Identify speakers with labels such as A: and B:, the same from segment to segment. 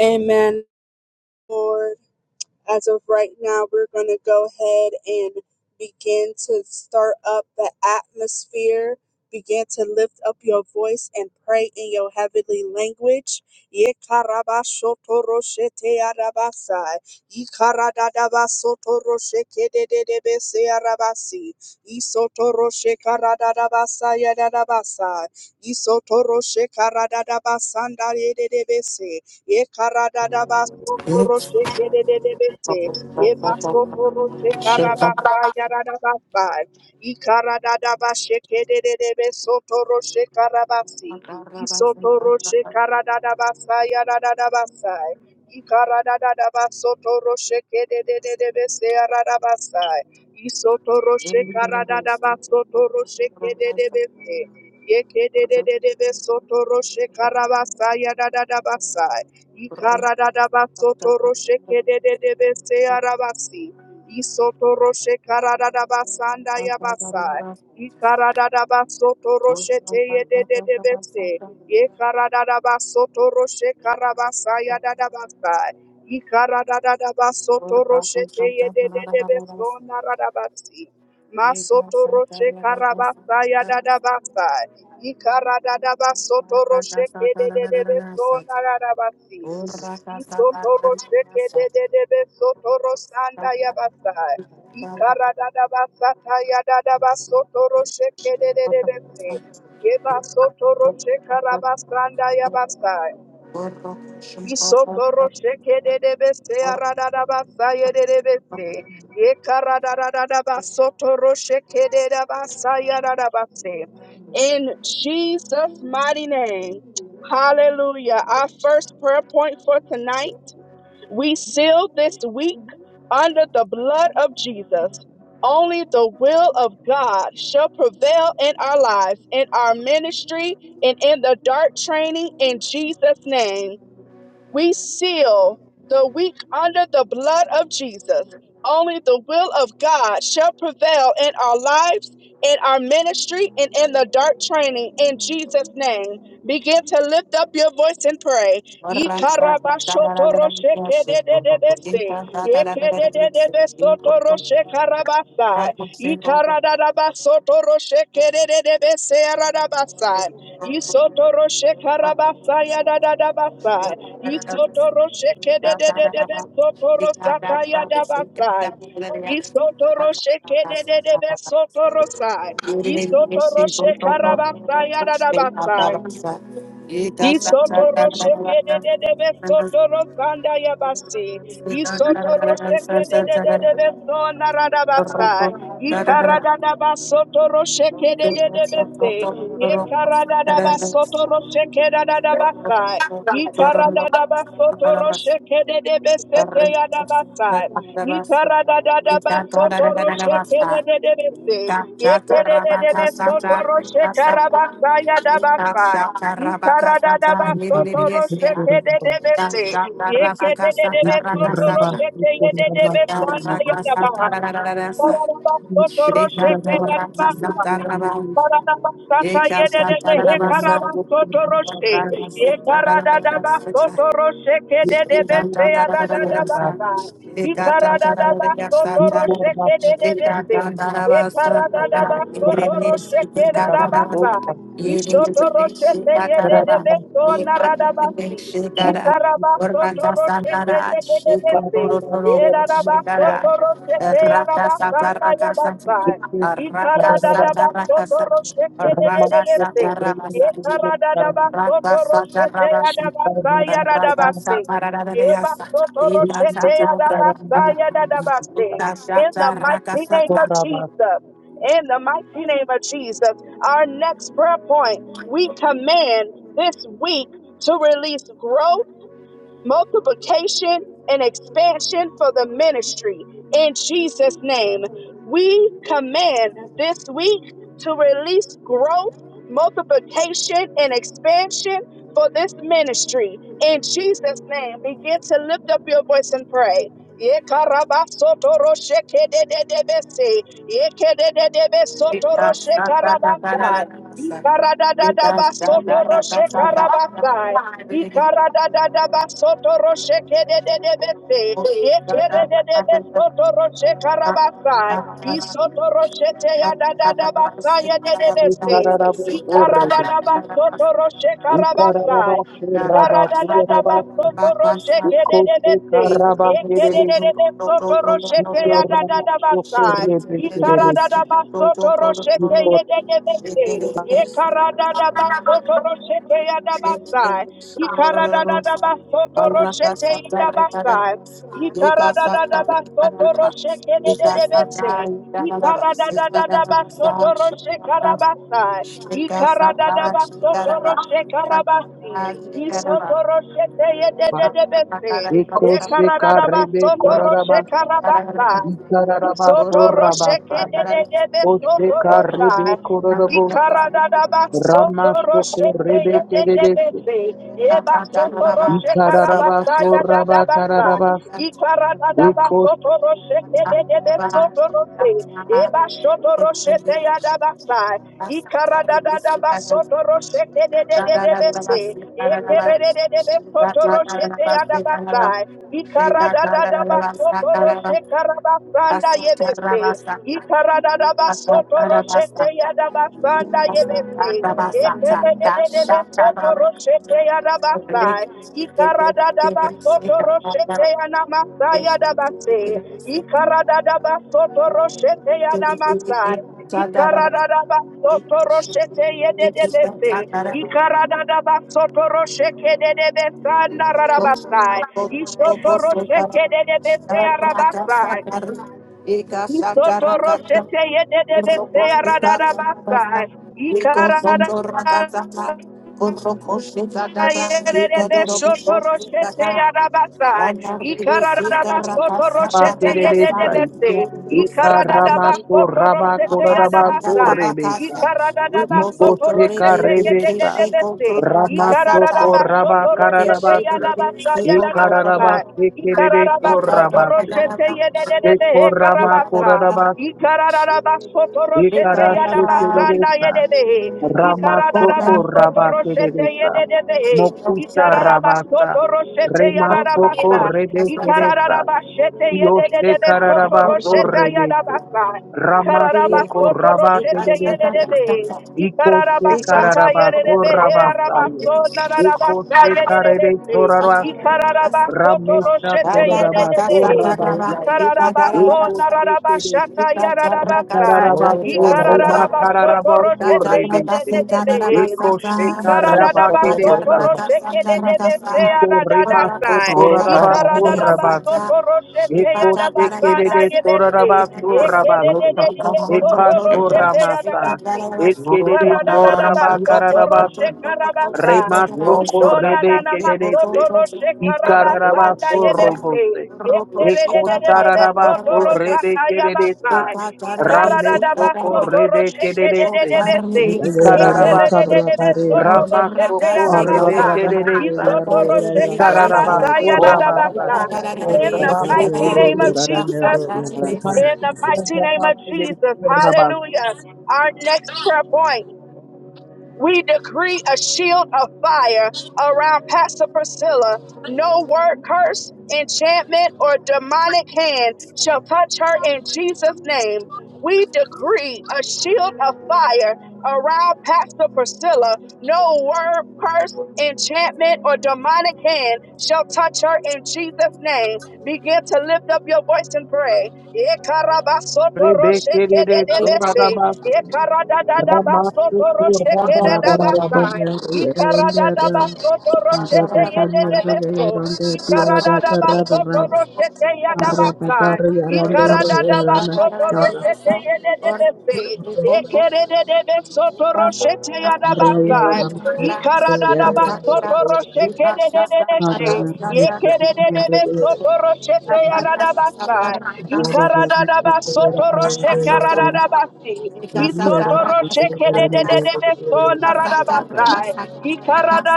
A: Amen, Lord. As of right now, we're going to go ahead and begin to start up the atmosphere. Begin to lift up your voice and pray in your heavenly language. Yekarabashotoroshe arabasai. Yikaradadabasotoroshe kedededebese Ye karada da baso
B: Thank
A: toro sheke de de de bese. Ye baso toro she
B: you.
A: karabasa yarada basa. Ye karada da basheke de de de beso toro she karabasi. Ye soto roshe karada da da basa yarada da da basa. Ye karada da da baso toro sheke de de de de bese yarada basa. Ye soto roshe karada da da baso toro sheke de de bese. Ye ke de de de de beso toro she karabasa yarada da da basa. Ikaradada basoto roshe kedede de bese arabasi. Isoto roshe karadada basanda yabasa. Ikaradada basoto roshe teyede de de bese. Ikaradada basoto roshe karabasa yadada basa. Ikaradada basoto roshe teyede de de beso naradabasi. Masoto roshe karabasa yadada basa. Ikaradadaba sotoro sheke de de de be so nararabasi. Isotoro sheke de de de be sotoro sanda yabasai. Ikaradadaba sata yadadaba sotoro sheke de de de be. se. Yeba sotoro shekarabasanda yabasai.
B: Thank
A: Isotoro sheke de de bese arada da basa ye de de bese ye karada da da da basotoro sheke de da basa ya da da base. In Jesus' mighty name, Hallelujah! Our first prayer point for tonight: we seal this week under the blood of Jesus. Only the will of God shall prevail in our lives, in our ministry, and in the dark training. In Jesus' name. We seal the weak under the blood of Jesus. Only the will of God shall prevail in our lives, in our ministry, and in the dark training. In Jesus' name, begin to lift up your voice and pray. Yikarabashotoroshkedededebese. Yekedededebesotoroshkarabasai. Yikaradadabasotoroshkedededebese aradabasai. Yisotoroshekarabasai adadadabasai. Isotoro shekede de de de de de. sotoro sataya dabasai. Isotoro shekede de de de de sotoro sai. Isotoro shekarabasaya dabasai. Isotoro shekede de de de be sotoro sanda yabasi. Isotoro shekede de de de de be
B: you.
A: sona
B: Thank
A: radabasa. Ikarada da basotoro shekede de de de be se. Yekarada da basotoro shekede da da da basa. Ikarada da basotoro shekede de de be se te ya da basa. Ikarada da da basotoro shekede de de de be se. Yekede de de de sotoro shekarabasa ya da basa. Ye karada da
C: Thank
A: ba
C: you.
A: soto roshete
B: you. Eka sa tararabasa, rakasa tararabasa, Rakasa Rakasa
A: da da ba sa. Isotoroshete yededebeso naradabasi. Ikarabasotoroshete yededebese. Erarabasotoroshete yarabasanda yabasa. Ikaradadabasotoroshete yededebese.
B: Rakasa
A: Ekaradadabasotoroshete
B: tarabasa,
A: yadabasa
B: Rakasa
A: yaradabase. Ebasotoroshete yadabasa yadadabase.
C: Ikararabasorabasa
A: In the mighty name of
C: Ramashoko
A: Jesus. In the mighty name of Jesus. Our next prayer point we command this week to release growth multiplication and expansion for the ministry. In Jesus' name, we command this week to release growth, multiplication, and expansion for this ministry. In Jesus' name, begin to lift up your voice and pray. Yekarabasotoroshekadededebese. Yekedededebesotoroshekarabakai. Yikaradadadabasotoroshekarabasai. Ye Ye karada da basoto roshete ya da basai. Ikarada da basoto roshe karabasa. Soto rosheke de de de
B: Shake
A: de soto
B: Thank
A: rosai. Ikarada da ba. Isotoro
C: rebe
A: shekedededebe de
C: kererese.
A: de de shekedededebese. Eba da da
C: Ikararabasoraba
A: da ba. sai.
C: kararabasi.
A: Ikarada da ba. sotoro shekarabasaya de de de shekedededebe sotorose. Eba soto rosheke ya da ba sai. Ikarada da da ba soto rosheke de de de de de se. Ekere de. de de de soto rosheke ya da da da ba. ba. de de. Ikaradadadaba sotoro shekedededebese. Ekedededebe sotoro shekeyadabasai. Ikaradadabasoto roshe karabasanda yebese.
B: you. Thank
A: Ikaradadabasoto roshete yadabasanda yebese. Ekedededede soto roshete yadabasai. Ikaradadabasoto roshete yanamasai yadabase. Ikaradadabasoto roshete yanamasai. Ikaradadabasoto roshete yedededese. Ikaradadabasoto roshete dededebesanda rarabasai. Isotoro
B: you. Rakasa
A: Ikararabasai.
C: Pakereresai, Ekaramaso Rabakorarabaso Rebesa, Ikoseka Rebesa, Ramasoko Rabakararabasi, Ekararabase Kerereso Rabase, Eko Ramakorarabas,
B: Thank you.
A: Ikararabasotoroshete
B: Thank
C: Ekarashe
A: yadabasanda
C: Kereresa,
A: yedebehe.
C: Ramasoko
A: Ikararabasoto roshete
C: Rabakereresa,
A: yededebehe.
C: Mokusa Rabasa,
A: Ikararabasoto roshete
C: Remasoko
A: yararabasa.
C: Rebekeresa,
A: Ikararabashete
C: Dioshe
A: yedededebe soto
C: kararaba
A: rosheta
C: sorrebese.
A: yadabasa.
C: Ramachoko
A: Ikararabasoto
C: rabake
A: roshete
C: debese.
A: yededebehe.
C: Ikoshe
A: Ikararabasata
C: kararaba
A: yededebehe
C: sorrabasaya.
A: arabaso nararabasa
C: Ikoshe karere
A: yedededebe.
C: sorarabasi.
A: Ikararabasoto
D: oh,
C: Ramesha
A: roshete
C: koraraba
A: yededebehe.
C: sorrabasaya.
A: Ikararabaso
B: you.
C: Ikoshe kere
A: nararabashata yararabasa.
C: ukararaba sorrema kararaba sorrebe. Ikoshe karabake desa. Ikorema sokoraraba sorrabasi. Ekoshe kerere sorarabasu rabasu. Ekasho ramasa.
A: Ikarada
B: Robo
A: in
C: Ekerere
A: the
C: sorabakararabasi. Remaso korebe kererese. Ikararabaso robose. Ekosararabaso
B: shika,
C: rebe
B: Thank
C: kereresa. Ramesho korebe kererese.
E: अरे जरन्डे
C: Ikararabaso.
E: चौराहा पर यह
C: Ramaso
E: अरवा
C: korebe
E: प्रमेंदा
C: kereresa.
E: University रेंजरन्डे चौराहा
C: Ikararabaso
E: पर यह
C: rabasa.
E: अरवा प्रमेंदा
A: mighty name
E: यूनिवर्सिटी रेंजरन्डे
A: of Jesus, in
E: चौराहा
C: Ramaso
A: the mighty name of Jesus, hallelujah. Our next prayer point. We decree a shield of fire around Pastor Priscilla. No word curse, enchantment, or demonic hand shall touch her in Jesus' name. We decree a shield of fire around Pastor Priscilla. No word curse, enchantment, or demonic hand shall touch her in Jesus' name. Begin to lift up your voice and pray. Ikarada
E: पर यह अरवा
A: Ikarada basoto
E: प्रमेंदा
B: you.
E: University रेंजरन्डे चौराहा Horror,
B: Thank
A: roshe karada da basi. Isotoro shekede de de de de so naradabasai.
B: you.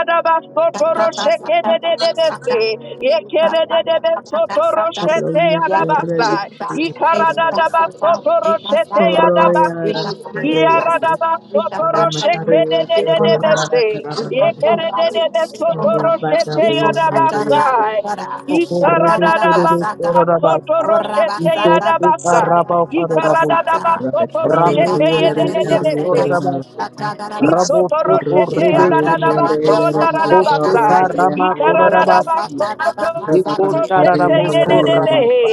B: Thank
A: shekede de de de se. Yekede de de de sotoro shete yadabasai. Ikaradadabasotoro shete yadabasi. Iaradabasotoro shekede de de de de se. Yekede de de de sotoro shete yadabasai. Ikaradadabasotoro shete yadabasai. Ikaradadabasoto roshete yedededebese.
B: you. Thank
A: Isoporoshete yadadabaso naradabasai. Ikaradadabaso
E: Orang-orang
A: poroshete
E: yang diorang ada para
A: yedededehe.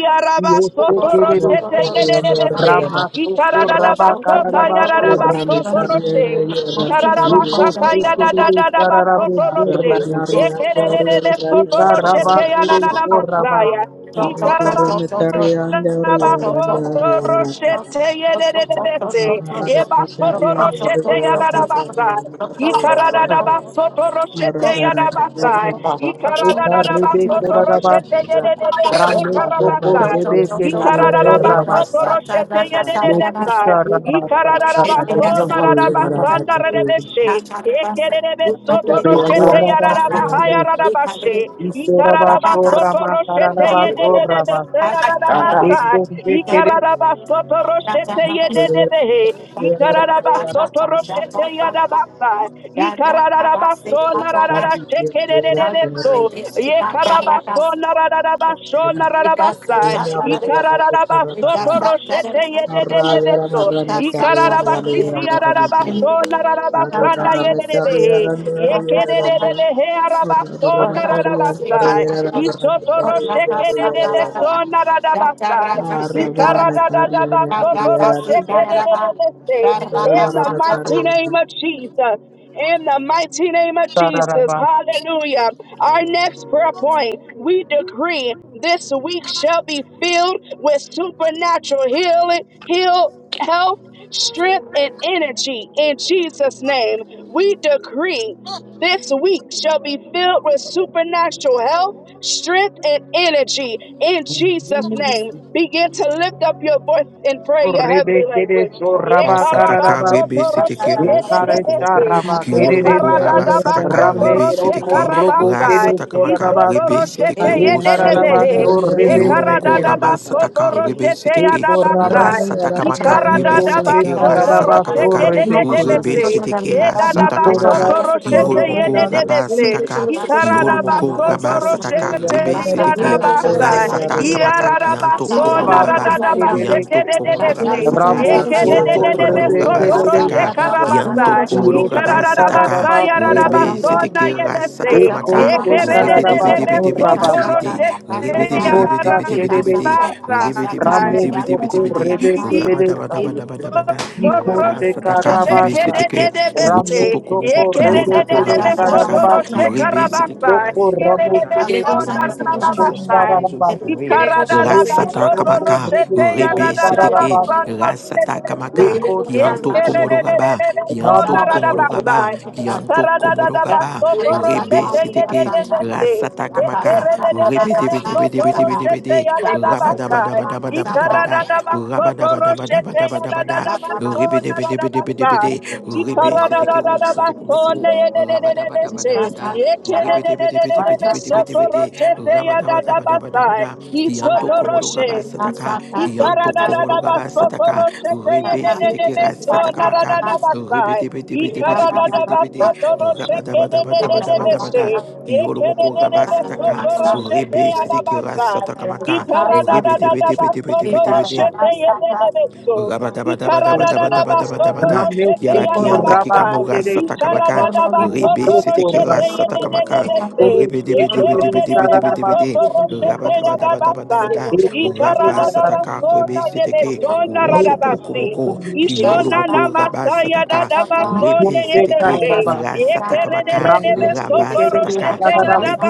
A: Iarabaso poroshete
E: materi yang diorang
A: yedededese.
E: ada dapat
C: Rabba
A: Ikaradadabaso
C: Karabas
E: ada
C: or
E: para
A: tayaradabaso
C: Rebecca.
E: materi
A: poroshe.
E: yang diorang materi yang
A: Ikaradabasata
E: diorang
C: Ekosekerere
A: yadadadabaso
C: sararabe
E: ada
A: poroshe.
C: sorrebese.
E: materi yang
B: you.
E: diorang
A: Ekeredededeso
E: ada
A: poroshete
C: Shekaraba kere sorrabas.
A: yananamasaya.
E: ada para
A: Ikarada-
E: materi yang diorang ada
A: Rabasoto
E: dari rata
A: roshete yedededese.
E: ada
A: Ikarada
E: materi
A: basoto
E: yang
A: roshete
E: diorang materi
A: yadadabasa.
E: yang diorang ada ada
A: Ikaradadabasoto
E: para
A: roshete
E: materi
A: yadabasa.
E: yang
C: Ekarrebe
A: Ikaradadabasoto
E: diorang
C: sorarabas.
A: roshete
E: ada
A: yedededebe
E: और राजा
C: Rameso
A: hekarabasa.
E: राजा
C: korrebe
E: मैं
C: kerere
A: basoto
C: sorrabasa.
A: roshete yedededesa.
C: Lekucha rabasa.
A: Ikaradabaso
B: Shit,
A: naradabasanda
B: because
A: redebeshe.
B: I'm tired of it.
A: Ekerebe soto roshete
C: Bekoraba
A: yadadabaha
C: shekere.
A: yaradabashe.
C: Ikoraba
A: basoto
C: sorrama
A: roshete
C: kararaba
A: yedededebe
C: sorrabase.
A: yaradabasa.
C: Eko shekere
A: Ikararabasoto roshete yedededehe. Ikararabasoto roshete yadabasa. Ikararabaso narararashekererereso. Yekarabaso narararabasho nararabasa. Ikararabasoto
B: Because I'm tired
A: roshete
B: of it.
A: yedededeso.
B: Thank
E: कर
A: Ikararabasiti
E: रहा हूं
A: yararabaso
E: Arra
A: nararabasanda yedededehe. Yekerererehe arabaso nararabasa. Ichoto roshete yedededeso nararabasa. In the mighty name of Jesus. In the mighty name of Jesus. Hallelujah. Our next prayer point we decree this week shall be filled with supernatural healing, heal, health, strength, and energy. In Jesus' name, we decree this week shall be filled with supernatural health strength and energy in Jesus' name. Begin to lift up your voice and pray your
C: Rebe
A: heavenly
C: Kere
A: language.
C: kedeso raba
F: Rabasataka rebe
C: kararabasi.
F: seteke o soto
C: Ekaresha
F: komoko
A: Yekarabasotoroshekebebebebe.
C: raba
F: kiolo moko
C: kedesa.
F: rabasataka
C: Rame
F: rebe
C: soko
F: seteke
C: robo Kere
A: Yekaradadabasotoroshekarabasai.
F: rasataka
C: kedeso
F: maka rebe
C: rarabasi.
F: seteke rosoto
A: Kisotorosheteyededebehe.
F: komoko
C: Ekararabaso rebe
F: kiolo
C: se
F: moko
C: kedesa.
F: rabasataka rebe seteke
C: Eko
A: Yekaradadabasotoroshekeyadabasai.
C: rabasa.
F: rasataka
G: Proszę
F: maka
G: dalej na
F: rebe
C: Iko
G: proszę
C: se
F: seteke rasataka
C: kararabaso
F: maka
B: you.
G: Mimo
C: rebe
G: poszłam z
F: rebe
A: Yikaradadabasotoroshekedededebese.
G: tego
C: kedesa.
G: śniadania
F: seteke
G: na pewno. Nie
F: rasataka
C: Iko
G: wiedział, że
F: maka
G: nie
B: Thank
G: jest tego
F: kiolo
G: śniadania.
F: moko
A: Yedadabasotorosheteyedebese.
G: Nie
F: rabasataka
G: poszłam z tego
F: kiolo
G: śniadania, nie
F: moko
G: poszłam z
A: Ikararabasoto
G: tego
E: माँ
G: śniadania.
F: rabasataka
A: roshete
E: जान
F: rebe
E: लेता है रे माँ
F: seteke
G: Nie
E: और
G: poszłam
E: ज़रा
G: z
A: yarabasa.
G: tego
E: डांडे और
G: śniadania.
F: rasataka
E: ज़रा
F: maka
E: रावण आपके
F: kianto
G: Nie poszłam
E: लिए
A: Iararabasona
F: komoro
G: z
F: raba
C: rarabasi
G: tego śniadania.
F: kianto
C: kedese.
E: माँ
F: komoro
E: को बच्ची
A: radadabashekedededese.
G: Nie
F: raba sata.
E: नहीं है
G: poszłam z
C: Rabo
E: यार
G: tego
E: ये
G: śniadania.
F: Kianto
C: soko
E: Ravan
A: Yekedededede
F: komoro
E: ये
C: rebe
E: रावण ये
F: raba
A: soto
E: रावण सी
A: roshe
E: और
C: kedesa.
F: sataka.
E: सारे ये
A: karabasa.
G: Nie
F: Kianto
E: रावण माँ
G: poszłam z tego śniadania. Nie poszłam z
F: komoro
C: Iyo
G: tego
C: se
F: raba
G: śniadania.
F: sataka.
A: Ikararabasa
C: kararabaso
G: Nie poszłam
F: Rebe
G: z
C: rebe.
G: tego
A: yararabasona
F: seteke
G: śniadania.
F: ras
A: yedese.
F: sataka
C: Eko
F: maka.
G: Nie
C: se
G: poszłam z
F: Rebe
G: tego
F: debe
A: Yekedededede
C: kararabaso
F: debe
G: śniadania.
F: debe debe
A: soto
F: debe
C: rabasa.
F: de.
A: roshete
G: Nie
F: Rebe debe
G: poszłam z
F: debe
G: tego
C: Rosa
F: debe debe
G: śniadania.
F: debe de.
C: Teresa,
F: Rebe debe debe
A: yarabasa.
F: debe
C: Rameso
F: debe debe de.
C: rebe
F: Raba daba
C: Teresa,
F: daba daba daba da.
G: Nie
C: Ico
G: poszłam
F: Raba
G: z tego
C: Seca
F: sataka rebe
C: Rabasa,
F: seteke.
B: you.
G: śniadania.
F: Rosoto
C: Rameso
F: komoko kiyoro
C: Correbe
F: moko raba
B: Thank
C: Teresa
G: Thank
F: sataka.
C: Rabasa,
F: Rebe seteke ras
C: Toco
F: sataka
C: Ramo
F: maka. In the
C: Teresa,
F: mighty name of Jesus
C: Oshara
F: Christ we
C: Rabasa,
F: pray. Ras
C: Rema
F: sataka
C: Choco
F: maka.
C: Rebe
F: Rebe
C: Teresa
F: seteke.
C: Rabasa,
F: Rasata kamaka,
C: Ico
F: kianto
C: Seca,
F: komoro gaba, kianto
C: Rama
F: komoro
C: Choco
F: gaba, kianto komoro gaba, rebe seteke, rasata kamaka, rebe debe debe debe debe debe de, rabadaba
A: Ye
F: daba daba daba daba da, rabadaba daba daba daba daba da, rebe debe debe debe debe de, rebe
B: you.
F: seteke rosoto
B: Thank
F: komoko, rabadaba daba daba da, rebe debe debe debe debe debe debe de, rabadaba daba daba daba da, kianto komoro gaba
A: Isotoroshe
F: sataka, Kianto komoro gaba sataka. Rebe seteke ras
G: you.
F: sataka maka. Rebe debe debe
G: एक
F: debe
G: option
F: debe debe
G: दोस्तों
F: debe
G: को
F: de. Rabadaba daba
G: एक
F: daba
G: option
F: daba daba daba
G: दोस्तों को एक
F: da. Kioro moko gaba sataka.
G: Option एक option
F: Rebe
G: दे
F: seteke ras sataka maka.
G: दोस्तों को
F: Rebe
G: एक
F: debe debe
G: option
F: debe debe debe de. be de be de
C: Jose,
B: you.
F: Rabadabadabadabadabadabadabada.
B: Thank
C: Rameso
F: Kiala kianta
C: Corraba
F: kikamura
C: Teresa,
F: satakamaka. Rebe
C: Ico
F: setekira
C: Rabasa,
F: satakamaka.
C: Todo
F: Rebe debe
C: Seca
F: debe debe debe debe debe de.
C: Rabasa,
A: Ikarada
F: Rabadabadabadabadabada.
C: Ramesh
F: Rabasataka rebe
A: Ikaradadabasona
F: seteke.
A: yebesona
F: Wosoto
A: radabasi.
F: komoko. Kiyoro
A: Ishona
F: moko
A: namasaya
F: rabasataka.
A: dadabasone
F: Rebe seteke.
A: yebeshe.
F: Rasatakamaka.
B: you. Thank
F: Rabasataka.
A: Yekeredededebesotoroshete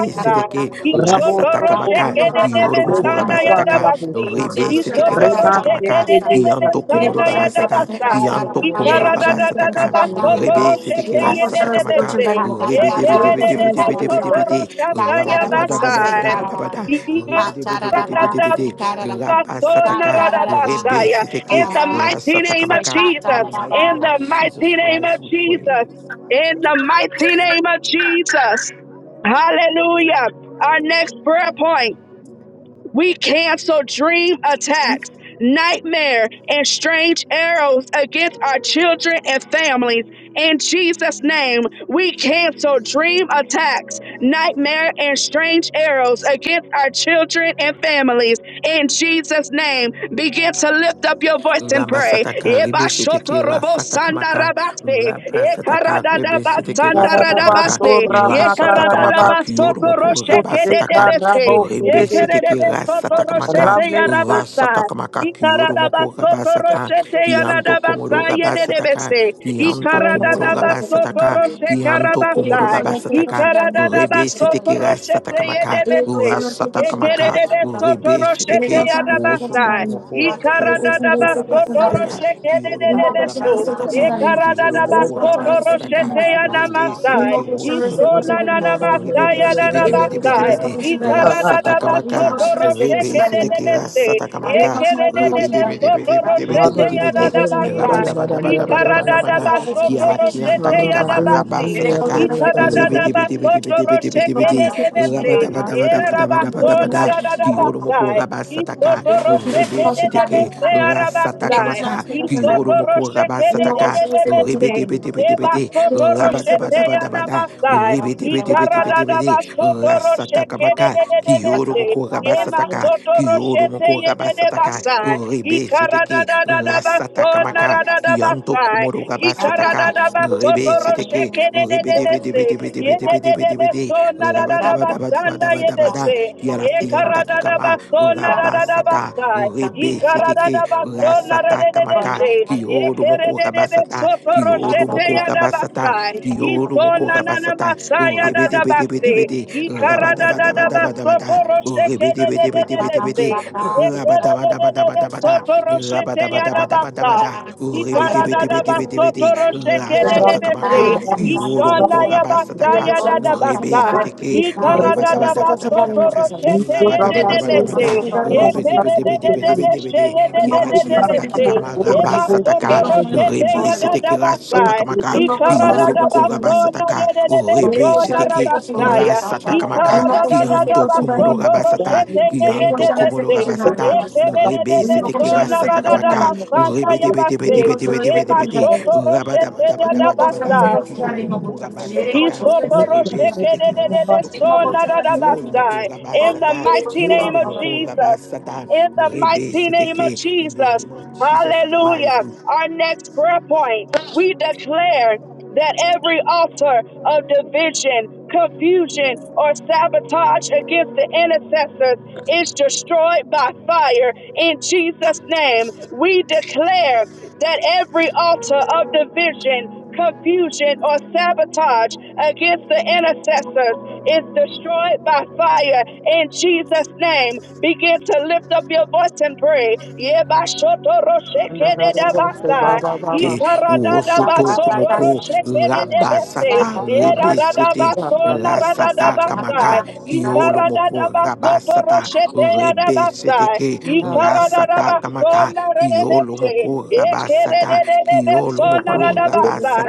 G: दे
F: seteke.
G: दोस्तों को
F: Rasatakamaka.
G: Mismo colchón este
F: Kiyoro
G: colchón
F: moko
G: de
A: Ishotoroshedededebesanda
G: la
F: rabasataka.
G: misma.
A: yadabasi.
G: Viene
F: Rebe
G: colchón
F: seteke
G: este colchón de
F: rasatakamaka.
G: la misma.
F: Kianto
G: Viene
F: komoro
A: Isotoroshedededebesanda
G: colchón este
F: gabasata,
G: colchón de
A: yadabasa.
G: la
F: Kianto
G: misma. Viene
F: komoro
G: colchón este colchón
F: gabasataka,
G: de la misma.
F: Rebe
A: Ikaradadadabasotoroshete
F: setekira
G: Mismo colchón este
F: satakamaka,
G: colchón de
A: yededebese.
G: la misma colchón
F: Rebe
G: de la misma.
F: debe
G: Viene
F: debe debe
G: colchón
F: debe
G: este
F: debe
G: colchón de
F: debe
G: la
F: de, bede bede bede bede bede bede,
G: misma.
A: Yekeredededebesotoroshata
G: Viene colchón este colchón de la
F: Rabadabadabadabadabada,
G: misma.
F: Rebe debe debe debe debe de, bede bede
A: yabasa.
F: bede bede, Rabasataka, Rebe
A: Basaya. In
F: seteke,
A: the mighty name of
F: Rasatakamaka, in
A: Jesus.
F: the mighty name
A: In
F: of
A: the
F: Jesus
A: mighty name of
F: Christ we pray.
A: Jesus. In the mighty name of Jesus. Hallelujah. Our next prayer point. We cancel dream attacks, nightmare, and strange arrows against our children and families. In Jesus' name, we cancel dream attacks, nightmare, and strange arrows against our children and families. In Jesus' name, begin to lift up your voice and
F: Ramba
A: pray.
F: sataka rebe seteke ra sataka maka.
A: Yebashotorobosandarabase,
F: Ramba sataka rebe seteke ra sataka maka.
A: yekaradadabasandarabase,
F: Ra sataka maka kiyoro moko raba sataka.
A: yekaradadabasotoroshkedebese.
F: Rebe seteke
A: Yekerebe
F: ra
A: soto
F: sataka maka.
A: roshete
F: Ra
A: yarabasa.
F: sataka maka kiyoro
A: Ikaradaba
F: moko raba
A: soto
F: sata.
A: roshete
F: Kianto
A: yaradabasa
F: komoro raba sataka.
A: yedebese.
G: Colchón de
F: Kianto
G: la misma
F: komoro
G: colchón de
A: Ikaradaba
F: raba
G: este colchón de la
A: soto
G: misma.
F: sataka.
A: roshe
F: Kianto
G: Viene
A: karabasa.
F: komoro
G: colchón
F: raba
G: este
F: sataka.
G: colchón de la misma colchón de
A: Ikaradaba
F: Rebe
G: este colchón de la misma.
E: को
A: soto
F: seteke
E: बच्ची
F: ra
E: नहीं है
A: roshete
E: यार
F: sataka
E: माँ
F: maka.
G: Viene
A: yedebese.
F: Ra
G: colchón este colchón de la misma.
F: maka.
A: Yekerebe
B: you.
A: soto
F: Rebe
G: Yine
A: roshete
F: seteke.
G: koşan üstte koşun
A: yarabasa.
G: tarihini
F: Osotokomoko,
G: koşuyor.
B: Thank
G: Yine koşan
F: Kiolomoko
A: Ikaradaba
G: üstte koşun
A: soto
G: tarihini
F: Rabasataka,
G: koşuyor.
A: roshete
G: Yine
F: Kiolomoko
G: koşan
A: yedebeso.
G: üstte koşun
F: Rabasataka,
G: tarihini koşuyor.
A: Ikaradaba
G: Yine
F: Kiolomoko
A: soto
G: koşan üstte koşun
F: Rabasataka,
A: roshete
G: tarihini
E: को
G: koşuyor.
F: Rebe
A: yanamasa.
G: Yine
F: Seteke
G: koşan üstte koşun
E: बच्ची
F: Osotokomoko,
G: tarihini koşuyor.
E: नहीं
F: Rebe
A: Ishonananamasaya
F: Debe Debe
G: Yine
F: Debe
E: है
F: Debe
A: dadabasa.
G: koşan
F: Debe
G: üstte
F: De,
G: koşun tarihini koşuyor.
A: Ikaradada
E: यार
G: Yine
F: Rasatakamaka,
A: basoto
G: koşan üstte koşun
F: Rebe
A: rosheke de
G: tarihini
A: de
F: Seteke
G: koşuyor.
A: beste.
G: Yine
F: Rasatakamaka,
A: Yekere
G: koşan üstte
A: de de
F: Rebe
G: koşun
F: Debe
G: tarihini koşuyor. Yine koşan üstte koşun tarihini
F: Debe
A: besoto
F: Debe
G: koşuyor.
F: Debe Debe
A: roshete
E: माँ को बच्ची नहीं है यार माँ को
F: Debe
G: Yine
F: De,
A: yadada
E: बच्ची नहीं है यार माँ को बच्ची
G: koşan
E: नहीं
G: üstte
E: है
A: basai.
G: koşun
E: यार
G: tarihini koşuyor.
E: माँ
A: Ikaradada
F: Rabadabadabadabadabada,
G: Yine
E: को
G: koşan
A: basoto
G: üstte
F: Kiala
G: koşun
F: Kianta
A: roshete
G: tarihini koşuyor.
A: yada
F: Kikama
A: basi.
G: Yine koşan üstte koşun tarihini koşuyor.
F: Rabasataka,
G: Yine
E: बच्ची
F: Rebe
E: नही
A: Ikaradada
F: Debe Debe Debe
A: basoto
F: Debe Debe Debe
A: rosheke de
F: De,
G: koşan üstte
A: de
G: koşun
A: de se. Yerara baso
F: Rabadabadabadabadabadabada,
A: naradada
G: tarihini
F: Kioro moko
A: basai.
G: koşuyor.
F: rabasataka.
A: Isoto
G: Nie mogłeś się
F: Rebe
A: rosheke de de
G: poszukiwać Nie
F: seteke
A: beste arabasai.
G: mogłeś się
F: rasatakamaka.
G: poszukiwać
F: Kioro
A: Isoto
F: moko
A: rosheke
G: Nie
A: de de
G: mogłeś
F: rabasataka.
A: de
G: się
A: de
F: Rebe
A: beste.
G: poszukiwać
F: debe debe debe de. bede bede
A: Eba
F: bede.
G: Nie mogłeś się poszukiwać Nie
A: soto
G: mogłeś się
A: roshete
G: poszukiwać
F: Rabadabadabadabada.
A: yana
F: Rebe
A: Ye
F: debe debe debe debe rasataka Rasatakamaka. Kioro moko rabasataka. Kioro moko rabasataka. Rebe seteke
G: Nie mogłeś
F: rasatakamaka. Kianto komoro rabasataka. Rebe seteke. Rebe debe debe debe debe debe
B: you.
F: debe debe de. bede bede bede bede bede bede bede.
B: Thank
F: Rabadabadabadabadabada. Kiaraki anda kikama, rabasata, rebe seteke, rasata kamaka, kioro moko rabasata, kioro moko rabasata,
A: Ye
F: kioro moko
A: Isona na na
F: rabasata,
A: masaya da
F: rebe de
A: da
F: bede bede
A: baste.
F: bede,
A: Ikara da da da basoto
F: rabadabadabadabada,
A: rosheke
F: rebe de
A: de de
F: bede
A: de
F: bede
A: de de
F: bede bede,
A: se. Ekere de de de de
F: rabadabadabadabada,
A: soto roshete ya da basta.
F: rabadabadabadabada, rebe de
A: Ikara da
G: się
F: bede
G: poszukiwać
A: da
G: Nie
F: bede bede
G: mogłeś
F: bede,
A: basoto rosheke de
G: się
A: de
F: rasata
A: de
G: poszukiwać Nie
A: se.
F: kamaka,
G: mogłeś się
F: kioro
G: poszukiwać Nie
A: Ishona
F: moko
A: ya basta
F: rabasata
A: ya
G: mogłeś się poszukiwać Nie mogłeś się
A: da da
G: poszukiwać Nie mogłeś się poszukiwać Nie
F: Rebe
A: basta.
F: Seteke,
A: Ikara da da basoto
G: mogłeś
F: Rabadabadabadabadabada,
G: się
A: roshete ye de de de se.
F: Rabadabadabadabada,
G: poszukiwać
A: Ekere de de de de se
F: Rebedebedebedebedebede,
A: ye de de
F: Kiala
A: de
C: Thank
A: de de
F: Kianta
A: se.
G: Nie
F: Kikama
A: Eba soto
F: Rabasataka,
G: mogłeś się
A: roshete
F: Rebe
A: ya da
G: poszukiwać
A: da
F: Seteke
A: basta.
F: Rasatakamaka,
A: Ikarada
G: इन्हों
A: da
G: को शनिवार
B: you.
F: Kioro
G: से कुछ
F: Moko
G: ज़रूरी है,
A: Ikaradadabasona
F: Rabasataka,
B: Thank
G: ये
F: Rebe
G: कोशिश
A: yededebesona
G: वाले से
F: Seteke
G: कुछ ज़रूरी है,
A: rabasaya.
F: Rasatakamaka,
G: इन्हों को शनिवार से
F: Kianto
G: कुछ ज़रूरी
F: Komoro
A: Ikaradadadabasoto
G: है,
F: Rabasata,
A: roshende
C: you.
G: ये
F: Kianto
G: कोशिश वाले से
F: Komoro
A: yededebese.
G: कुछ ज़रूरी है,
F: Rabasata, Rebe
G: इन्हों को
F: Seteke
G: शनिवार
A: Yekedededebesona
G: से कुछ ज़रूरी
F: Rasatakamaka,
G: है, ये
A: radadabasana yabase.
G: कोशिश वाले से कुछ
F: Rebedebedebedebedebedebede,
G: ज़रूरी
A: Yemashoto
G: है,
A: roshete
G: इन्हों को शनिवार
F: Rabadabadabadabadabada,
G: से
A: yadabasai.
G: कुछ
F: Kioro Moko
G: ज़रूरी है, ये
F: Rabasataka,
G: कोशिश वाले
F: Rebe sete ki osoto komoko, ki oro moko
A: Isoporoshekederebesonarabasai. In the
F: rabasata,
G: से
A: mighty
F: ki
G: कुछ
A: name
F: oro
A: of
G: ज़रू
F: moko
A: Jesus.
F: rabasata.
A: In the
F: Rebe
A: mighty
F: sete
A: name of
F: ki. In the
A: Jesus.
F: name of Jesus Christ,
A: Hallelujah. Our next prayer point, we declare that every altar of division, confusion, or sabotage against the intercessors is destroyed by fire. In Jesus' name, we declare that every altar of division, confusion, or sabotage against the intercessors is destroyed by fire in Jesus' name. Begin to lift up your voice and pray. Yebashotoroshethedebasai,
D: Baba,
F: te rosoto kumoko
D: Walter,
A: yikaradadabasotoroshethedebese,
F: rabasata rebesete rasata
A: yeradadabasonarabadabasai,
F: kamaka kiolo moko rabasata rebesete
A: yikaradadabasotoroshetheyadabasai.
F: ke rasata kamaka kiolo
A: Ikaradadabasonarelebeshe.
F: moko rabasata kiolo
G: Thank you.
F: moko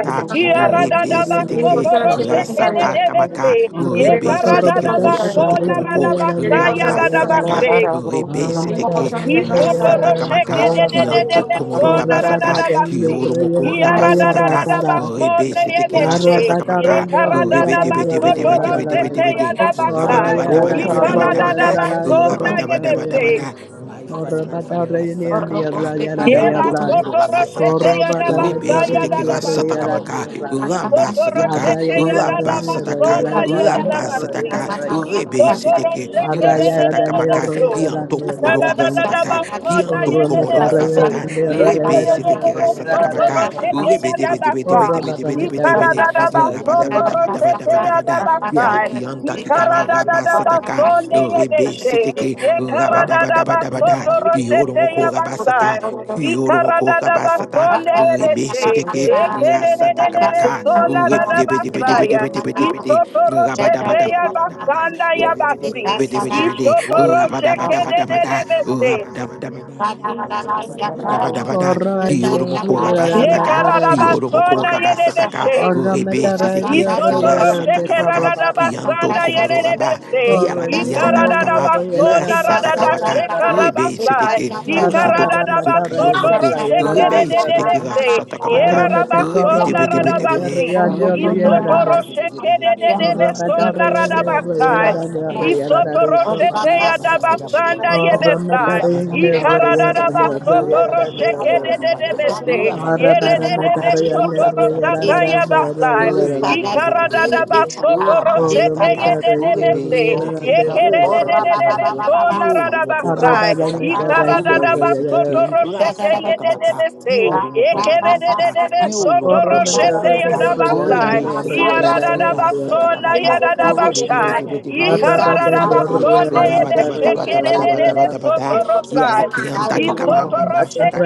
E: Corro,
F: rebesete ke rasata
A: Iaradadabasotoroshekededebese.
F: kamaka rebesete ke rosoto kumoko rabasata
A: Ekaradadabasonarabasayadadabashe.
F: rebe seteke rasata kamaka kianto komoro rabasata
A: Isotoroshekedededebesonarabasi.
F: kioro moko rabasataka
E: Corro,
F: rebe seteke
A: Iaradadadabasoneyebeshe.
F: rasata kamaka rebe debe debe debe debe debe debe de
A: Ekaradadabasotorosheteyadabasai.
F: rabadabadabadabadabada
A: Ikaradadabasonayebeshe.
F: rabadabadabadabada my father my father rasata kamaka kianto komoro
A: Yemasoto roshete
F: rabasataka
A: yadabasa
F: rebe seteke rasata
A: yadadabaso.
F: kamaka Rabba
B: you.
A: Isoto
E: Corro,
F: Sataka,
A: roshete
F: Rabba
A: yadadabaso
F: Sataka,
A: nari
F: Rabba
A: yadadabasi.
F: Sataka, Rebe
A: Isoto
F: Seteke,
A: roshete
F: Rasataka Maka,
A: dededededeso.
F: Kianto Komoro Rabba Sataka,
A: Ikadadadabaso nari
F: Kianto Komoro Rabba
A: yadadabasi.
F: Sata, Rebe Seteke Rasataka
A: Yetededededesoto
F: Maka,
A: roshete
F: Rebe Debe Debe
A: yadabasa.
F: Debe
B: Thank
F: Debe Debe Debe Debe De, Rabba Dabba
A: Ikadadadabasoto
F: Dabba Dabba
A: roshete
F: Dabba Dabba Da, Kiala
A: yadabasa.
F: Kianta Kikama Rabba Sataka,
A: Ikaradadadabaso
F: Rebe
A: neyedeshe.
F: Seteke, Rabba
B: you.
F: Dabba Dabba Dabba Da,
A: Yekaradadabasoto
F: Kioro
A: roshete
F: Moko Rabba
A: yabasa.
F: Sata, Kioro Moko
A: Ikaradada
F: Rabba Sata,
A: basonde
F: Rebe
A: beshe
F: Seteke,
A: ekererere
F: Rasatakamaka,
A: besona rada basaya.
F: Uribidibidibidibidibidibidi,
A: isotoro shete ya
F: Rabadabadabadabadabada,
A: basanda ya basi,
F: Uribidibidibidibidibidi,
A: isotoro sheke
F: Rabadabadabadabada,
A: de
F: Urabadabadabada, Rabadabadabadabada, Kiyorumoko
A: Ikaradadabasondelebeshe, ekeredededebesonadadabasaya, isotoroshete
F: Rabasataka,
A: yabasanda basona ye
F: Kiyorumoko
A: yekaradabasona
F: Rabasataka,
A: yelebeshe.
F: Uribe Sitiki, Rasatakamaka, Kianto
A: Isotoroshekaradabasanda
B: Thank
F: Komoro
B: you.
F: Raba,
A: yelelebese.
F: Kiara Kianda Kikama,
B: Yes.
F: Rasatakamaka, Uribe
A: Ikaradadabasonaradadashekarabasai.
F: Sitiki, Osoto Komoko Kiyorumoko, Uribe Sitiki
A: Ikaradadabasotoroshekederedebese.
F: Rasatakamaka,
E: अरब में चारों बंगले में
D: Thank
F: Ribbidi-bidi-bidi-bidi,
A: Yerarabasonaradabasi.
E: रहने
F: bidi
E: वाले
F: bidi
E: ये
F: bidi
E: रहते हैं
F: bidi
E: अरब में चारों ये
F: rabba-dabba-dabba-dabba-da,
E: निर्यात रहते
A: Isotoroshekederedebesonaradabasai.
E: हैं
F: rabba-dabba-dabba-dabba-dabba-da,
A: Isotoroshete yadabasanda
E: अरब
F: rabba-dabba-dabba-dabba-dabba-da,
E: में
A: yebesai.
E: चारों ये निर्यात रहते
B: Thank
F: rabba-dabba-dabba-dabba-dabba-da,
E: हैं अरब ये रहते हैं
F: rabba-dabba-dabba-dabba-dabba-da,
A: Ikaradadabasotoroshekederedebese.
E: अरब अरब में
F: rabba-dabba-dabba-dabba-da,
E: चारों ये निर्यात
A: Yerededebesotorosatai
E: रहते हैं
F: rabba-dabba-dabba-dabba-da,
E: अरब
A: yabasai.
E: ये रहते हैं
F: ribbidi-bidi-bidi-bidi-bidi,
A: Ikaradadabasotorosete
F: rabba-sataka,
A: yededebese.
F: ribbidi-sitiki, osotokumoko, kiolomoko,
E: अरब अरब
A: Yekeredededebesonarabasai.
E: बार में
F: rabba-sataka,
E: चारों ये निर्यात रहते हैं
F: Rebe
E: अरब ये रहते
F: seteke,
E: हैं अरब
A: Ikaradadabasotoroshete
F: rasata kamaka,
A: yededebese.
F: kiolo moko rabasata, kiolo moko
E: अरब में
G: el
A: Yekeredededebesotoroshete
G: doctor
E: चारों
F: rabasata
G: dice
F: ka,
G: que no se puede ir
A: yadabasai.
F: rebe seteke, rasata
A: Iaradadabasona
G: el
F: kamaka,
G: mago tiene que
E: �
F: rebe debe
G: volver
A: yadadabashai.
G: a
F: debe
G: ir
E: Horror,
F: debe debe debe debe
G: el
F: debe de,
G: doctor dice
A: Ikaradadabasone
G: que se trata
F: rabadaba
G: de él
F: daba daba daba daba daba da,
G: el doctor
F: kiala
A: yedeshekerededebesotorosai.
G: dice que se
F: kianda
G: trata de mago
F: kikama
G: también
B: you.
F: rabasata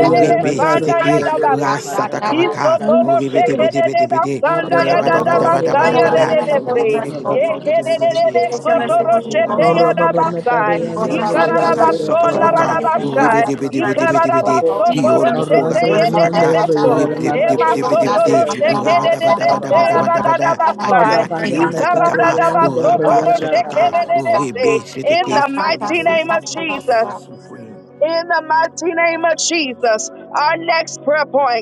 B: Thank
F: rebe seteke,
A: yadabasi.
F: rasata kamaka,
A: Isoporo
F: rebe
G: el
F: debe
G: doctor
F: debe
A: shekerere
F: debe
G: dice que
F: de,
G: se
A: basanda
G: trata
A: ya da
F: rabadaba
A: da
F: daba daba
G: el
A: basaya
F: daba
G: mago
A: de
G: dice
F: da,
A: de
G: que se trata
A: bese.
G: de
F: rebe debe debe
G: mago
F: debe debe
A: Yekere de
F: debe
G: el
F: de,
A: de Yekerere
G: mago
F: ki
G: dice
F: oro
G: que se
A: sotoro
G: trata de
F: moko
A: shete
F: raba
G: mago
A: ya da
F: sataka,
A: basai.
G: el mago
F: rebe
G: dice
F: sete
G: que
F: ki
A: Ikarara
G: se trata de mago el mago dice que se trata de mago el mago dice que se
F: ra sataka
A: basona ra da
F: maka, rebe
A: basai.
F: debe debe
G: trata de
F: debe debe de, be de
A: Ikarara
F: be de, ki oro
A: basotoro
F: moko
A: shete
F: raba
A: ye de de
F: sataka,
A: beso
F: rebe debe debe
A: Ema
F: debe debe de, be de be de,
A: sotoro
F: raba daba
A: shekerere
F: daba daba daba
A: yada
F: daba da,
A: dada
F: aki
A: basai.
F: ala ki anta ki
A: Ikarada
F: kama,
A: da da basay. Ikarara da
F: raba
A: basotoro
F: sataka,
A: shekerere
F: rebe sete
A: In
F: ki.
A: the
F: In the
A: mighty name
G: mago
A: of
F: mighty name of
A: Jesus.
B: you.
F: Jesus, we pray.
A: In the mighty name of Jesus. Our next prayer point.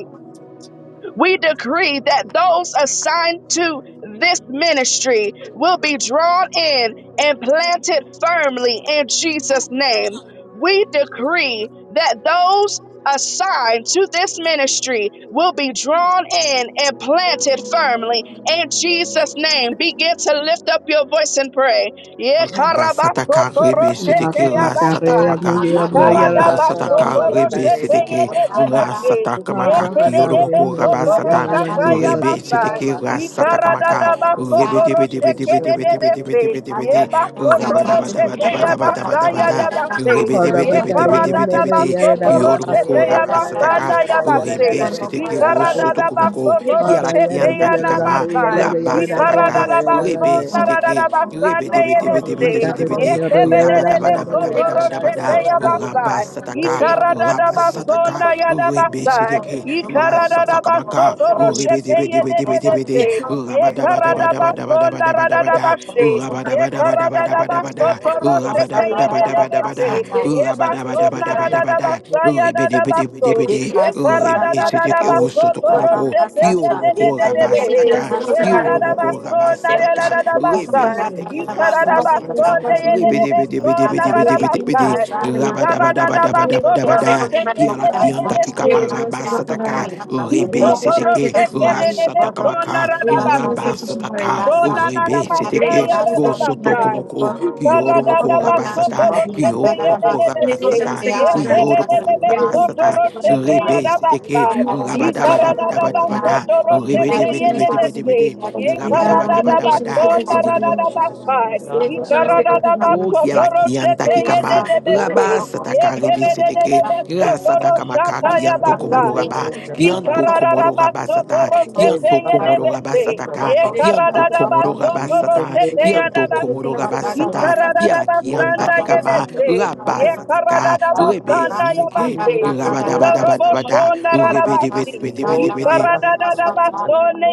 A: We decree that those assigned to this ministry will be drawn in and planted firmly in Jesus' name. We decree that those assigned to this ministry will be drawn in and planted firmly in Jesus' name. Begin to lift up your voice and pray.
F: Raba sataka rebe
E: Horror
A: Yekarabasotoroshete
F: seteke ra sataka
A: yabasai.
F: maka
B: Thank
D: you.
F: raba sataka rebe
A: Yikaradabasotoroshete
F: seteke
D: Thank
F: ra
A: yedebebese.
F: sataka
A: Ye
F: maka kiyoro moko raba sata rebe seteke ra sataka
A: Ikarada
F: maka rebe debe debe debe debe debe debe debe debe de raba daba daba daba daba daba daba da rebe debe debe debe debe debe de kiyoro moko raba sataka rebe seteke ro soto komoko kiala kianta kikama raba sataka rebe seteke Ribidi-bidi-bidi-bidi-bidi-bidi. Rabadabadabadabadabada. Rabasataka.
B: you.
A: da
F: Rabasataka.
A: basona ya da basai.
F: Ribisitiki. Rasatakamaka.
A: Ikaradabasoto roshete yedededese.
F: Ribidi-bidi-bidi-bidi-bidi.
A: Yekaradabasonda
F: Rabadabadabadabadabadabadabada.
A: radadabashe.
F: Rabadabadabadabadabada.
A: Yekaradadabasoto roshete yedededese.
F: Rabadabadabadabadabada.
A: Yebasona
F: Rabadabadabadabadabada.
A: radadabasaya dadabaso.
F: Ribidi-bidi-bidi-bidi. Ribisitiki.
G: Thank
A: Yekaradadadabasoto
F: Osotokomoko.
A: roshete
G: you.
F: Kiyoromoko.
G: Ele
A: yededededebehe.
G: gosta de
F: Rabasataka.
G: ser considerado.
F: Kiyoromoko.
A: Yeradadabasonda
G: Ele
F: Rabasataka.
A: yadadabasa.
F: Rebe Sedeke Rasatakamaka,
A: Ikaradabasonda
F: Rebe Debe Debe Debe
A: yedededesonda
F: Debe Debe Debe De,
A: radabasa.
F: Bede Bede Bede Bede Bede Bede,
B: Thank you.
A: Ikaradadabasoto
F: Rabadabadabadabadabada,
A: roshete
F: Kiala Kianta
A: yedededese.
F: Kikamaraba Sataka, Rebe
A: Isotoro
F: Sedeke
A: shekerere sona
F: Rasatakamaka,
A: radabasi.
F: Rabasataka,
A: Ishona
F: Rebe Sedeke,
A: nanabasaya radabasai.
F: Osotokomoko, Kiyoromoko Rabasata,
A: Ikaradadabasotoro shete
F: Kiyoromoko
D: you.
A: yedededese.
G: gosta
F: Rabasata,
G: de
F: Kiyoromoko
A: Yeterededede
G: ser
D: Thank
F: Rabasata,
A: sotoro shete
F: Rebe
G: considerado.
F: Sedeke,
A: yadabasai.
G: Thank
F: Rabadabadabadabadabada,
A: Ikaradadabasotoro
F: Rebe
A: shete
F: Debe Debe Debe Debe
A: yedededese.
F: De, Bede Bede Bede Bede, Rabadabadabadabada
A: Yekaradadabasona
F: in the name of Jesus
A: radadabasai.
F: Christ of
B: Yeah.
F: Nazareth. Oh,
B: Thank
F: kiara
A: Ikaradadabasotoro
F: kianta
A: shete
F: kikama,
A: yedededese.
F: raba sataka ribi seteke,
A: Yekerededede
F: ra
A: sotoro
F: sataka maka
A: shata
F: kianto komoro
A: yabasai.
F: raba,
A: Ye
F: kianto
A: Ikarada
F: komoro raba sata, kianto komoro raba sataka, kianto komoro raba sata, kianto komoro raba sata, kiara kianta kikama, raba sataka, Rebe seteke, raba daba daba daba da, rebe dibi dibi dibi dibi di.
A: da da basone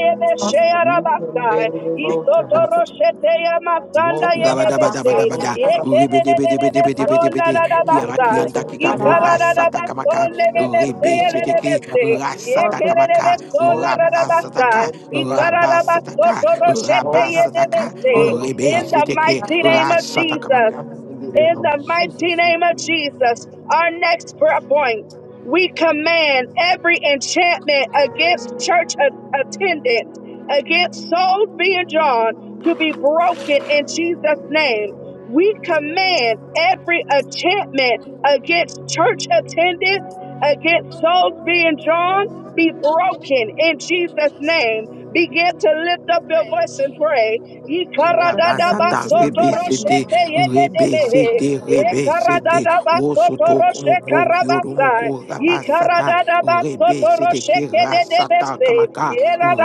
F: Rabadabadabadabada,
B: you.
F: ribedebedebedebedebede, kialakianda
D: you.
F: kikamo, rasatakamaka,
D: Water,
A: yebese
F: rebe seteke,
A: yebese.
F: rasatakamaka,
A: Yekererebesona rarabasa,
F: rabasataka, rabasataka,
A: ikararabasoto roshete
F: rabasataka,
A: yedebese.
F: rebe
A: In the
F: seteke,
A: mighty name of Jesus.
F: rasatakamaka. In the name
A: In
F: of
A: the mighty
F: Jesus, we
A: name of
F: pray.
A: Jesus, our next prayer point, we command every enchantment against church a- attendance, against souls being drawn to be broken in Jesus' name. We command every enchantment against church attendance, against souls being drawn, be broken in Jesus' name. Begin to lift up your voice and pray. Ikaradadaba
F: Rabasata rebe sete
A: sotoroshete
F: rebe
A: yededebehe.
F: sete rebe sete
A: Ikaradadaba
F: wosoto
A: sotoroshe
F: komoko kioromoko
A: karabasai.
F: rabasata
A: Ikaradadaba
F: rebe sete
A: sotoroshe
F: ke rasata
A: kededebese.
F: kamaka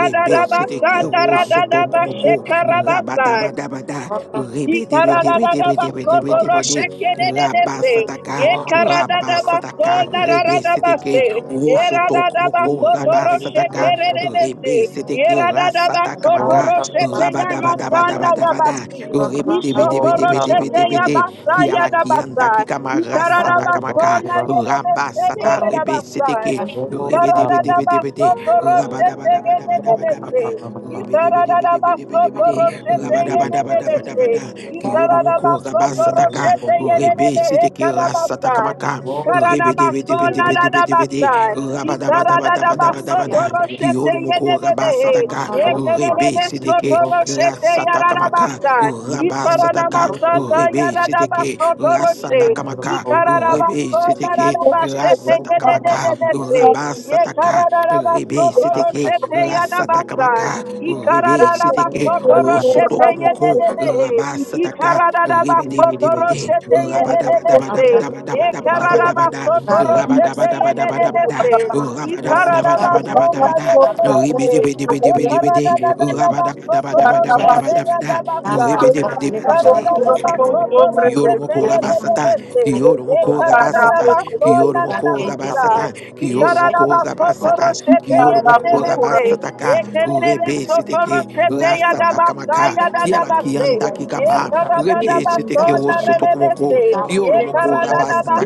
F: rebe sete ke wosoto
A: sandaradadaba
F: komoko
A: shekarabasai.
F: rabadabadabada rebe debe debe debe debe debe
A: Ikarararabasoto
F: debe de
A: roshekererese.
F: rabasataka ka rabasata ka rebe sete ke
A: Yekarararabasonarararabase.
F: wosoto komoko
A: Yerararabasoto
F: rabasataka rebe
A: roshekererese.
F: sete ke rasata
A: Yerararabasoto
F: kamaka Rabadabadabadabadabada.
A: rosheteyamasanayabasi. Ishoto
F: Rebetebetebetebetebetebete. Kiala kianta
A: rosheteyabasayadabasa.
F: kikamarasa takamaka.
A: Ikararabasonarerese
F: Rabasata
A: yererabasa.
F: rebesiteke.
B: Thank
F: Rebetebetebetebete.
A: Ikarararabasoto rosheteyererese.
F: Rabadabadabadabadabada.
A: Ikarararabasoto
F: Rebetebetebetebetebete.
A: rosheteyererese.
F: Rabadabadabadabadabada. Kiyorumuko rabasataka.
A: Ikarabasotoroshete yererebehe
F: Rebesiteke
A: karabasai.
F: rasatakamaka.
D: Walking,
A: Ikarabasona
F: Rebetebetebetebetebete.
A: radabasai.
F: Rabadabadabadabadabada.
A: Ikarabasotoroshete
F: Kiyorumuko
A: yererebehe.
F: rabasataka. Urebe Siteke,
A: Ekererebesotoroshete
F: Rasatakamaka,
A: yararabasai.
F: Uraba Sataka,
A: Ikarabasata
F: Urebe Siteke,
A: yararabasotoroshe.
F: Rasatakamaka, Urebe
A: Ikarabasona
F: Siteke,
A: radabashete
F: Rasatakamaka,
A: yerererebese.
F: Uraba Sataka, Rebe Siteke,
A: Ekarabasotoroshete yarabasai.
F: Rasatakamaka, Urebe Siteke,
A: Ikarabasotoroshete
F: Osotokomoko,
A: yererebehe.
F: Raba Sataka, Rebe Debe Debe De,
A: Ikaradadabasotoroshete yedededese.
F: Rabadabadabadabadabadabadabadabada,
A: Ikaradabasotoroshete
F: Rabadabadabadabadabada,
A: yedededese.
D: Whoa,
C: Thank
A: Ikaradabasonda
F: Rabadabadabadabadabada,
A: yedededese.
G: you.
F: Ribidi-bidi-bidi-bidi-bidi.
G: Ele não deixa nesse
A: Ikaradadadabasotoroshete
G: bicho.
F: Rabadabadabadabadabadabada.
A: yadabasa.
G: Ele gosta mais
F: Ribidi-bidi-bidi-bidi.
G: porque eu
B: you.
G: tenho que ver.
A: Ikaradadabasotoroshete
F: Kiyoromoko
G: Ele
B: Thank
G: não sabe se
F: rabasata,
G: ele
A: yedededese.
G: vai.
F: kiyoromoko
G: Ele
F: rabasata,
A: Ikaradadabasonda
F: kiyoromoko
A: nadabasa.
F: rabasata,
G: gosta de ser
F: kiyoromoko
G: conhecido.
F: rabasata,
A: Ikararabasotoroshete
F: kiyoromoko
A: yedebese.
B: you.
F: rabasata ka, rebe siteke,
A: Ekererebesotoroshete
F: rasata
A: yadabasa
F: kamaka, kiala
A: yadadabase.
F: kianta kikama,
D: long time,
G: Ele
F: rebe
G: gosta de ser
F: siteke
G: conhecido.
F: wosotokomoko,
A: Ekaradadabasonarelebese.
G: Ele
F: kiyoromoko
D: long time,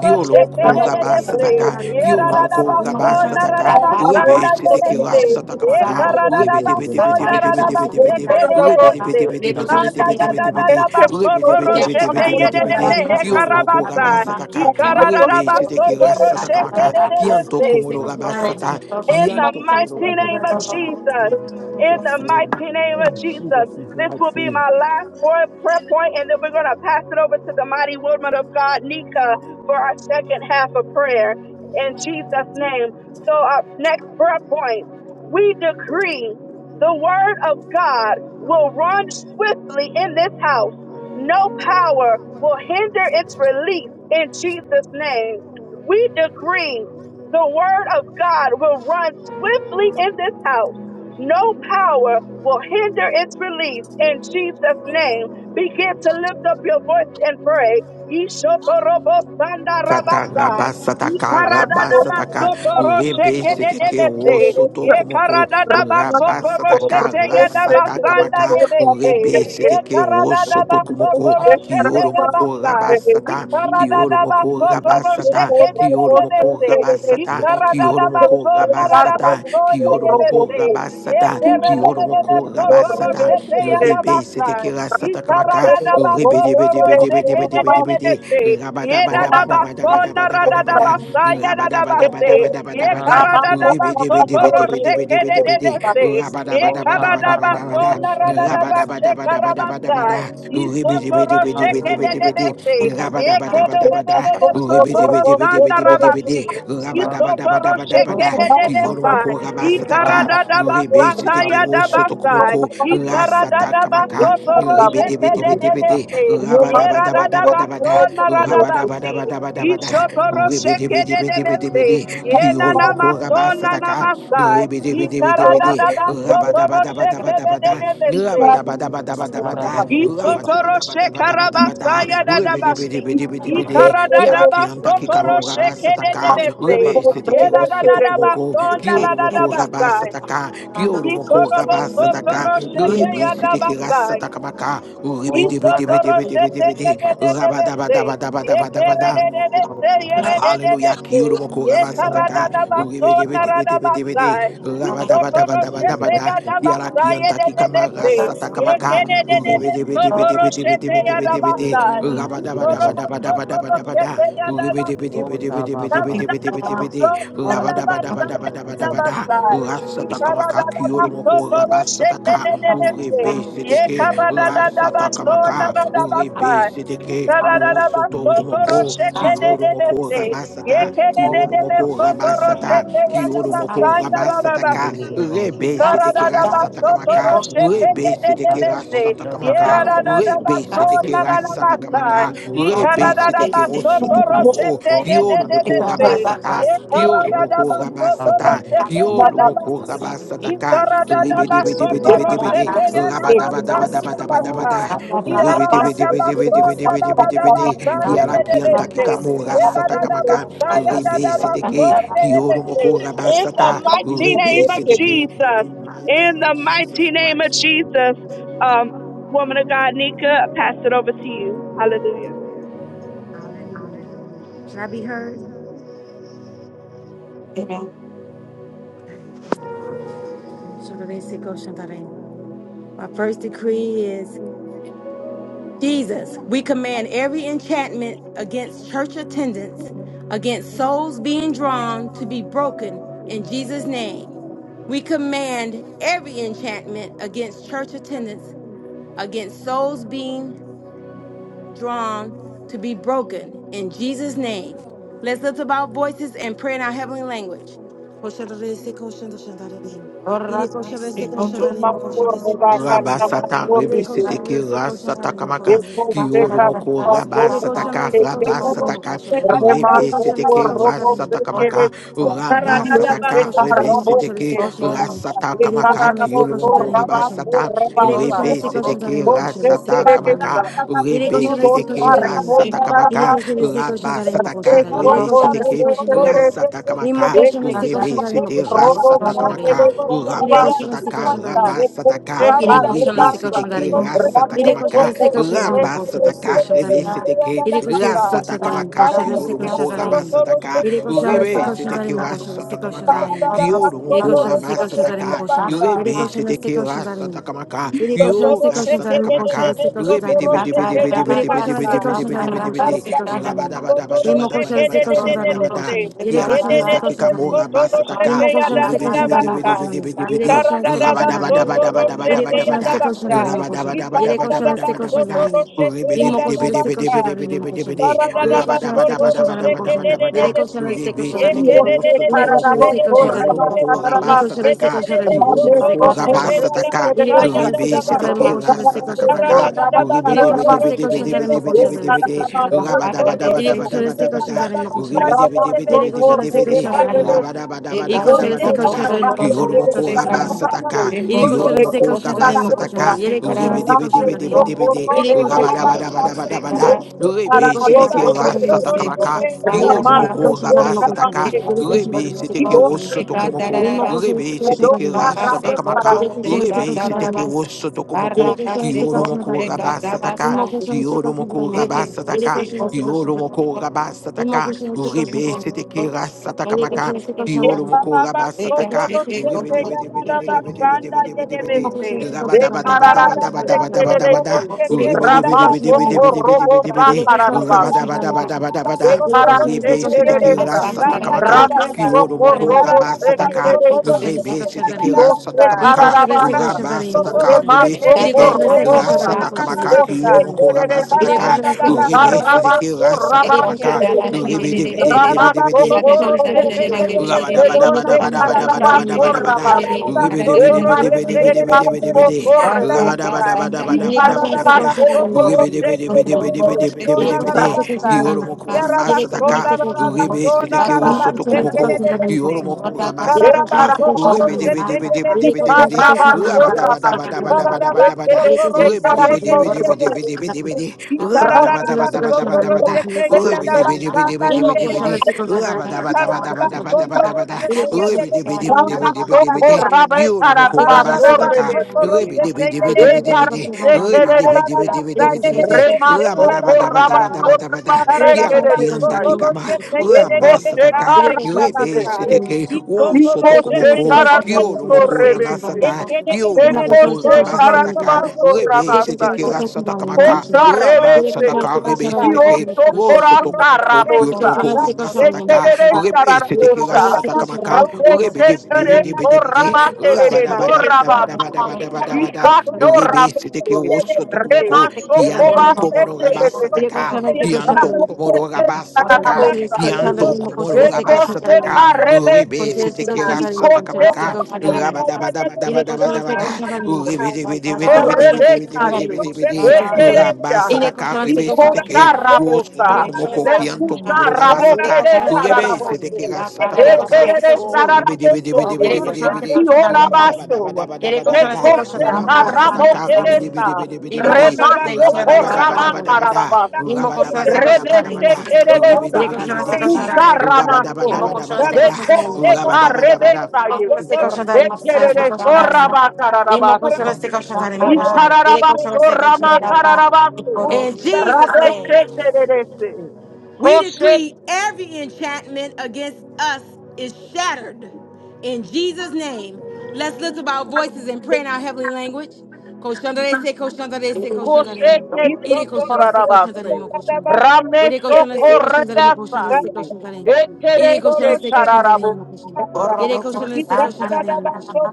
F: Kiolo
G: não
F: moko
G: gosta
F: raba
G: de ser
F: sataka.
G: tratado.
F: Kiolo
D: long
F: moko
G: Ele não
F: raba
G: gosta de ser
F: sataka.
G: tratado.
D: time.
F: Rebe sete
G: Ele
F: ki
G: não
A: Yeradadabasonararabasandalebese.
F: ras
G: gosta de ser
F: sataka
D: We
F: maka.
D: need to
G: tratado.
F: Rebe
D: do the
F: debe
D: day by
F: debe debe
G: Ele
D: day.
F: debe
G: gosta de
F: debe
G: ser
F: debe debe.
G: conhecido.
F: Rebe debe
A: Ekaradadabasonararabasekelebese.
F: debe
D: Every day,
F: debe
D: long
G: Vehicles
A: Da
G: and
F: debe debe
A: da
G: restrictions
F: debe
A: da
F: debe
A: da
G: on
F: de.
A: da
F: Rebe
A: roshete
F: debe debe
G: vehicles and
F: debe
A: roshete
G: restrictions
F: debe
G: on
A: yede
F: debe de.
A: de
G: the
D: time,
A: de he
D: long
G: concerns
F: Kiolo
G: of the
D: time,
F: moko
A: karabasa.
F: raba
G: building.
F: sataka.
G: Immobil
A: Ikarara da
F: Rebe sete ki
A: basoto
F: ras sataka
A: roshete
F: maka.
A: de de he de
F: Kianto
A: se.
F: komoro
D: long
F: raba
D: time,
F: sata.
A: In the
F: Kianto komoro
A: mighty
F: raba
A: name of
F: sataka.
A: Jesus.
F: In
A: In
F: Jesus'
A: the
F: name.
A: mighty name of
F: In
A: Jesus.
F: Jesus' name,
A: This
F: I
A: will be
F: pray.
A: my last prayer prayer point, and then we're going to pass it over to the mighty woman of God, Nika, for our second half of prayer. In Jesus' name. So, our next prayer point we decree the word of God will run swiftly in this house. No power will hinder its release in Jesus' name. We decree the word of God will run swiftly in this house. No power will hinder its release in Jesus' name. Begin to lift up your voice and pray.
D: We have to
A: Yishotorobotsandarabasai.
D: do the long
F: Sataraba
D: time.
F: sataka raba sataka rebe
D: long time,
F: seteke
D: long time.
F: wo
A: Yikaradadabasotoroshekededebese.
F: soto komoko raba sataka rasataka maka
A: Yekaradadabasotorosheteyadabasandayebese.
F: rebe seteke
C: you.
F: wo
D: Long
F: soto
D: time, long
F: komoko
D: time.
C: Thank
F: kioro moko raba
A: Yekaradadabasotorosheteyabasai.
F: sata
D: We need to do
F: kioro moko
D: the
F: raba
D: long time,
F: sata
D: long time,
F: kioro moko
A: Yikaradadabasotoroshekededebese.
F: raba
A: Ye
F: sata
D: long
F: kioro moko raba sata kioro moko raba sata kioro moko raba Rebe setekera satakamaka. Rebe debe debe debe debe debe debe de. Rabada bada bada bada bada bada bada bada. Rabada bada bada bada bada bada.
D: time.
F: Rebe
D: Long
F: debe
D: time, long
F: debe
D: time.
F: debe debe debe debe de. Rabada bada
D: Thank
F: bada bada bada bada. Rabada bada bada bada bada bada. Rebe debe
A: Isotoro
F: debe debe
A: sheke
F: debe
A: de de
F: debe de.
A: de se.
F: Rabada bada
A: Ekere de
F: bada
A: de
F: bada.
A: de de
F: Rebe debe
A: sotoro
F: debe debe
A: sanda
F: debe debe de.
A: rabasi.
F: Rabada bada bada
A: Isoporo
F: bada
A: sheke
F: bada.
A: de de de sai.
F: Kiyoromoko Ramasataka,
A: Ikarada da
F: Rebe
A: basata ya
F: Setekiro
A: da basai.
F: Sotokomoko,
A: Ikarada da
F: Rasatakamaka,
A: basoporo
F: Rebe Debe
A: sheke
C: you.
A: de
F: Debe
A: de
F: Debe
A: de
F: De,
C: Roman
A: da
C: was was
A: baso
F: Rabadabadabadabadabada,
C: was
A: na
C: was
A: basi.
F: Rabadabadabadabadabada,
A: Isoporo
F: Rebe
A: sheke
F: Debe
A: de
F: Debe
A: de
F: Debe Debe De, Bede Bede Bede Bede,
A: Yena na
F: Kiyoromoko
A: maso na na
F: Ramasataka,
A: masai.
F: Rebe Debe Debe Debe
A: Ikarada
F: De,
A: da basoporo sheke de
F: Rabadabadabadabadabada,
A: de
F: Rabadabadabadabada,
C: was
D: you.
A: Isotoroshe
F: rabadabadabadabadabada,
A: karabasaya dadabasi.
F: rebedebedebedebedebede, kiarakianta kikamo
A: Ikaradadabasotoroshe
F: rabasataka,
A: kededebese.
F: rebe seteke osotokumoko,
A: Eradadadabasona
F: kiorumoko
A: radadabasai.
F: rabasataka, kiorumoko rabasataka,
A: Ikorobosotoroshe
F: rebe seteke
A: teyadabasai.
F: rasatakamaka,
A: Yes,
D: Thank
F: rebedebedebedebedebede, rabadabadabadabadabada. Hallelujah. Kiyoro moko raba sataka. Urebe debe Kiara kiyanta kikama rasataka maka. Urebe debe
A: Ye
F: Uribidibidibidibidibidibidibidi. Urabadabadabadabadabada. Urasatakamaka kiyoromoko rabasataka. Uribeseteke. Urasatakamaka. Uribeseteke. Uosotokomoko. Kiyoromoko
B: Thank
F: rabasata.
B: you.
F: Kiyoromoko rabasata. Kiyoromoko
B: Amen.
F: rabasataka. Urebeseteke rasatakamaka. Urebeseteke rasatakamaka. Urebeseteke
G: solicitations
F: rasatakamaka.
A: in
F: Rebe seteke oso
A: the
F: tokomoko.
D: you.
F: Kiolo moko rabasata. Kiolo moko
G: and
D: Thank
F: rabasata.
G: Ele
F: Kiolo
G: conseguiu
F: moko
G: se concentrar
F: rabasata
G: em
F: ka.
G: questão de se
F: Rebe
G: concentrar em
F: debe debe debe debe de.
G: ele conseguiu se
F: Rabadaba
G: concentrar
F: daba
G: em
F: daba
G: questão de
F: daba
G: se
F: daba da.
G: concentrar em
F: Rebe debe
G: ele
F: debe
G: conseguiu
F: debe
G: se
F: debe
G: concentrar
F: debe
G: em
F: debe
G: questão
F: debe
G: de se
F: de.
G: concentrar em ele
F: Kiala kianta
G: conseguiu se
F: kikamo
G: concentrar
F: rasata
G: em ele
F: kamaka.
G: conseguiu
F: Rebe
G: se concentrar
F: seteke.
G: em
F: Kiolo moko rabasata.
A: mighty name
F: Rebe
A: of
F: seteke.
D: you.
A: Jesus,
F: In the mighty name
A: in
F: of
A: the mighty
F: Jesus
A: name of
F: Christ.
A: Jesus, um, woman of God, Nika, pass it over to you. Hallelujah.
G: Hallelujah. Should I be heard? Should I be sick or should I? My first decree is Jesus, we command every enchantment against church attendance, against souls being drawn to be broken in Jesus' name. We command every enchantment against church attendance against souls being drawn to be broken in Jesus' name. Let's lift up our voices and pray in our heavenly language.
F: Rabasata rebe seteke rasata kamaka kioro moko rabasata ka
C: Thank you.
F: rabasata ka rebe
C: Remasopo
F: seteke
C: robo
F: rasata
C: sekere
F: kamaka
A: Para
G: Imo
C: sio
F: rabasata
G: koşarı ste
F: ka
G: koşun
C: sekara
G: tari
F: rebe
G: imo
C: rabo
G: koşarı
F: seteke
G: ste koşun
C: sekere.
G: tari.
F: rasata
G: Yere
F: kamaka
C: Ekara
G: koşarı ste
C: rabo
F: kioro
C: so
G: koşun
F: moko
G: tari imo
C: raba
G: koşarı.
C: so
F: rabasata
G: Yere
C: rabasa.
G: koşarı
F: rebe
G: ste koşun tari
F: seteke
G: imo
C: O
G: koşarı ste
F: rasata
C: sekere
G: koşun tari.
F: kamaka
C: desa.
G: Yere
F: rebe
G: koşarı
C: Iko
G: ste
C: sa
G: koşun
F: seteke
G: tari.
C: rabo
F: rasata
C: kara
G: Yere
F: kamaka
G: koşarı ste koşun tari imo
F: rabasata
G: koşun
F: ka
G: tari. Yere
F: rebe
G: koşarı ste
F: seteke
G: koşun tari.
F: rasata
G: Imo
F: kamaka
G: koşarı ste
F: rebe
G: koşun tari imo
F: sete
G: koşarı ste
F: rasata
G: koşun tari.
B: Thank
F: kamaka
C: so
G: Yere
C: raba.
G: koşarı
F: rabasata
G: ste
F: ka
G: koşun tari.
C: Eko
F: rabasata ka
G: Iré
C: sekara
G: coxando
F: rebe
G: este
C: rebasa.
G: coxo
F: seteke
G: andarín.
F: rasata
C: Rame
G: Iré coxando
F: kamaka,
C: sopo
G: este coxo
C: rebe
G: andarín, coxo
C: sekere
G: deste
C: se.
F: rasatakamaka rabasataka
G: coxo
F: rebe
G: andarín.
F: seteke
G: Iré coxando este coxo
F: rasata
G: andarín,
F: kamaka, rasatakamaka
G: coxo deste coxo
F: kiyoromoko
G: andarín.
F: rabasataka
G: Iré coxando este
F: rebe
G: coxo
F: seteke
G: andarín, coxo deste
F: rasata
G: coxo
F: kamaka,
G: andarín.
F: rasatakamaka
A: da
G: Iré
F: kiyoromoko
G: coxando este coxo andarín,
F: rabasataka
G: coxo
A: da
G: andarín.
A: you.
G: Iré
F: rebe
B: you.
G: coxando este
F: seteke
G: coxo
F: rasata
G: andarín.
F: kamaka,
G: Iré
A: Ye de
G: coxando
F: yo
G: este
F: rasata
G: coxo andarín,
A: de
G: coxo
A: de
F: rasatakamaka
A: de
G: deste coxo
F: rebe
A: soto
F: debe
G: andarín.
F: debe
A: roshete
F: debe
A: ya
F: debe
G: Iré
F: debe
G: coxando
F: debe
G: este
F: debe debe
G: coxo andarín,
F: debe debe
G: coxo
F: debe
G: deste coxo andarín. Imo coxo deste coxo andarín,
F: rabadabadabadabadabadabadabadabada Ki Kiara Kianda Kikamora Basataka, Ribidi Bidi Bidi Bidi Bidi Bidi,
G: Yere koşan este
F: Rabadabadabadabadabadabada,
G: koşan tarım mı koşan? Yere koşan este koşan
F: Rabadabadabadabadabadabada,
G: tarım. İmmo koşan este koşan tarım mı koşan?
F: Ribidi-bidi-bidi-bidi-bidi-bidi-bidi.
G: Yere
B: Thank
G: koşan este koşan tarım mı koşan? Yere
F: Rabadabadabadabadabadabada.
G: koşan este koşan tarım.
C: Io
G: Yere
C: sekara
G: koşan
C: rabo
F: Ribisitikirosotokomoko.
G: este
C: so
G: koşan tarım.
C: rabasa
F: Kiyoromoko
G: Yere
C: raba.
G: koşan este
F: rabasataka.
G: koşan tarım mı koşan?
C: Rame
G: Este
F: Kiyoromoko
G: koşan tarım.
A: da
F: rabasataka.
G: Yere
A: basta ya
G: koşan este
A: da
G: koşan tarım mı
A: basta.
G: koşan?
C: Rama
G: Este koşan
F: Ribisitikirasatakamaka.
G: tarım. Yere koşan este koşan tarım mı koşan? Este
F: Ribidi-bidi-bidi-bidi-bidi-bidi-bidi-bidi.
G: koşan tarım. Yere koşan
B: you.
G: este koşan
F: Rabadabadabadabadabadabada.
G: tarım mı
B: Thank
G: koşan? Yere
C: Ramasto
G: koşan este
F: Ribidi-bidi-bidi-bidi-bidi-bidi.
G: koşan tarım.
B: you.
G: Yere koşan este
F: Rabadabadabadabadabada.
G: koşan tarım mı koşan? Este
F: Kiyoromoko
G: koşan tarım.
F: rabasataka.
G: Iré coxando, sei
F: Kiyoromoko
G: coxando, também mo coxando.
F: Rabasataka,
G: Iré coxando, sei coxando, também.
F: Rebedebedebedebede,
G: Iré coxando,
F: Rabadabadabadabada,
A: Thank
G: iré
F: Rebe
G: coxando, sei
F: Seteke
G: coxando, também mo coxando.
F: Rasatakamaka,
G: Iré coxando, sei
F: Kiyoromoko
G: coxando, também mo coxando.
F: Rabasataka,
G: Iré coxando,
F: Rebe
G: sei
F: Seteke
G: coxando, também.
F: Rosotokomoko,
G: Iré mo coxando,
F: Rebe
G: sei coxando, também
F: Seteke
G: mo coxando.
F: Rasatakamaka,
G: Iré coxando, sei
F: Rebe
G: coxando, também
F: Seteke
G: mo coxando. Iré
F: Rosotokomoko,
G: coxando, sei coxando,
F: Kiyoromoko
G: também.
F: Rabasataka,
G: Irmão coxando, sei coxando, também
F: Kiyoromoko
G: mo coxando. Iré
F: Rabasataka,
G: coxando, sei coxando, também.
F: Kiyoromoko
G: Irmão
F: Rabasataka,
G: coxando, sei
B: Thank
G: coxando,
F: Rebe
G: também.
F: Seteke
G: Iré
F: Rasatakamaka,
G: coxando, sei coxando, também
F: Kiolo
G: mo
F: moko
G: coxando. Iré
F: rabasataka.
G: coxando, sei coxando, também mo coxando. Uma
F: Ribidibidibidibidibidibidibidibidi.
G: coisa é se concentra em você, se concentra em mim.
F: Rabadabadabadabadabadabadabada.
G: Ele continua se concentrando em mim, meu Deus.
C: robo
A: you.
G: Ele
F: Ribidibidibidibidibidibidibidi.
G: continua se
C: sa
G: concentrando em você.
F: Rabadabadabadabadabada.
G: Ele
C: Ekara
G: continua se
F: Ribe
G: concentrando em
F: seteki
G: mim, meu
C: sekereresa.
G: Deus.
F: rasatakamaka.
G: Ele
F: Kiolo
C: Ramesoko
F: moko
C: robo
F: rabasataka.
C: sekereresa.
G: continua se
F: Ribe
G: concentrando em
F: seteki
G: mim.
C: Io
G: Ele
F: rasatakamaka.
G: continua se
C: sekararabasa.
G: concentrando em mim.
F: Rabasataka. Ribe
G: Ele
C: Remasoko
F: seteki
G: continua se concentrando
C: robosa.
G: em mim, meu Deus. Ele continua se
F: rasatakamaka.
C: O
F: Kiolo
G: concentrando em mim, meu Deus.
F: moko
C: sekererese.
G: Ele
F: rabasataka.
G: continua se concentrando em mim.
F: Ribe seteki
C: Ikarabaso
G: Ele continua
F: rasatakamaka.
G: se
C: rabakereresa.
G: concentrando em mim. Ele continua se concentrando em mim, meu Deus.
F: Ribidibidibidibidibidi.
G: Ele
C: Ramasoko
G: continua se
C: robose.
G: concentrando em mim.
C: Kede
G: Ele continua se
A: Thank you.
G: concentrando em mim, meu
C: sekarabaso
G: Deus. Ele continua se
A: Thank
F: Rabadabadabadabadabadabadabadabada.
C: rabase.
G: concentrando em mim.
C: Ekar
G: Ile
B: you.
F: Ribidibidibidibidibidibidibidi.
C: sekarabaso rebese.
F: Rabadabadabadabadabadabadabada.
C: Ikarabaso robose.
F: Ribidibidibidibidibidibidibidi. Kiyoromoko rabasataka. Ribisidikewosotokomoko. Kiyoromoko rabasataka.
C: Ekarabaso.
F: Ribidibidibidibidibidibidi.
B: Thank
F: Oye, be di, be di, be di, be di, be di, be di. Oye, ba da, ba da, ba da, ba da, ba da,
G: kosztuje
F: ba da, ba da.
G: Ele
F: Oye,
G: continua se
F: be di, be di, be
G: cultivando,
F: di, be
G: se
F: di, be di, be
A: you.
F: di.
G: cultivando.
F: Ki olu mo
G: Ele
F: kouga
A: Thank
F: ba
G: continua se
F: sataka.
G: cultivando.
F: Oye, be di, be di, be
G: Ele
F: di, be
G: continua
F: di, be di, be
G: se
F: di. Oye,
G: cultivando.
F: be di, be di, be di, be
C: Remaso
F: di,
G: Ele
F: be di,
G: continua
F: be
G: se cultivando. Ele continua
F: di.
G: se cultivando,
F: Oye, ba
G: continua
F: da, ba da, ba
G: se
F: da, ba da, ba
G: cultivando.
F: da, ba da.
G: Ele
F: Ki ala
G: continua se
F: ki enda ki
G: cultivando.
F: kama. Oye ba sataka.
G: Ele continua
F: Oye
G: se
F: be
G: cultivando, continua
F: seteke.
G: se cultivando.
B: you.
F: Oso to
G: Ele continua se
F: kumoku.
B: Thank
F: Ki
G: cultivando, continua.
F: olu mo
G: Ele continua se
F: kouga ba
G: cultivando,
F: sata.
G: continua.
F: Ki
G: Ele
F: olu mo
G: continua
C: Mekoshe
F: kouga ba sataka.
C: Karanabaso
F: Oye be seteke
C: Rabasaya.
F: ra satakaka.
C: Kosha
F: Oye ba
C: Rebese.
F: sataka.
G: se
F: Oye be
G: cultivando,
F: seteke. Sateke,
C: Kioso
G: se
F: O
G: cultivando.
C: Korasha
F: Sotokomoko,
C: Rabosa.
F: Kyuroko,
G: Intencionaliste koşanların
F: Ramasataka,
C: Mekerere
G: başında.
A: you.
F: Rebe,
G: Bir
F: Setekira
C: Sharanabosa.
G: koşanlariste koşanların
F: Satakamaka,
G: başında. Bir koşanlariste
F: Rebe,
C: Rabeshe
F: Debe,
C: Kere
F: Debe, Debe, Debe, Debe,
C: Sorabakerere Sorabasi.
F: Rabadabadabadabadabadabadabada,
C: Ikaso
F: Rebe, Seteke,
C: Rabase.
F: Sotokomoko,
C: Remasho
F: Kianto
G: koşanların
C: Kobase
F: Komoro
C: Kerere.
F: Rabasataka,
G: Koşanlariste koşanların koşanlariste
F: Kianto
G: koşanların
F: Komoro
C: Rabeshe
F: Rabasataka,
G: Koşanlariste
C: Sharanabosa.
F: Kianto
G: koşanların
F: Komoro
G: koşanlariste
C: Ekoshe
B: you.
F: Rabasataka,
G: koşanların
F: Rebe,
C: Karebese.
F: Setekira
B: Thank
F: Satakamaka,
G: Bir koşanlariste
F: Rabadabadabadabadabadabada,
G: koşanların
F: Rebe, Debe, Debe,
G: Iré
F: Debe, Debe, Debe, Debe, Debe,
C: Correbesaire,
F: Debe, Debe,
C: Ekeresha,
F: Rabasataka, Rebe, Seteke,
C: Shikocha
F: Wosoto
C: Rabosa,
F: komoko kianto
C: Nekusha
F: komoro ga
C: Rabo
F: basata
C: Keresa
F: rebe sete ke
C: Rabose,
F: sata
A: Thank
F: kamaka
A: you.
C: Ekeresa
F: Oh, rebe debe debe debe debe
C: Raboso,
F: debe de raba daba daba
C: Yorabasho,
F: daba daba daba da
C: Shekoshe
F: raba
C: Rabo
F: sata ka rebe debe debe
C: Keresa,
F: debe debe de
C: Remaso
F: raba daba daba
C: Koraba
F: daba daba da
C: Karabasi,
F: raba daba daba daba daba da
C: Rebese
F: rebe
C: Keresa,
F: debe debe debe de raba daba daba
C: Kusaramaso,
F: daba daba da
G: con
C: Dekoshe
G: este
F: raba daba daba da
C: Karebesaire, Ekereso
B: you.
C: Rabakarabasi,
B: Thank
C: Ikararaba sorrama kararaba
G: In Jesus' name.
C: rabeçe tereresi.
G: We
C: koshe
G: decree every enchantment against us is shattered in Jesus' name. Let's lift up our voices and pray in our heavenly language. Koshandarese, koshandarese,
C: koshe
G: koshandarin.
C: kendi
G: Ire koshandarese, koshandarin,
C: ramesho
G: mo koshandarin. Ire
C: Rameşo
G: koshandarese,
A: Yes,
G: koshandarin,
C: korrega
G: mo koshandarese,
C: sayi.
G: koshandarin. Ire
C: Ekereçe
G: koshandarese, koshandarin,
C: kararabu.
G: mo koshandarin. Ire koshandarese, koshandarin, mo koshandarin.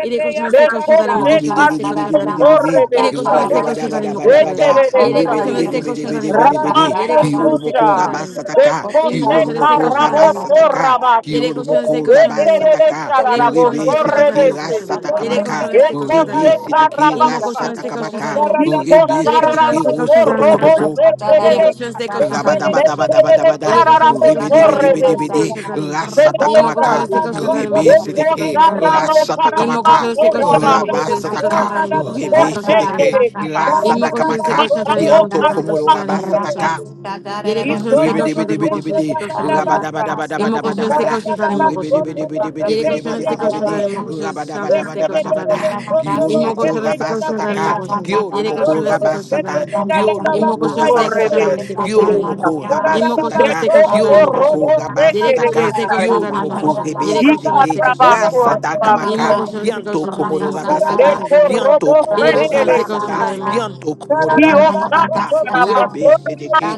G: Ire
C: Ne
G: koshandarese, koshandarin, mo
C: koşe
G: koshandarese,
C: kararabo
G: koshandarin.
C: sorrebe
G: Ire koshandarese,
C: sayi.
G: koshandarin, mo koshandarin.
C: Ekerere
G: Yere koşan
C: sayi.
G: destek koşan tarayım mı koşan tarayım.
C: Rabaşo
G: Yere koşan destek
F: Kiyorumoko
G: koşan
C: kuşa.
G: tarayım.
C: Ne
F: rabasataka,
G: İmmo
C: koşe
G: koşan destek
F: kiyorumoko
G: koşan
C: kararabo
G: tarayım mı
A: Para
G: koşan.
F: rabasataka,
C: sorrabası.
G: Yere koşan destek
F: kiyorumoko
G: koşan tarayım mı
C: Ekerere
G: koşan.
F: rabasataka,
G: Yere
C: sararabo
G: koşan
F: uribe
G: destek koşan tarayım
F: sitiki
G: mı koşan
C: sorrebe
G: tarayım. Yere
F: rasatakamaka,
G: koşan destek
C: Robo
G: koşan
F: uribe
G: tarayım.
F: sitiki
G: İmmo
C: se
G: koşan destek koşan
F: rasatakamaka,
G: tarayım mı koşan.
B: you.
F: uribe
G: Yere koşan
F: sitiki
G: destek koşan tarayım mı koşan.
F: osotokomoko
B: Thank
G: Yere koşan destek koşan tarayım mı koşan.
F: Rabadabadabadabada,
G: Yere koşan destek koşan tarayım mı koşan destek
F: ribidibidibidibidi,
G: koşan tarayım. İmmo koşan
F: rasatakamaka,
G: destek koşan tarayım mı koşan destek
F: ribisidiki,
G: koşan tarayım. İmmo
F: rasatakamaka,
G: koşan destek koşan tarayım mı koşan destek koşan
F: rabasataka,
G: tarayım mı koşan destek koşan tarayım.
F: ribisidiki,
G: Imo koşan se
F: rasatakamaka,
G: koşan tarin, imo
F: kianto
G: koşan se
F: komoro
G: koşan tarin, imo koşan.
F: rabasataka,
G: Yere koşan se koşan tarin, imo koşan se
F: ribidibidibidibidi,
G: koşan tarin.
A: Thank you.
G: Imo koşan se
F: rabadabadabadabadabada,
G: koşan tarin, imo koşan. Yere koşan se koşan tarin,
F: ribidibidibidibidibidibidibidi,
G: imo koşan se koşan
F: rabadabadabadabadabada,
G: tarin. Imo
F: kiolomoko
G: koşan se koşan tarin, imo
F: rabasataka,
G: koşan. Yere
F: kiolomoko
G: koşan
B: you.
G: se koşan
F: rabasata,
G: tarin.
F: Kiolo
G: Imo
F: moko
G: koşan se koşan
F: rabasata,
G: tarin, se koşan
F: kiolo
G: tarin.
F: moko
G: Imo koşan
F: rabasataka,
G: se koşan tarin,
F: kiolo
G: imo koşan.
F: moko
G: Yere koşan
F: rabasataka,
G: se koşan
F: kiolo
G: tarin, imo
F: moko
G: koşan. Yere koşan
F: rebeseteke,
G: se koşan tarin.
F: rasata
G: Imo
F: kabaka,
G: koşan se
F: kianto
G: koşan tarin,
F: komoro
G: imo koşan se
F: rabasata,
G: koşan tarin.
F: kianto
G: Yere
F: komoro
G: koşan se koşan
F: rabasata,
G: tarin,
F: kianto komoro rabasataka,
C: Thank
F: rebeseteke,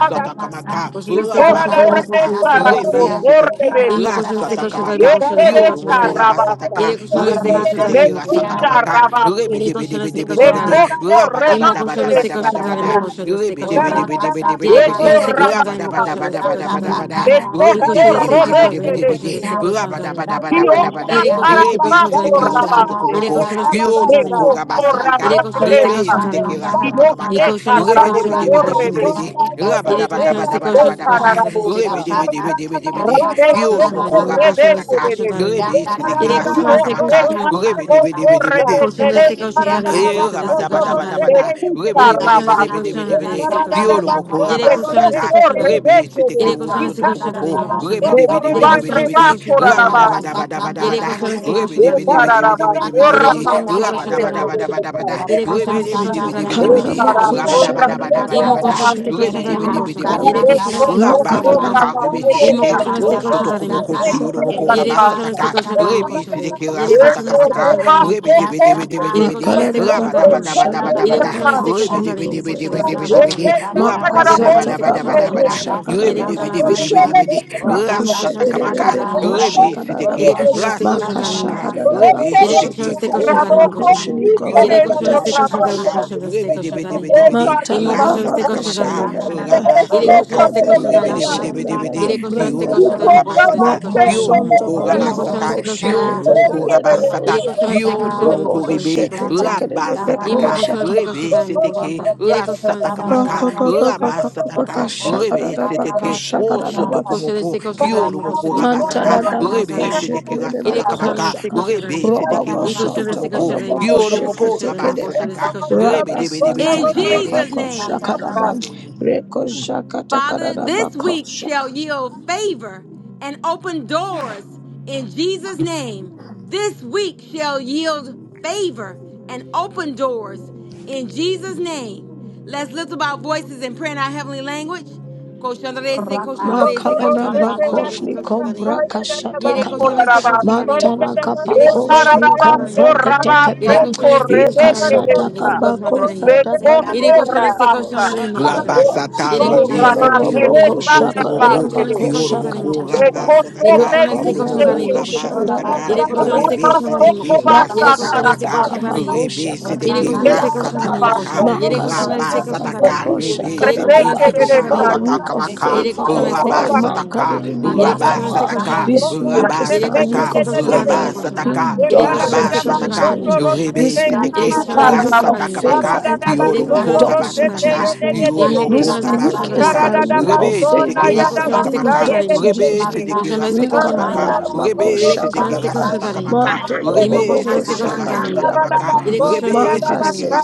C: you.
F: kamaka,
G: Koşu destek koşun tarayın,
C: Tostorre
G: koşu destek
F: rabasataka,
G: koşun
C: sararako
F: rebe
G: tarayın.
A: Thank
F: seteke
C: zorrebe,
G: İmmo
A: you.
G: koşu destek
F: rasata
G: koşun
A: Thank
G: tarayın,
F: kamaka
G: koşu
C: ekere
G: destek
F: kioro
G: koşun
F: moko
G: tarayın.
F: rabasataka
C: sarrabazai,
G: İri koşu destek
F: rebe
G: koşun tarayın,
F: seteke
G: immo koşu.
F: rasata
C: mekutsa
F: kamaka
C: rabaze,
F: rebe
G: İri
F: debe
G: koşu
F: debe
G: destek
F: debe
G: koşun
F: debe de
G: tarayın.
C: bekosto
F: rabada
G: İmmo
F: bada
C: remate
G: koşu
F: bada
C: de
G: destek
F: bada
G: koşun
F: bada bada
G: tarayın,
C: sarrako,
B: Thank
G: koşu destek
F: rebe
G: koşun
F: debe
G: tarayın.
F: debe debe debe
G: İri
F: debe
G: koşu
F: de
C: eko
G: destek koşun
F: rabada
G: tarayın,
F: bada
G: koşu
C: rabazai,
F: bada
G: destek
F: bada
G: koşun
F: bada
G: tarayın.
F: bada
G: İri
F: rebe
C: bekosto
G: koşu
F: debe debe
G: destek
F: debe
B: you.
G: koşun
F: debe
C: robete
G: tarayın,
F: debe de
G: koşu
C: dezu,
G: destek koşun
F: rabada bada
G: tarayın.
F: bada bada bada
C: kiosta
G: İri koşu destek
F: rebe
G: koşun
C: sararabazo
G: tarayın,
F: seteke
G: koşu
F: osoto
C: rabaze,
G: İri
F: komoko
G: koşu destek koşun
F: kioro moko
G: tarayın.
C: mekosto
F: rabasataka
G: İri
C: ramate
G: koşu destek koşun tarayın. İri koşu destek
F: rebe
C: deza,
G: koşun tarayın,
F: seteke
G: koşu
F: rasata
C: kioste
F: kamaka rebe
C: sararabo
F: debe debe debe
C: zorre
F: debe de
C: dezu,
G: İri
F: rabada bada
G: koşu
F: bada
G: destek
C: le
F: bada
G: koşun,
F: bada da.
G: koşu destek
C: sararaboza,
G: koşun.
F: Rebedebedebedebedebede.
C: rameso
G: Question that
F: Kiyorumoko
G: no question
A: you.
G: is the
F: rabasataka.
C: korrebete
G: question that
C: dezu,
G: in.
A: Thank
F: Rebe
G: It is
F: sitekira
G: question is the question
F: satakamaka.
G: no question.
F: Rebedebedebedebede.
G: Question
C: kioste
G: is the question that in. my
F: Eh,
G: Question is the question that
C: de
G: in.
F: rabadabadabadabada.
G: It
C: Bekuta
G: is question is the
C: rabase.
G: question that
F: Rebedebedebedebedebede.
G: is the question that
F: Kiyorumoko
G: in.
B: Thank
G: It is
B: you.
G: question
F: rabasataka.
C: Bekoto
F: Rebe
C: rebeke
B: Satara,
F: sitekiro
C: desa.
G: is the question that
F: sotokomoko.
G: in. It is
C: Bekuba
G: question is the question
F: Rebedebedebedebedebede.
G: that
C: rabakora
G: in. my Question
C: rabase.
G: that. It is
F: Rabadabadabadabadabada.
G: question is the question that in. my
C: Ekara
G: Question.
C: rabase.
G: It is
C: Ora
F: Rebedebedebedebedebedebede.
G: question is the question that in.
C: masete
G: my Question.
C: desa.
F: Rabadabadabadabadabada.
G: It is question is the question that in. my
H: Makashakadabakoshetekelebekoshinikovrakadasha.
G: Question.
F: Ribidibidibidibidi.
G: It is question is the question that in. my Question is the
C: Ekara
G: question that in.
C: ora kora
G: Imo
F: Rabadabadabadabada.
G: question is
C: rabase.
G: the question that in. my Question. It is
F: Ribidibidibidibidi.
G: question
C: Rabeso
G: is the question that
C: koso
G: in.
F: Rabasataka
C: rabase
G: Imo
F: ribisitiki.
C: desa.
G: koşan este koşan da imo
F: Wosotokomoko
G: koşan.
F: kiyoromoko
G: Yere koşan
C: Ikabakasa.
G: este
F: rabasataka.
G: koşan da imo koşan da.
F: Ribisitiki
G: Yere koşan
C: Eko
G: este
F: rasatakamaka.
A: you.
G: koşan da imo
C: rebaso
G: koşan.
C: koso.
G: Yere koşan
F: Ribidibidibidibidi.
G: este koşan da imo.
B: Thank
C: Bekoto
G: Yere
F: Rabadabadabadabada.
G: koşan este koşan da
C: rabase.
G: imo koşan este koşan da
F: Ribidibidibidibidibidi.
G: imo.
C: Eko
G: Yere koşan istek
C: rabose
G: koşan tarih mi
C: rebeke.
G: koşuyor? Yere
F: Rabadabadabadabadabada
G: koşan istek
F: bidi
G: koşan
F: bidi bidi
G: tarih
C: Ikere
G: mi?
F: bidi
C: desa.
G: İmo koşan istek
C: Eko
G: koşan
F: rasatakamaka
G: tarih mi koşan?
F: rebe
C: rabose
F: seteke
G: Yere koşan istek
C: rebeke.
G: koşan tarih mi
F: rasatakamaka
G: koşan?
F: rebe
G: Yere koşan
F: seteke
G: istek koşan tarih mi
C: Rabasto,
G: koşan?
F: wosotokomoko
G: Yere
F: kioromoko
G: koşan istek koşan tarih mi
F: rabasataka
G: koşan? İstek
F: rebe de
G: koşan
F: bidi
G: tarih mi?
F: bidi bidi
G: İmo
H: Mantalaga
G: koşan istek
H: baka
G: koşan tarih
F: rasatakamaka
G: mi koşan?
H: shagadadaba,
G: Yere
H: roko
G: koşan
F: rabasataka
B: you.
G: istek koşan tarih
F: rebe
H: velega
B: Thank
G: mi
F: de bidi
G: koşan?
F: bidi
H: shendelega
F: bidi
G: Yere koşan istek koşan
H: brandagaba,
G: tarih
F: kioromoko
G: mi koşan?
F: rabasata
G: İstek
H: moko
G: koşan tarih mi?
H: sonto
F: kioromoko
H: kodo
G: İmo koşan
H: boko
F: rabasata
G: istek koşan tarih
H: sheke
G: mi
F: yoro moko
G: koşan?
H: tekedebe ko
G: Yere
F: rabasata
G: koşan
H: shaka,
G: istek koşan
F: Kyoto
G: tarih mi
H: roboko
G: koşan?
F: Mokoribe,
G: İstek
H: sheke
G: koşan tarih mi?
F: Rabba
H: tekedebe ko
F: Sataka,
G: koşan
H: shaka,
G: istek koşan
F: Rebe
G: tarih mi koşan?
F: Seteke,
G: Yere koşan istek koşan
F: Rasatakamaka,
H: raka
G: tarih
H: kaka kaka
F: Rabba
H: kaka baka
F: Sataka, Rebe
H: shagadadaba ka
F: Seteke,
H: shagadadaba.
G: Koşa
F: Osotokomoko,
G: destek koşa
F: Kyoto
G: darim, koşa
F: Moko
G: destek koşa
F: Rabasata,
G: destek koşa
F: Rebe
H: Mantalagabako
G: darim.
F: Seteke
H: shekerebe
G: İle koşa
F: Rasatakamaka,
G: destek
H: koshaka
G: koşa
F: Rebe
G: darim.
F: Seteke
H: robogo
G: İle
A: Thank you.
G: koşa
H: santo
G: destek
F: Osotokomoko,
G: koşa darim,
H: korobogo
G: koşa
F: Kyoto
G: destek
F: Moko
G: koşa darim,
H: sheketekerebe
G: koşa destek
F: Rabasataka,
G: koşa darim.
F: Rebe
H: raga
F: Debe Debe
H: santa
G: In
F: Debe Debe De.
G: Jesus
H: karabako
F: In
G: name.
F: Jesus'
H: shakaraban
F: name.
H: reko shakata
G: Father, this
H: karabako
G: week
H: shaka
G: shall yield favor and open doors in Jesus' name. This week shall yield favor and open doors in Jesus' name. Let's lift up our voices and pray in our heavenly language. Koshandarese, koshandarese,
H: makarana
G: koshandarema,
H: bakosh
G: koshandarese,
H: ni
B: you.
H: kombra
G: koshandarema.
H: kashata
G: Yere
B: Thank
H: kaba
G: koshandarese, koshandarema,
H: mantala
G: koshandarese. Yere
H: kabakosh
G: koshandarese,
H: ni
G: koshandarema,
H: kombra
G: koshandarese. Yere
H: getekepe
G: koshandarese, koshandarema,
H: ikasata
G: koshandarese,
H: kabako
G: koshandarema.
H: sata
G: Yere koşan
H: kalibibia
G: este koşan tarayım mı
H: koshaka
G: koşan?
F: Rabasata
G: Yere koşan
F: rebe
G: este
H: Mantologo
F: sete
G: koşan tarayım mı
H: boko
G: koşan?
F: rosoto
G: Yere
H: shakara
F: komoko
G: koşan este
H: bako
F: kioro
G: koşan tarayım mı
H: shakata
F: moko
G: koşan?
H: kapa.
G: Yere
F: rabasataka
G: koşan
H: Rogo
G: este
F: kioro
G: koşan
F: moko
G: tarayım
H: veraga
G: mı koşan?
H: shanda
F: rabasataka
H: raga
G: Yere koşan
H: branda
G: este
F: rebe
G: koşan var
F: sete
H: gabe.
G: mı
F: ki
G: koşan? Yere
F: rasata
G: koşan este
H: Makasata
F: kamaka
G: koşan var
H: kabako
G: mı?
F: rebe sete
G: Yere
F: ki
G: koşan
C: Thank
H: shakadibia
G: este koşan
F: rasata
G: var
H: kapa.
G: mı
F: kamaka
G: koşan? Yere koşan este
H: Makasata
G: koşan var mı?
F: rabasataka
H: kabako
F: rebe
G: Yere koşan
F: sete
G: este
H: shakadagaba.
G: koşan var
H: A
G: mı
F: rasata
H: week
G: koşan?
H: of
F: kamaka
G: Yere
H: favor,
G: koşan
H: oh
G: este
H: God.
A: Thank you.
G: koşan var mı?
F: rabasataka
A: Thank
G: Yere
H: Makadibia
G: koşan este
H: kapa.
G: koşan
F: rabasataka
G: var mı?
H: This week is
G: Yere
H: my
G: koşan
H: week
F: rabasataka
G: este
H: of
G: koşan var
H: favor
G: mı
H: and
G: koşan?
F: rabasataka
H: open
G: Yere
H: doors
G: koşan
H: in
G: este koşan
H: Jesus'
G: var
H: name
F: rabasataka
H: name.
G: mı koşan?
F: rebe
H: This
F: sete
H: week
G: Yere
F: ki
H: is
G: koşan
H: my
G: este
H: week
B: you.
G: koşan
F: rasata
H: of
G: var mı koşan?
H: favor
F: Takamaka,
H: and
G: Yere
F: Kyoto
G: koşan
H: open
B: Thank
F: Moko
G: este
H: doors
G: koşan
H: in
G: var mı?
F: Rabasataka,
H: Jesus' name.
F: Kyoto
G: İmmo koşan
F: Moko
H: This
G: este
H: week
G: koşan var mı?
H: is
F: Rabasataka,
G: Este
H: my
G: koşan var
H: week
G: mı?
H: of
F: Rebe
H: favor
F: Sedekira
G: Yere
H: and
G: koşan este
H: open
G: koşan
F: Satakamaka,
G: var
H: doors
G: mı
H: in
G: koşan?
F: Rebe
H: Jesus' name.
F: Sedekira
G: este koşan var
F: Satakamaka,
G: mı koşan?
F: Rebe
G: Yere koşan
F: Sedekira
G: istek
H: Rikadadadabakoshakanaba,
G: koşan tarayın.
F: Satakamaka,
G: İmo
F: Rebe
G: koşan istek
F: Sedekira
G: koşan tarayın.
F: Satakamaka,
H: mantologobogoshakadiakapa,
G: Yere koşan istek
F: Rebe
G: koşan
F: Sedekira
G: tarayın.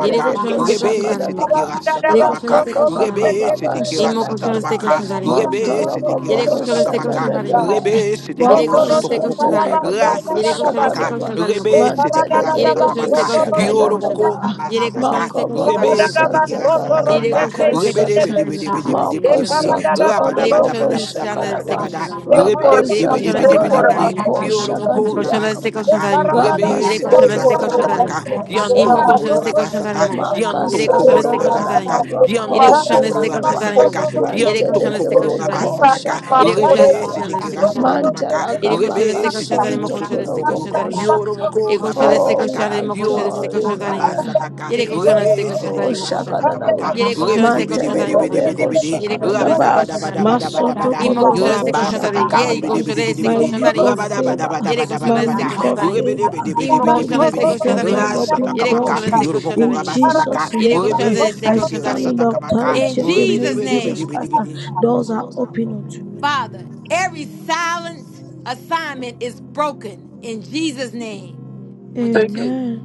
G: Yere koşan istek koşan
F: Rebe
G: tarayın. İmo koşan.
F: Sedekira
G: Yere koşan
F: Satakamaka,
G: istek koşan tarayın.
F: Rebe Sedekira
G: İmo koşan istek
F: Satakamaka,
G: koşan tarayın. İmo
F: Rebe
H: rakakakakabagashadagaba,
G: koşan.
F: Sedekira
G: Yere
H: Rogobogo
B: you.
G: koşan istek koşan
F: Satakamaka,
G: tarayın. İmo
A: you.
G: koşan.
H: Shagadagaba,
F: Rebe
G: Yere
F: Sedekiro
H: Moko
G: koşan
B: Thank
G: istek
A: Sotoroshe
G: koşan
H: Santa
F: Sotokomoko,
G: tarayın. İmo
A: karabasa
G: koşan.
H: Kadaboko
G: Yere koşan
A: yagagabas.
G: istek koşan
H: Shakadaba,
F: Rasatakamaka,
G: tarayın. İmo
F: Rebe,
G: koşan.
F: c'était qui
G: Yere
A: Sotaradagagabas,
G: koşan
H: Mantadagabe
G: istek
F: Rasatakamaka,
G: koşan tarayın.
A: sotoroshe
G: İmo
F: Kioro
G: koşan.
F: Moko,
H: Shagadagaba,
A: yagagabas.
G: Yere koşan
F: Rabasataka,
G: istek
H: Moko
G: koşan
H: Bogo
G: tarayın.
F: Rebe,
G: İmo
F: c'était
G: koşan.
A: Sotaradagabas,
F: qui
H: Santa
G: Yere
A: sotoroshe
F: Rasatakamaka,
G: koşan
H: Kadabako
G: istek
F: Rebe, de
G: koşan
H: Shata,
F: Bede,
A: yagagabas.
G: tarayın. İmo
F: Bede,
G: koşan.
F: Bede, Bede,
G: istek
F: Bede,
H: Moko
G: koşan
F: Bede,
G: tarayın.
H: Santa
A: Ekaradagabas,
F: Rabada,
G: Yere
F: Bada,
G: koşan
H: Kadaboko
F: Bada, Bada, Bada,
A: sotoroshe
F: Bada,
G: istek
H: Shakadaba,
G: koşan
F: Bada,
G: tarayın.
F: Rebe, de
H: Moko
A: yagagabas.
F: Bede,
G: Yere
F: Bede,
G: koşan
H: Santa
F: Bede,
G: destek
F: Bede,
G: koşan
F: Bede,
G: tarihim mi
A: Sotoroshe
H: Kadabako
G: koşan?
F: Kioro
A: yagagabas.
F: Moko,
G: Koşan destek
H: Shakadiakapa,
G: koşan
F: Rabasataka,
G: tarihim mi koşan?
H: Raka
F: Rebe,
A: Ekaradagabas,
G: Yere
F: c'était
G: koşan
F: qui
H: Santa
A: sotoroshe
G: destek koşan tarihim.
F: Rasatakamaka,
G: İmo
H: Kadabako
F: Kianto
G: İmo
A: yagagabas.
G: koşan
F: Komoro
G: destek
H: Shakadagaba.
G: koşan
A: Sotoroshe
G: tarihim
F: Rabasata,
G: mi koşan?
H: Maka
A: yagagabas.
F: Kianto
G: Yere koşan
F: Komoro
H: Makasanta
G: destek
A: Karadagabas,
G: koşan
F: Rabasata,
G: tarihim.
H: Karagaba
G: Yere
F: Kianto
G: koşan
H: Kosha
F: Komoro
G: destek koşan
H: Kadaba
G: tarihim mi
F: Rabasataka,
B: you.
G: koşan?
A: sotoroshe
G: Yere
F: Kianto
G: koşan
H: Manteleke
G: destek
F: Komoro
G: koşan
A: yagagabas.
G: tarihim.
F: Rabasataka,
H: Pekosha
G: Yere koşan
F: Rebe,
H: Katekadaba
F: c'était
A: Karadagabas,
F: qui
G: destek koşan tarihim.
A: sotoroshe
F: Rasatakamaka,
G: Yere koşan
F: Rebe
H: Mantelakabaka
G: destek koşan
A: yagagabas.
F: Sitiki
G: tarihim mi
H: Sonto
G: koşan destek
F: Usutukumoko,
G: koşan
H: Koroboko
G: tarihim.
H: Shakta.
G: Yere
F: Yoromoko
G: koşan destek
H: Oh, we
F: Rabasataka,
G: koşan imo koşan
H: adore
G: destek
H: you,
F: Yoromoko
G: koşan
H: Father.
G: darin.
F: Rabasataka,
G: Yere koşan destek
F: Rebe
G: koşan
H: Oh,
G: darin
F: Sitiki
G: imo koşan.
F: Rasatakamaka,
H: shakadadaba.
G: Yere koşan
F: Rebe de
G: destek
F: Bidi
G: koşan darin
F: Bidi
G: imo
F: Bidi
G: koşan.
F: Bidi
H: Mantelegabego
F: Bidi,
G: Yere koşan destek
H: shakadadaba.
G: koşan darin.
H: Masoto
F: Rabadabadabadabadabada,
G: İmo koşan
H: kodobogo
G: destek koşan darin.
F: Rabasataka,
G: Yere
F: Rebe de
H: shakadadaba.
G: koşan
F: Bidi Bidi
G: destek
H: My
F: Bidi,
G: koşan
H: week
G: darin
H: of
G: imo koşan.
H: favor,
G: Yere koşan
H: my
G: destek
F: Rabadabadabadabadabada,
H: week
G: koşan
H: of
G: darin.
F: Rebe de Bidi
H: favor,
F: Bidi
G: İmo
H: my
F: Bidi
G: koşan
F: Bidi
H: week
G: destek
H: of
F: Bidi,
G: koşan darin
H: favor
G: imo
H: and
G: koşan.
H: open
G: Yere koşan
F: Rasatakamaka,
H: doors.
G: destek koşan
F: Yoromoko
H: In
G: darin.
F: Rabasataka,
H: Jesus'
G: Yere
H: name,
G: koşan
H: uh,
F: Rebe
G: destek
H: I
F: Sitiki
G: koşan
H: stand in
G: darin.
H: the
F: Rasatakamaka,
G: In
H: authority of the
F: Rebe de
G: Jesus
H: name
F: Bidi
H: Jesus
F: Bidi
G: name,
F: Bidi
H: Christ. uh,
F: Bidi,
H: Doors are open unto me.
G: Father, every silence assignment is broken in Jesus name. I'm gonna do
C: you.
G: two
H: Amen.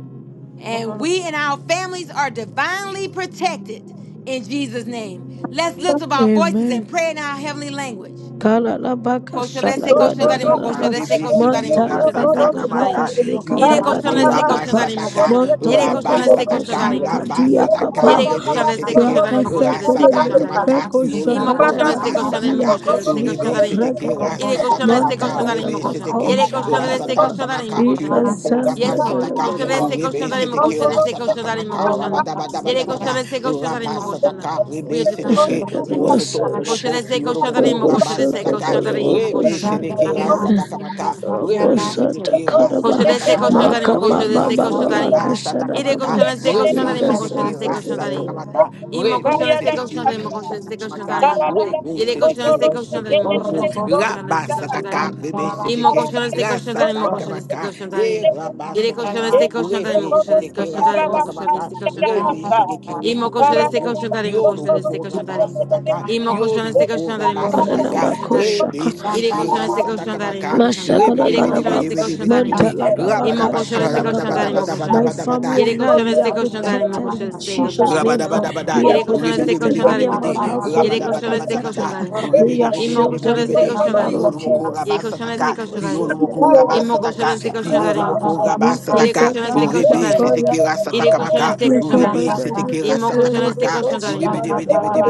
G: and we and our families are divinely protected in Jesus' name. Let's lift up our voices
H: Amen.
G: and pray in our heavenly language.
H: Kalalabaka
G: Colchão desse, colchão darimo,
F: Rabasata
G: colchão
H: shadagadadadaba.
G: desse,
B: Thank
G: colchão
F: rebesete
G: darimo, colchão
B: you.
G: desse,
F: rasata
G: colchão
H: Mantalagadagabaka
G: darimo.
F: kamaka
B: Thank
G: Ele colchão
F: yoroko
G: desse, colchão
H: shnikadagadiakapa.
F: rabasata
G: darimo,
F: ka
G: colchão darimo. Ele colchão desse,
H: Montalagabaka
F: rabasata
G: colchão
F: ka
G: darimo, colchão. da limo.
F: rabasata
H: shnikadiakapa.
F: ka
G: Ele colchão desse,
F: rebesete
G: colchão
F: ke
G: darimo, colchão desse,
F: rasata
G: colchão darimo.
F: kamaka
H: Rakasatakadadabako
G: Imo
F: yoroko
G: colchão desse, colchão
F: rabasata
G: darimo,
F: ka
H: shakatakadidibiyako
G: colchão desse, colchão
F: rebesete
G: darimo.
F: ke
H: shlikovregede.
G: Ele
F: rasata
G: colchão desse, colchão
F: kamaka
G: darimo, colchão. da
H: Mantalagabako
G: limo.
F: rebesete
G: Ele colchão desse,
H: shakalagaba.
F: Rasata
G: colchão darimo,
F: Kamaka,
G: colchão. da limo.
F: Kiromoko
G: Yes, Lord.
F: Ramasataka,
G: Colchão
H: Ikazantakadabadaba.
G: desse, colchão
F: Ribe
G: darimo,
F: Seteke,
G: colchão desse,
F: Rasata
G: colchão darimo,
F: Kamaka,
G: colchão. da limo. Ele colchão
F: Rabadabadabadabada,
G: desse, colchão darimo, colchão. da limo.
F: Ramasataka,
G: We are
F: Ribe
G: divinely
F: Seteke,
G: protected.
F: Wosoto
H: Shakadabasosha.
G: Kosher
F: Komoko,
G: de say kosher da
F: Kiromoko
G: rimo, kosher de say
F: Ramasataka,
G: kosher da kosher
F: Ribe
G: da.
F: Seteke,
G: Our
H: Okosotobalokoshakalaba.
G: family
F: Rasata
G: of
F: Kamaka, Ribe
G: divine protect.
H: Okosata
F: Seteke,
G: Kosher
H: kadaba
F: Rasata
G: de say
A: Thank you.
G: kosher da
F: Kamaka,
H: makaba
G: kosher de
F: Rebe
G: say
H: baba
G: kosher
F: Sedeki
G: da
H: baba
B: you.
F: Rasa
H: kashada
G: Ide
F: Takamaka,
G: kosher
H: kaba
G: de say kosher da
F: Rebe
G: rimo, kosher de
F: Sedeki
H: ikasata
G: say
B: Thank
G: kosher
F: Rasa
G: da
H: kadaba
F: Takamaka,
G: Imo kosher
F: Rebe
G: de say kosher
F: Sedeki
G: da rimo, kosher
F: Rasa
G: de say kosher da
F: Takamaka, Rebe
G: Ide kosher de
F: Sedeki
G: say
F: Rosso
G: kosher da rimo, kosher
F: Tokomoko,
G: de
F: Rabba
G: say kosher da
F: Sataka,
G: rimo.
F: Rebe
G: Imo
F: Sedeki
G: kosher de say kosher
F: Rasa
G: da rimo, kosher de say
F: Takamaka,
G: kosher da
F: E
G: rimo.
F: Rabba
G: Ide kosher de
F: Sataka,
G: say kosher da rimo,
F: Rebe
G: kosher de say
F: Sedeki
G: kosher da
F: Rasa
G: rimo, kosher de
F: Takamaka,
G: say kosher da rimo.
F: Rebe Sedeki Rosso
G: Imo kosher de say
F: Tokomoko,
G: kosher da
F: Yoro
G: kosher de say
F: Moko
G: kosher da
F: Rabba Sataka,
G: Imo koşan
F: Yoro
G: istek
F: moko
G: koşan da imo koşan
H: kadana
F: ramasataka,
G: istek koşan
H: bako
G: da imo.
F: rebe
H: shaka
G: İri
F: seki
G: koşan istek
F: rasataka
G: koşan da imo
F: maka,
G: koşan da.
F: rebe
H: mashakada
G: İri
F: debe debe
G: koşan
H: kadaba
G: istek
F: debe debe
G: koşan da
F: debe
G: imo
F: de,
H: mantala kaba
G: İmo koşan
H: kashada
G: istek
B: you.
G: koşan da
H: kaba.
G: imo koşan da.
H: My
F: rabadabadabadabadabadabadabada,
H: family
G: İri
H: and I
G: koşan
H: we are
G: istek koşan da imo
H: protected
G: koşan
H: in
G: istek koşan
H: Jesus'
G: da
H: name.
G: imo.
H: ah.
F: Rabadabadabada,
H: We are
G: İri koşan istek
H: protected.
G: koşan da
H: Me and
G: imo
H: my
F: ribidibidibidibidi,
G: koşan.
H: household
G: İri
H: we are
G: koşan istek
H: protected.
G: koşan
F: rabadabadabadabada,
G: da
H: ah.
G: imo
H: We are
G: İmo koşan
H: shielded with
G: istek
H: the
F: ribidibidibidibidi,
G: koşan da
H: blood of
G: imo.
F: kiyorumoko
H: Jesus.
G: İri
H: ah.
G: koşan
H: We
F: rabasataka,
G: istek koşan da imo.
H: koshakada
F: kiyorumoko
G: İmo
H: bako
G: koşan
F: rabasataka,
G: istek koşan da
H: shakada
G: imo
H: ba.
F: kiyorumoko
G: koşan.
H: We
G: İri
F: rabasataka,
G: koşan
H: kasata
G: istek koşan da
F: uribe
G: imo.
F: setekira
G: İri koşan
F: satakamaka,
G: istek
H: We
G: koşan da
F: uribe
G: imo.
H: appreciate
F: setekira
G: İmo koşan istek
F: satakamaka,
G: koşan da imo.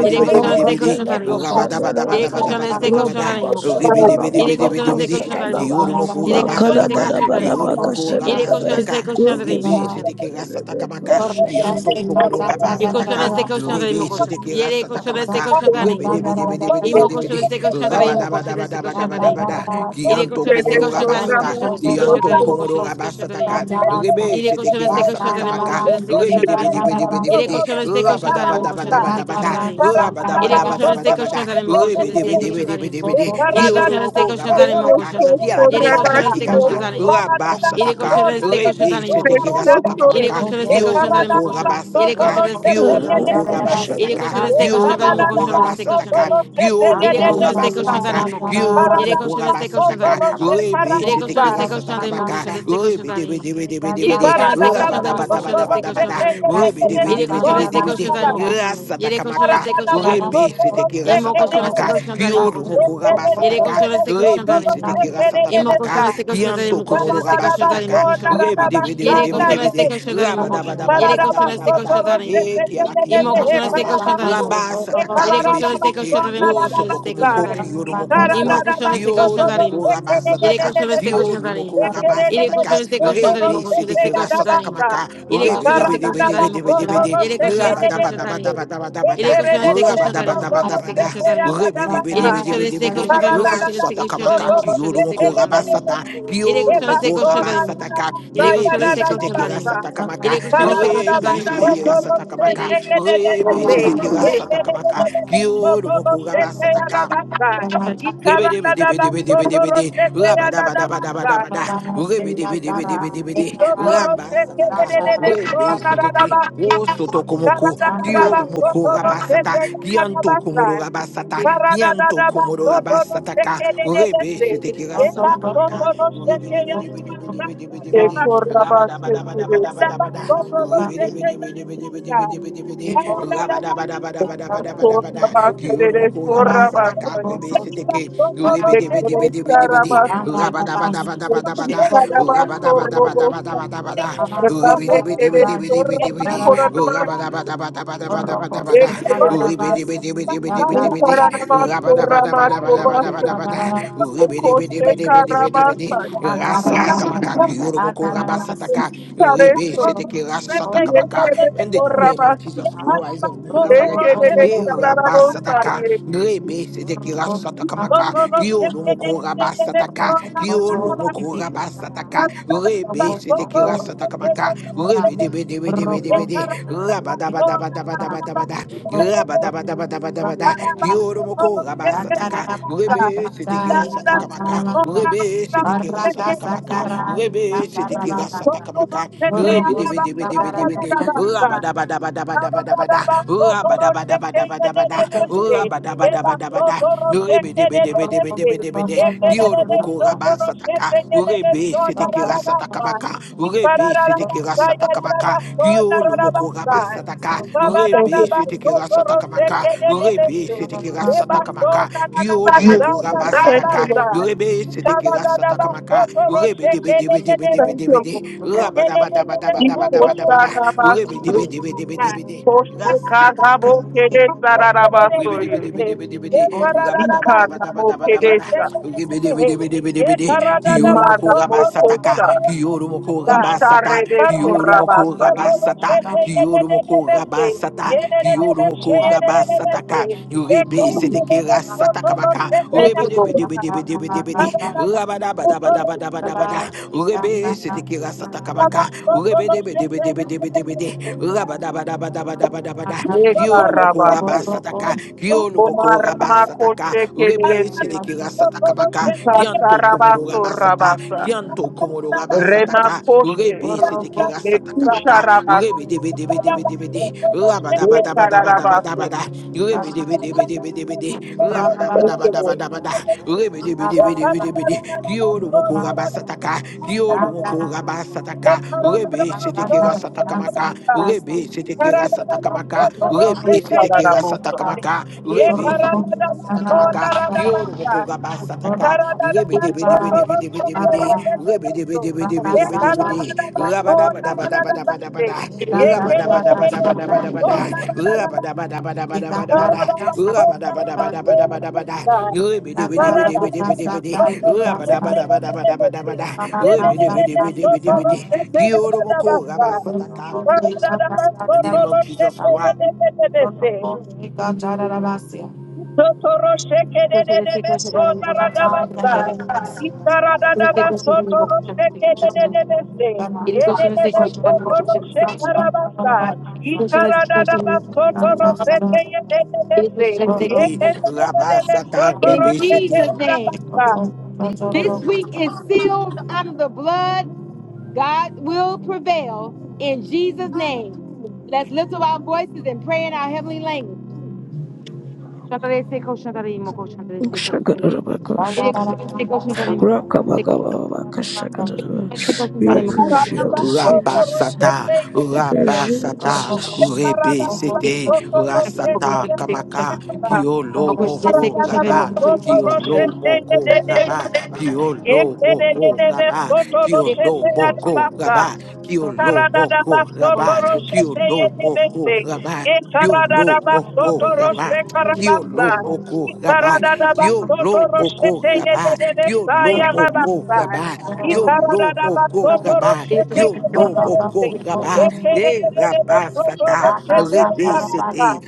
G: Iré colchones de colchón tarimos. Iré colchones de colchón
F: rabadabadabadabadabadabada,
G: tarimos colchones. Iré colchones de colchón tarimos colchones. Iré
F: ribidibidibidibidibidi,
G: colchones de
F: sataka,
G: colchón tarimos.
F: kioro moko raba
G: Iré colchones de
F: sataka,
G: colchón tarimos
F: rebe
B: you.
G: colchones.
F: seteke rasataka maka,
B: Thank
F: kianto komoro raba
G: Iré
F: sataka,
G: colchones de colchón tarimos
F: rebe
G: colchones.
F: seteke
G: Iré
F: rasataka
G: colchones de
F: maka,
G: colchón
F: rebe
G: tarimos.
F: debe debe debe debe
G: Imo
F: debe de,
G: colchones de colchón
F: raba
G: tarimos
F: daba daba
G: colchones de
F: daba
G: colchón
F: daba daba
G: tarimos.
F: da,
G: Iré
F: kianto
G: colchones de
F: komoro
G: colchón
F: raba
G: tarimos
F: sata,
G: colchones
C: Thank
G: de colchón
F: kianto
G: tarimos
C: you.
F: komoro
G: colchones de
F: raba
G: colchón tarimos.
F: sataka, rebe
G: Yere
F: seteke
G: koşana ste
F: rasataka
G: koşandarim, o
A: Parada
F: maka,
G: koşana ste
A: da
F: rebe debe
G: koşandarim.
F: debe debe debe
G: Yere
F: de,
G: koşana ste
F: raba daba
G: koşandarim, o
F: daba
G: koşana ste koşandarim.
F: daba daba
G: Yere
F: da,
G: koşana ste koşandarim, o koşana ste koşandarim.
F: Rebedebedebedebedebede.
G: Yere koşana ste
F: Kioromoko
C: Thank
G: koşandarim, o
F: rabasataka.
G: koşana.
C: you.
G: Yere
F: Kiarakianda
G: koşana ste
F: kikama.
G: koşandarim. Yere
F: Rabasataka.
G: koşana ste
F: Rebe
G: koşandarim, o
F: seteki
G: koşana. Yere
F: rasatakamaka.
G: koşana ste
B: you.
G: koşandarim, o
F: Kioromoko
G: koşana. Yere
F: rabasataka.
G: koşana ste koşandarim.
F: Kioromoko
G: Yere
F: rabasataka.
G: koşarız de koşanlarım mı
F: Kioromoko
G: koşarız de
F: rabasataka.
G: koşanlarım. Yere
F: Kioromoko
G: koşarız de
F: rabasataka.
G: koşanlarım mı koşarım. Yere
F: Kioromoko
A: ba
G: koşarız de koşanlarım
F: rabasataka.
G: mı koşarız.
F: Rebe
G: Yere
A: Thank ba
F: seteki
G: koşarız de koşanlarım mı
F: rasatakamaka.
G: koşarız de
F: Rebe debe
G: koşanlarım.
F: debe debe debe
G: Yere
F: de.
G: koşarız de koşanlarım mı koşarız de
F: Rabadabadabadabada.
G: koşanlarım. Yere koşarız de
F: Rebidibidibidibidibidi.
G: koşanlarım mı
B: Thank
G: koşarım. Yere koşarız
F: Rasatakamaka.
G: de koşanlarım.
F: Rebe seteki
G: İmo koşarız de
F: rasatakamaka.
G: koşanlarım mı
F: Kiolo
G: koşarım.
F: moko
G: Yere
F: rabasataka.
G: koşarız de
F: Rebe
G: koşanlarım.
F: seteki
G: İmo
F: rasatakamaka.
G: koşarız de koşanlarım
F: Kianto
G: mı
F: komoro
G: koşarız de koşanlarım mı
F: rabasataka.
G: koşarım. Yere
A: Thank you.
G: koşarız de
F: Rebidibidibidibidi.
G: koşanlarım mı koşarım.
A: Thank
G: Yere koşarız de
F: Rabadabadabadabadabada.
G: koşanlarım.
F: E kiala
G: Imo
F: kianta
G: koşan destek
F: kikama.
G: koşan da imo koşan.
F: Rabasataka
B: you.
G: Yere
F: rebe
G: koşan destek
F: seteki.
G: koşan da imo koşan destek koşan
F: Wosotokomoko
G: da imo.
F: kiolo moko
G: Imo
F: raba.
B: Thank
G: koşan destek
F: Kyo
G: koşan da imo
F: lomoko
G: koşan. Yere
F: rabasataka.
G: koşan destek
F: Kyo
G: koşan da imo.
F: lumoko raba
G: Yere
F: sataka,
G: koşan destek koşan da imo
F: Rebe
G: koşan destek
F: seteke
G: koşan da
F: sataka
G: imo.
F: maka.
G: Yere
F: Rebe
G: koşan
F: debe
G: destek
F: debe
G: koşan da
F: debe
G: imo
F: debe
G: koşan da.
F: debe de.
G: Yere koşan destek koşan da imo.
F: Rabadabadabadabadabada.
G: Yere
F: da,
G: koşan destek
F: Raba
G: koşan da
F: daba
G: imo
F: daba
G: koşan
F: daba
G: destek
F: da.
G: koşan da imo.
F: Rebe debe
G: Yere
F: debe
A: you.
G: koşan
F: debe debe
G: destek
F: de.
G: koşan da imo
F: Ra
G: koşan destek
F: sataka
A: Ikarada
G: koşan da
F: maka.
G: imo
F: Kyo
G: koşan destek
F: lomoko
G: koşan da imo.
F: rabasata.
G: Yere
F: Kyo
G: koşan destek
F: lumoko
G: koşan da
F: raba
G: imo koşan.
F: sataka,
G: Yere koşan
F: Rebe
G: destek koşan
F: seteke
G: da imo.
F: sataka maka.
G: Yere koşan destek koşan
F: Rebe seteke sataka
G: da
F: maka.
G: imo.
F: Rebe seteke sataka maka. Kyo lumoko raba sataka.
G: In Jesus'
B: you.
F: Rabadabadabadabada, Rebede, bede, bede, bede, bede. Ramba sataka. Rebe seteke.
A: da
F: O soto
A: Thank
F: komoko. Kioro moko rabasata. Kianto komodo rabasata. Kianto komodo rabasataka. Rebe seteke rasataka maka. Rebede, bede, bede, bede, bede, bede, bede. Rabada, bada, bada, bada, bada, bada. Rebede, bede, bede, bede, bede, bede, bede, bede. Rabada, bada, bada, bada, bada, bada, bada. Kioro moko rabasataka. Rebe seteke bidi bidi bidi bidi. Rabada bada bada bada bada. Rabada bada bada bada bada bada. Ribidi bidi bidi
B: Thank
F: bidi bidi bidi.
B: you.
F: Rabada bada bada bada bada bada
B: Thank
F: bada. Ribidi bidi bidi bidi bidi bidi. Rabada bada bada bada bada bada bada. Ribidi bidi bidi
A: you.
F: bidi bidi bidi.
A: Thank
F: Rasata kamaka kiyurumoko rabasataka. Ribi seteke rasata kamaka. In the name of Jesus Christ of Nazareth. eh, Rabasataka. Rebe seteki rasata kamaka.
B: you.
F: Kiolo moko rabasata ka. Kiolo moko
B: Thank
F: rabasata ka. Rebe seteki rasata kamaka. Rebe debe debe debe debe de. Rabadabadabadabadabada. Rabadabadabadabada. Kiolo moko rabasata ka. Rebe seteki rasata kamaka. Rebe seteki rasata
A: you.
F: kamaka. Rebe seteki rasata kamaka. Rebe debe debe debe debe de. Rabadabadabadabadabada. Ooh, ah, bada, bada, bada, bada, bada. Ooh, ah, bada, bada,
A: Eba
F: bada, bada.
A: soto roche
F: Urebe, debe,
A: kere de
F: debe, debe,
A: Thank
F: debe,
A: you.
F: debe, de. Kioro moko raba sataka. Urebe, seteke kira sataka baka. Urebe,
B: you.
F: seteke kira sataka baka. Dioro moko raba sataka.
B: Thank
F: Urebe, seteke ra sataka maka. Urebe, seteke kira sataka maka. Dioro moko raba
C: Thank you,
F: sataka.
C: Lord.
F: Urebe, seteke ra sataka maka. Urebe, debe, debe, debe, debe,
C: Thank
F: debe,
C: you,
F: de.
C: Lord.
F: Rabada, bada, bada, bada, bada, bada, bada. bada.
C: Ikosharabas-
F: Urebe, debe, debe, debe, debe, de. bede
A: Thank
F: bede bede bede. Rasatakamaka.
A: you.
C: koshekarabokeresararabasoye.
F: Ribidibidibidibidi. Rabadabadabadabadabada.
C: Ikaramokeresa.
F: Ribidibidibidibidi. Kiyorumoko rabasataka.
C: Imaramokosa.
F: Kiyorumoko rabasata. Kiyorumoko
C: Kosharebesorabasaye.
F: rabasata. Kiyorumoko rabasata. Kiyorumoko rabasataka. Ribe seteke rasatakamaka.
C: Thank you, Lord.
F: Ribidibidibidibidi. Rabadabadabadabadabada. Ribe seteke rasatakamaka. Ribidi bidi bidi bidi bidi bidi. Rabada bada bada. bada bada bada. Kiolo moko raba
C: Nekarabasu.
F: sataka. Kiolo moko raba sataka. Rebe
C: Komaramakosekerese.
F: seteke rasataka maka.
A: Thank you.
F: Kianto komodo raba sata.
C: Ikasarabasorabasa.
F: Kianto komodo raba sataka.
C: Remakoshe.
F: Rebe seteke
A: Thank
F: rasataka maka. Rebe
C: Bekusharabasi.
F: debe debe debe debe de. Raba daba daba daba daba daba
C: Ekararabasu.
F: da. Rebe debe
B: you.
F: debe debe debe de. Raba
B: Thank
F: daba
C: Thank
F: daba
C: you,
F: daba
C: Lord.
F: daba da. Rebe debe debe debe debe de. Kiolo moko raba sataka. Kiolo moko raba sataka. Rebe seteke rasataka maka. Rebe Seteke Rasatakamaka, Rebe Seteke
C: Ekararabosa.
F: Rasatakamaka, Rebe Seteke Rasatakamaka, Kyoro Moko Rabasataka, Rebe Debe Debe Debe Debe Debe De, Bede Bede Bede Bede Bede, Rebe Debe Debe Debe Debe Debe De, Bede Bede Bede Bede Bede, Rabadabadabadabadabada, Rabadabadabadabadabada,
A: you.
F: Rabadabadabadabadabada, Rabadabadabadabadabada, Rebe Debe Debe Debe Debe Debe De, Bede Bede Bede Bede Bede,
B: you.
F: Rabadabadabadabadabada, Rebe Debe
B: Thank
F: Debe Debe Debe De, Bede Bede Bede Bede, Kyoro Moko sataka in the name of Jesus Christ.
A: Thank you. Sotoro shekedededebe sonaradabasa. Ikaradadaba sotoro sheke de de de be se. E de de Yededebe sotoro shekarabasa. Ikaradadaba sotoro shekeyededebe se. E de
F: City, Rabba
A: Yekedededebe
F: Sata,
A: sotoro
F: Rebe City,
G: name,
A: shekeyedabasa.
G: this week is sealed under the blood. God will prevail in Jesus' name. Let's lift up our voices and pray in our heavenly language. मैं से कौशल लेंगा
F: Zayeta,
A: Aradaba
H: this here,
B: you.
A: sotoro
H: Jesus. name.
F: Rabasata,
H: We
A: shekeyededebe
H: appreciate
B: Thank
H: this,
F: Rabasata,
H: in Jesus. name.
F: Rebe
G: इसको
F: Sete, Rasata, Kamaka,
G: कौशल लेंगा
F: Kiolo
G: कौशल इसे
F: Moko
G: कौशल लेंगा
F: Raba,
G: कौशल इसे कौशल लेंगा कौशल इसे कौशल
F: Kiolo
G: लेंगा
F: Moko Raba, Kiolo Moko Raba,
G: कौशल इसे
F: Kiolo Moko
A: Ye
F: Raba, Kiolo
A: Sarada
F: Moko
A: basoto
F: Raba,
G: कौशल
A: roshete
F: Kiolo
A: yebese.
F: Moko
G: लेंगा
F: Raba, Kiolo
A: Sarada
F: Moko
A: basoto
G: कौशल इसे कौशल
A: roshete
F: Raba.
G: लेंगा कौशल इसे कौशल लेंगा कौशल इसे कौशल लेंगा कौशल इसे कौशल लेंगा कौशल इसे कौशल लेंगा
A: karabasa.
F: Kiolo Moko Rabba,
A: Sarada
F: Kiolo
A: basoto
F: Moko
A: roshete
F: Rabba,
A: yebese
B: you.
F: Kiolo Moko
A: yarabasa.
F: Rabba, Yo lo
A: Sarada
F: moko
A: basoto
F: raba,
A: roshete
F: yo lo
A: yebese.
F: moko raba,
A: Yekere
F: ye
A: yebese
F: raba
A: soto
F: sata, rebe
A: Ye
F: sete,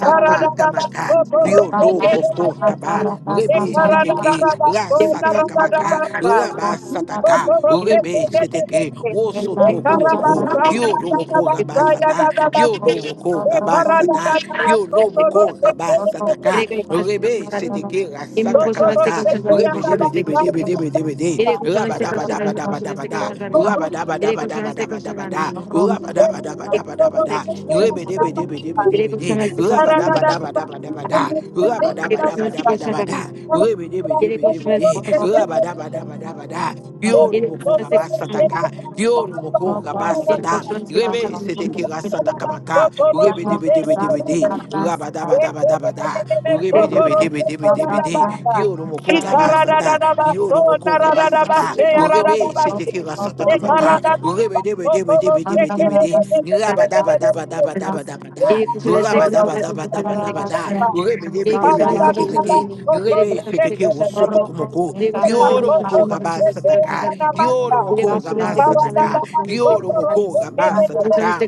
A: Thank
F: kamaka, yo lo moko raba, rebe sete ki, rasata kamaka, raba sataka, rebe sete ki, wosoto kumoko, yo lo moko raba sata, yo lo moko raba sata, yo lo moko raba sataka, rebe sete ki, la kamata, rebe debe debe debe debe debe de, raba bada bada bada
B: Thank
F: daba bada
A: you.
F: raba bada bada
G: Kaushal
F: bada daba bada
G: इसे कौशल
F: da, bada bada daba
G: Ele
F: daba daba da, rebe debe debe debe debe de, raba bada bada bada bada da, raba daba daba daba bada da, rebe debe debe debe de, raba daba daba daba da, yoro boko rabasata ka, yoro boko rabasata, rebe
A: Thank
F: sete ki rasata kamaka, rebe debe debe debe de, ba da ba da ba da ba da. Urebe de be de be de be de be de. Kioro moko rabasata. Kioro moko rabasata. Rebe sete ki rasata kamaka.
B: you.
F: Rebe de be de be de be de be de be
B: Thank
F: de. Raba da ba da ba da ba da ba da ba da. Raba da ba da ba da ba da ba da.
A: you.
F: Urebe de be de
A: Thank
F: be de be de be de. Rebe sete ki rosoto komoko. Kioro moko rabasata ka. Kioro moko rabasata ka. Kioro moko rabasata ka.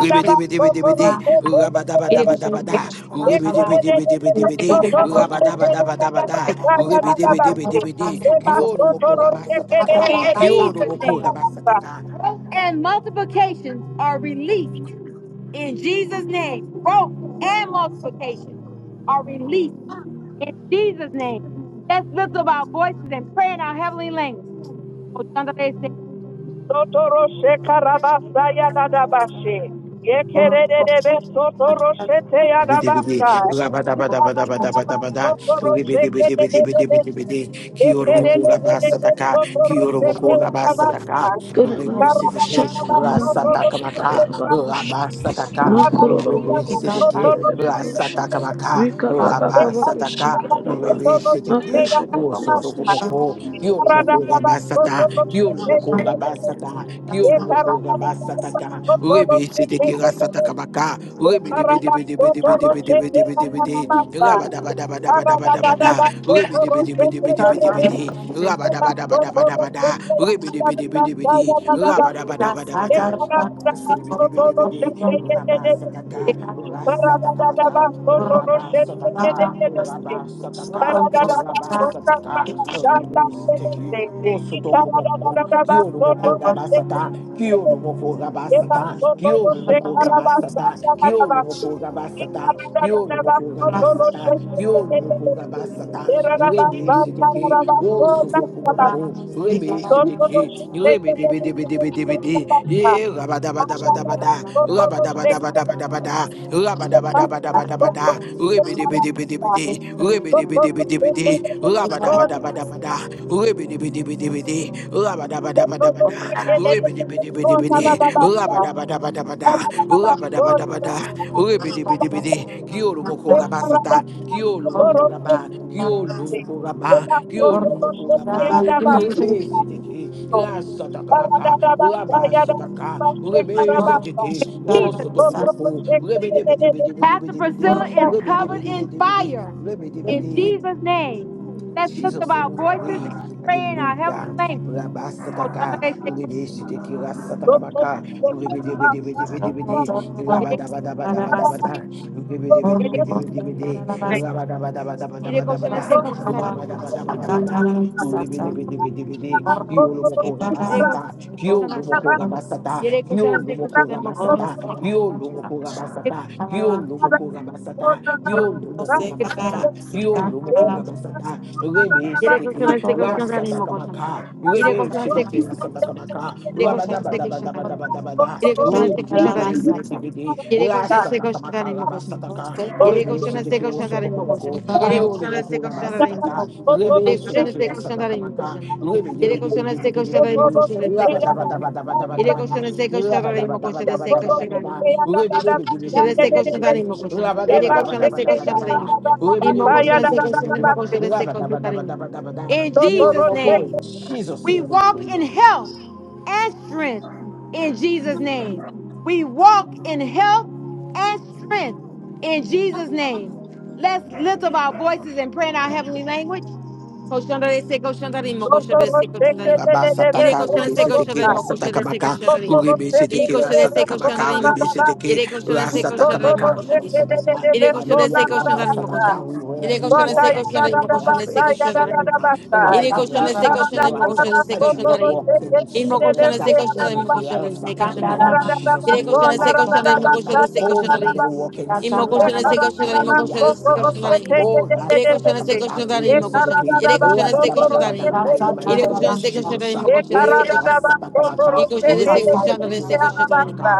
F: Ribidi-bidi-bidi-bidi. Rabba-dabba-dabba-dabba-da.
G: In
F: Ribidi-bidi-bidi-bidi-bidi. Rabba-dabba-dabba-dabba-da. Ribidi-bidi-bidi-bidi. Kioro moko rabasataka. Kioro
G: Jesus'
F: moko
G: name.
A: you.
F: rabasataka.
G: Growth and multiplication are released in Jesus' name. Growth and multiplication are released in Jesus' name. Let's lift up our voices and pray in our heavenly language.
A: Sotoro shekarabasa yadadabashe. Yekererebe sotoro shete
F: Bidi-bidi,
A: yadabasa. Ikarababa
F: rabadabadabadabadabada,
A: sotoro shekererebe.
F: ribidi-bidi-bidi-bidi-bidi-bidi, kiyoromoko
A: Yekererebe
F: rabasataka,
A: sotoro shete
F: kiyoromoko rabasataka,
A: yadabasa.
H: Rika kaka
F: ribisiteke,
A: Ikarababa sotoro shete
F: rasatakamaka,
A: yadabasa.
F: rabasataka,
A: Ikarababa
F: ribisiteke,
A: sotoro shete yadabasa.
F: rasatakamaka,
H: kaka
A: Ikarababa
F: rabasataka,
H: kushikara nama,
A: sotoro
F: ribisiteke,
A: shete
H: makashaka
A: yadabasa.
B: you.
H: kaka
F: wosotokomoko,
A: Ikarababa
F: rabasata,
A: sotoro
F: kiolo
A: shete
F: moko
A: yadabasa.
F: rabasata, kiolo
A: Thank
F: moko rabasataka, rebe seteke rasata kabaka, rebe debe debe debe debe debe debe debe debe de, rabadabadabadabadabada, rebe debe debe debe debe debe de, rabadabadabadabadabada, rebe debe debe debe de, rabadabadabadabada, Ribidi-bidi-bidi, rabasataka, rasatakamaka, rabasataka, rabasataka, rabasataka, ribisiteki, wosodokomoko, kiyorumoko
B: Thank
F: rabasata,
A: you.
F: kiyorumoko rabasata, kiyorumoko rabasata, kiyorumoko rabasata, kiyorumoko rabasata, kiyorumoko rabasata, basata, rebe seteke, wo sotokomoko, rebe seteke, rebe debe debe debe debe de, e rabadabadabadabada, rabadabadabadabadabada, rabadabadabadabadabada, rebe debe debe debe de, rebe debe debe debe de, rabadabadabadabada, rebe debe debe debe de, rabadabadabadabada, bidi bidi, rabada bada bada bada, rabada bada
A: Thank you.
F: bada, rebidi bidi bidi, kiolo moko raba sata, kiolo moko
B: you.
F: raba,
B: Thank
F: kiolo moko raba, kiolo moko raba,
B: you.
F: rebe sitiki, la sata kamaka, raba sataka, rebe sitiki, o
G: Jesus.
F: soto komoko, rebidi bidi bidi bidi
G: Pastor
F: bidi bidi,
G: Priscilla is
F: rebidi
G: covered
F: bidi bidi
G: by
F: bidi,
G: fire
F: rebidi
G: in
F: bidi,
G: Jesus' name. Let's lift up
F: Jesus
G: our
F: name we
G: voices
F: pray.
G: and pray in our heavenly
F: Hallelujah.
G: language.
F: Rabasataka. Urebe shiteki rasatakamaka. Urebe debe debe debe debe de. be de be de. Rabadabadabadabadabada. Urebe debe debe debe debe de. be de be de.
A: Thank
F: Rabadabadabadabadabada. Rabadabadabadabada. Ribidibidibidibidi. Kiolomoko
G: Yere koşan
F: rabasata. Kiolomoko rabasata.
G: istek koşan
F: Kiolomoko
G: da imo koşan
F: rabasata.
G: istek koşan.
F: Kiolomoko rabasata. Kiolomoko rabasata. Kiolomoko rabasata. Kiolomoko rabasata. Rebe
G: Yere
F: seteke.
G: koşan istek
B: Thank
G: koşan da
F: Rasata
G: imo koşan.
F: kamaka.
G: Yere
F: Rebe
G: koşan istek
F: seteke.
G: koşan.
F: Rasata kamaka.
G: Yere koşan istek koşan da imo.
F: Rabadabadabadabadabada.
G: Yere koşan istek koşan da imo.
F: Ribidibidibidibidi.
G: Yere koşan istek
F: Rasata
G: koşan
F: kamaka.
G: imo koşan.
F: Rabasataka.
A: you.
G: Yere
F: Rebe
G: koşan istek
F: seteke wo
G: koşan
F: soto
A: Thank
G: imo koşan.
F: komoko,
G: Yere koşan
F: kioro moko
G: istek
F: raba
G: koşan imo
F: sataka, rebe
G: Yere koşan
F: seteke
G: istek
F: wa
G: koşan
F: sataka
G: imo
F: maka,
G: koşan.
F: rebe
G: Yere
F: debe debe
G: koşan
F: debe
G: istek
F: debe
G: koşan
F: debe
G: imo
F: debe,
G: koşan istek
F: raba
G: koşan
F: daba daba daba daba
G: Yere
F: daba da,
G: koşan istek koşan
F: raba daba
G: imo
F: daba
G: koşan istek
F: daba daba
G: koşan
F: daba da, rebe debe debe debe
G: Koşana se
F: debe debe
G: koşana
F: de,
G: imo koşana.
F: raba daba
G: Yere
F: daba
G: koşana
F: daba
G: se
F: daba daba
G: koşana imo.
F: da, rebe
G: Imo
F: debe debe
G: koşana se
F: debe debe
G: koşana
F: de,
G: imo koşana se
F: raba daba
G: koşana
F: daba
G: imo.
F: daba daba da,
G: In
F: kioro
G: Jesus'
F: moko, in
G: name,
F: Jesus
G: we
F: name we
G: walk
F: pray.
G: in health and strength. In Jesus' name, we walk in health and strength. In Jesus' name, let's lift up our voices and pray in our
F: Hallelujah.
G: heavenly language. Colchão da DC, colchão da lima, colchão da DC, colchão da lima.
F: Rabba
G: Irei
F: Rabasataka,
G: colchão da
F: Rebe
G: DC, colchão
F: Seteke,
G: da lima, colchão da DC,
F: Rasatakamaka,
G: colchão da lima.
F: Rebe
G: E
F: Seteke,
G: colchão da DC, colchão da
F: Rasatakamaka,
G: lima,
F: Rebe
G: colchão
A: you.
G: da
F: Seteke,
G: Irei colchão da
A: Thank
G: DC, colchão da lima,
F: Rasatakamaka,
G: colchão da
F: Rabasataka,
G: Ele coxando
F: Hallelujah,
G: esse de ali, meu
F: Rabasataka,
G: coxando.
F: we, wear,
G: Ele
F: we
G: coxando esse
F: walk uh,
G: coxando ali, de
F: in the
G: coxando
F: health
G: esse
F: and in
G: coxando ali.
F: strength, uh, in the
G: Ele
F: mighty name of
G: coxando esse
F: Jesus
G: coxando ali, meu
F: Christ, uh,
G: coxando esse
F: my children
G: coxando ali.
F: walk in
G: E meu coxando
F: strength, uh,
G: esse coxando ali,
F: in
G: meu coxando
F: health,
G: esse
F: uh, in
G: coxando
F: the
G: ali.
F: name of Jesus
G: Ele coxando
F: Christ
G: esse
F: of
G: coxando ali, meu
F: Nazareth, uh,
G: coxando esse
F: oh,
G: coxando
F: my
G: ali.
F: mother,
A: you.
F: walk in
G: E meu coxando
F: strength, uh,
G: esse coxando ali, de coxando
F: Hallelujah,
G: esse
F: health,
G: coxando
F: uh,
G: ali.
F: oh,
G: Ele coxando esse
F: Rasatakamaka,
G: coxando ali,
F: Rebe
G: meu coxando.
F: Seteke,
G: Ele coxando esse coxando ali.
F: Rabadabadabadabada, In the mighty
G: Ele
F: name of
G: coxando esse coxando
F: Jesus.
G: ali, meu coxando esse
F: Eh,
G: coxando ali. E
F: rasatakamaka.
G: coxando esse
F: Urebe
G: coxando ali,
F: sedeke
G: esse coxando ali.
F: rasatakamaka.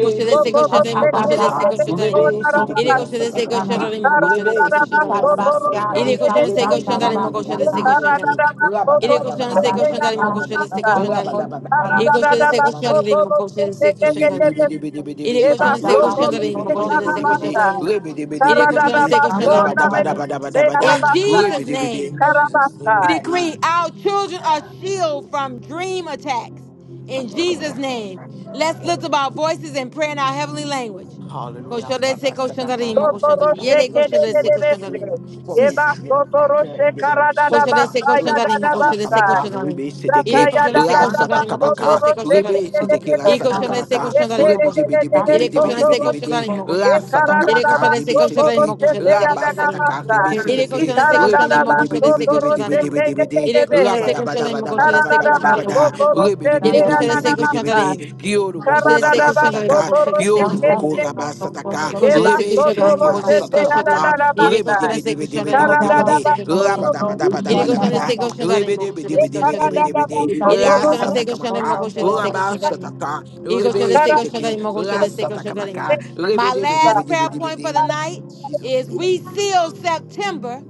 G: Koşu destek
F: sedeke
G: koşarım koşu
F: rasatakamaka.
G: destek koşarım.
F: Urebe sedeke
G: İri koşu
A: you.
G: destek
B: you.
F: rasatakamaka.
G: koşarım koşu
F: Urebe
G: destek
F: sedeke
B: Thank
G: koşarım.
F: rasatakamaka.
G: İri koşu destek
F: Urebe
G: koşarım koşu destek koşarım. İri koşu destek koşarım koşu
F: rabadabadabadabadabadabadabada.
G: destek koşarım. İri koşu destek
F: Rabadabadabadabadabadabada.
G: koşarım koşu destek
F: In
G: koşarım. İri koşu destek koşarım koşu destek koşarım. İri koşu destek koşarım koşu destek In Jesus name.
F: Jesus name
G: We
F: of
A: Karabasai.
F: prayer.
G: decree our children are shielded from dream attacks. In Jesus' name, let's lift up our voices and pray in our heavenly language.
F: Hallelujah.
G: Koshandese,
A: Ikara da da
F: Rabasataka,
G: koshandarimo, koshandari.
F: rabasataka,
G: Yere
F: in my
G: koshandese,
F: children are saved from the
G: koshandari.
F: dream attacker in the name of
G: Koşu
F: Jesus.
G: destek koşu darim, koşu destek
F: Rasatakamaka,
G: koşu darim.
F: rebe
G: İle
F: seteke,
G: koşu
A: ya
G: destek koşu darim, koşu
F: rasatakamaka,
G: destek koşu
F: rebe
G: darim.
F: seteke,
G: İle koşu destek
F: rasatakamaka,
G: koşu darim,
F: rebe
G: koşu.
F: debe debe debe
G: İle koşu
F: debe debe
G: destek
F: debe
G: koşu
F: de,
G: darim, koşu. İle
F: rasatakamaka,
G: koşu
F: rebe
G: destek koşu darim,
F: seteke,
G: koşu destek koşu darim.
F: rabasataka, rebe
G: İle koşu
F: seteke,
G: destek koşu
F: rebe
G: darim,
F: debe debe
G: koşu
F: debe
G: destek
F: debe
G: koşu
F: debe
G: darim.
F: debe debe de,
G: İle koşu destek koşu darim, koşu destek koşu darim.
F: rabadabadabadabadabadabada, rebe
A: te
F: debe
G: İle
F: debe
G: koşu
F: debe
G: destek
F: debe
G: koşu
F: debe
A: Ye
F: de,
G: darim.
F: kiyo
A: Thank
G: Koşu
F: moko
G: destek koşu darim,
F: rabasataka,
G: koşu destek
F: Kiolo
G: koşu
F: moko
G: darim.
F: raba sataka,
G: E coxa desse que
F: rebe
G: chora em uma
F: shiriki ra
G: coxa desse
B: you.
G: que
F: sataka
G: chora em
F: baka,
G: ele
F: rebe
G: coxa
F: debe
G: desse que
F: debe
G: chora
F: debe
G: em
B: So I
F: debe
G: uma
F: debe
G: coxa desse
F: de,
G: que chora em
F: raba daba daba
G: ele
F: daba
G: coxa
F: daba da,
G: desse que chora em
F: rebe
G: uma
F: debe
G: coxa
F: debe
G: desse que
F: debe
G: chora
F: debe
G: em
F: debe de,
G: ele
F: ra
G: coxa desse que
F: sataka
G: chora em uma
F: maka,
G: coxa desse que
F: raba
G: chora em
F: sataka, rebe shiriki ra sataka maka, rebe
G: My
F: debe
A: you.
F: debe
G: last
F: debe
G: prayer
F: debe
G: point
F: de.
G: for the night
F: In Jesus
G: is
F: name you
G: we
F: pray.
G: seal September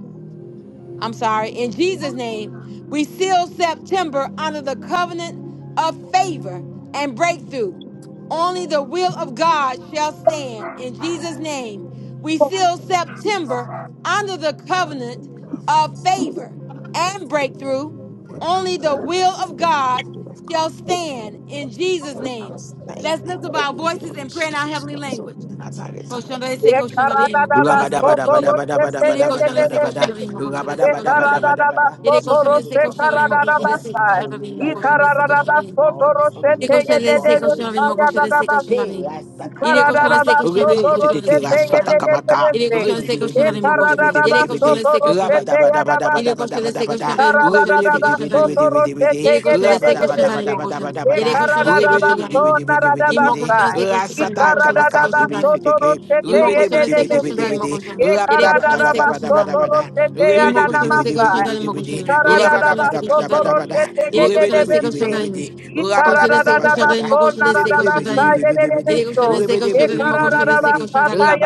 G: I'm sorry, in Jesus' name, we seal September under the covenant of favor and breakthrough. Only the will of God shall stand. In Jesus' name, we seal
F: This is
G: September under the
F: Under
G: covenant
F: the
G: of
F: covenant, not
G: favor and
F: before,
G: breakthrough.
F: but
G: Only
F: to
G: the will of God
F: the of God.
G: shall
F: we
G: stand.
F: will
G: In Jesus' name,
F: pray.
G: let's lift up our voices and pray in our heavenly language.
F: That's how it is.
G: Colchão da esse
A: Ye
G: colchão da
A: karada
G: limo
A: da ba soto roşete ye de de
G: Koşanlarese
A: de.
F: Rabadabadabadabadabadabadabada.
G: koşanlarıyım, koşanlarese
A: Ye karada
G: koşanlarıyım.
A: da ba
F: Rabadabadabadabadabada.
G: Yine
F: We
A: soto
F: seal the
G: koşanlarese
A: roşe
F: mother of
G: koşanlarıyım,
A: karada da ba
F: September.
G: koşanlarese
A: say.
G: koşanlarıyım.
F: Hallelujah.
G: limo koşanlarese koşanlarıyım, koşanlarese koşanlarıyım,
A: Ye
F: In the
A: karada
G: koşanlarese
A: da
F: covenant
A: ba
F: of
G: koşanlarıyım.
A: soto
F: God, only the
G: Il est
A: roşete
F: will
G: conscient
A: ye
G: de
F: of
A: de
F: God
A: de
G: laisser
A: de.
G: conscient
F: will
G: avec mon
A: Saya
G: conscient
A: da
G: de
F: stand.
A: da
G: laisser
A: ba.
G: conscient
F: Hey,
G: avec.
A: Ye
G: Il est
A: karada
G: conscient de
A: da
F: Rasatakamaka.
A: ba
G: laisser conscient avec mon
A: soto
F: Rebe,
G: conscient de
F: Sitiki
G: laisser
A: roşete
G: conscient
A: ye de
G: avec.
A: de de
F: Rasatakamaka.
A: de.
G: Il est
A: se.
G: conscient de
F: Rebe,
G: laisser
F: Debe,
G: conscient
A: Ye
F: Debe,
G: avec mon
F: Debe,
G: conscient.
F: Debe,
A: karada
G: de ses
A: da
F: Debe,
A: ba
G: conscients.
F: Debe,
G: Il est
F: Debe.
A: soto
G: conscient de laisser conscient avec.
A: roşete ya da ba.
G: Il est
A: si.
G: conscient de laisser
A: Ye
G: conscient
F: Rabadabadabadabadabadabada.
G: avec mon
A: karada
G: conscient
F: Rebe,
G: de
A: da da
G: laisser
F: Debe,
A: ba
F: Debe,
G: conscient
F: Debe,
G: avec.
A: soto
F: Debe, Debe, Debe.
A: roşete
G: Il est
A: ye
G: conscient de
A: de de
G: laisser
A: de
G: conscient
A: de.
G: avec
A: se.
G: mon conscient. de ses conscients, Il est
F: Rabadabadabadabadabadabada.
G: conscient de laisser
F: Rebe,
G: conscient
F: Debe, Debe, Debe,
G: avec.
F: Debe,
G: Il
F: Debe,
G: m'a
F: Debe.
G: conscient de laisser conscient avec mon conscient de laisser
F: Rasatakamaka.
G: conscient
F: Rebe,
G: avec.
F: Sitiki.
G: Il m'a conscient de laisser conscient avec mon
F: Ribidi-bidi-bidi-bidi-bidi.
G: conscient. Il est
F: Bada
G: conscient de
F: bada
G: laisser
F: bada
G: conscient
F: bada bada
G: Imo koşan istek koşan garim mo
F: Ribidi-bidi-bidi-bidi-bidi-bidi.
G: koşan. Yere
F: Bada
G: koşan
F: bada
G: istek koşan
F: bada
G: garim.
F: bada
G: Yere koşan istek koşan garim.
F: Ribidi-bidi-bidi-bidi.
G: Koşan istek koşan
F: Rabadabadabadabada.
G: garim mo koşan istek koşan garim. Yere
F: Ribidi-bidi-bidi-bidi-bidi.
G: koşan istek koşan garim mo koşan istek
F: Ribidi-bidi-bidi-bidi-bidi.
G: koşan garim.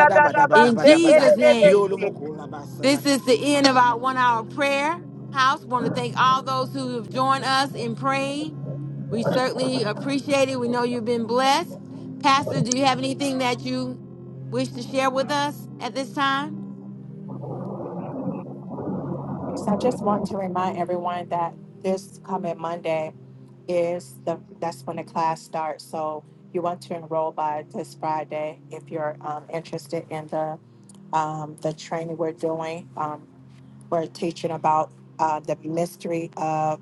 G: In Jesus' name,
F: Diolumokulabasatakabada.
G: this is the end of our one-hour prayer house. Want to thank all those who have joined us in praying. We certainly appreciate it. We know you've been blessed. Pastor, do you have anything that you wish to share with us at this time?
B: just want to remind everyone that this coming Monday is the that's when the class starts. So you want to enroll by this Friday if you're um, interested in the um, the training we're doing. Um, we're teaching about uh, the mystery of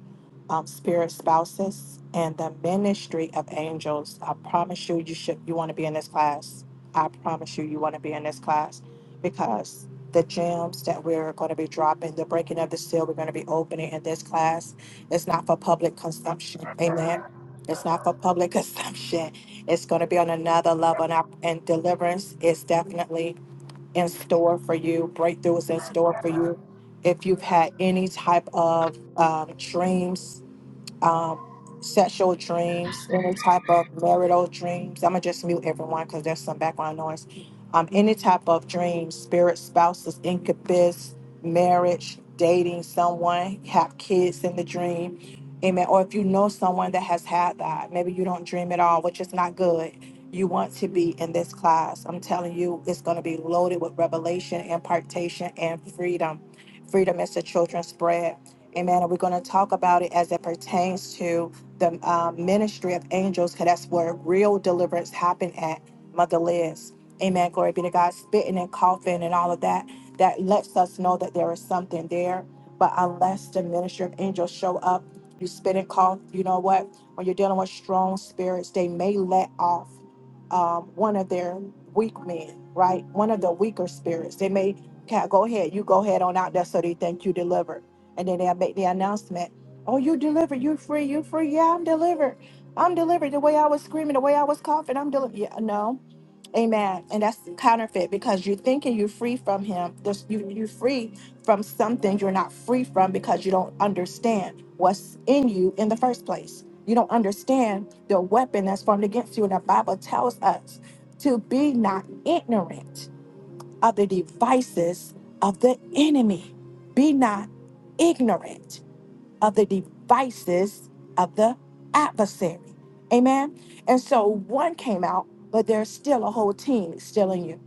B: um, spirit spouses and the ministry of angels. I promise you, you should you want to be in this class. I promise you, you want to be in this class because the gems that we're going to be dropping, the breaking of the seal, we're going to be opening in this class. It's not for public consumption. Amen. It's not for public consumption. It's going to be on another level, and, I, and deliverance is definitely in store for you, breakthrough is in store for you. If you've had any type of um, dreams um, sexual dreams, any type of marital dreams. I'm gonna just mute everyone because there's some background noise. Um, any type of dreams, spirit, spouses, incubus, marriage, dating someone, have kids in the dream. Amen. Or if you know someone that has had that, maybe you don't dream at all, which is not good. You want to be in this class. I'm telling you, it's going to be loaded with revelation, impartation, and freedom. Freedom is the children's bread. Amen. And we're going to talk about it as it pertains to the um, ministry of angels, because that's where real deliverance happened at Mother Liz. Amen. Glory be to God. Spitting and coughing and all of that, that lets us know that there is something there. But unless the ministry of angels show up, you spit and cough, you know what? When you're dealing with strong spirits, they may let off um, one of their weak men, right? One of the weaker spirits. They may, "Okay, go ahead, you go ahead on out there so they think you delivered and then they'll make the announcement, oh, you're delivered, you're free, you're free. Yeah, I'm delivered. I'm delivered. The way I was screaming, the way I was coughing, I'm delivered. Yeah, no. Amen. And that's counterfeit because you're thinking you're free from him. There's, you, you're free from something you're not free from because you don't understand what's in you in the first place. You don't understand the weapon that's formed against you. And the Bible tells us to be not ignorant of the devices of the enemy. Be not ignorant of the devices of the adversary. Amen. And so one came out, but there's still a whole team still in you.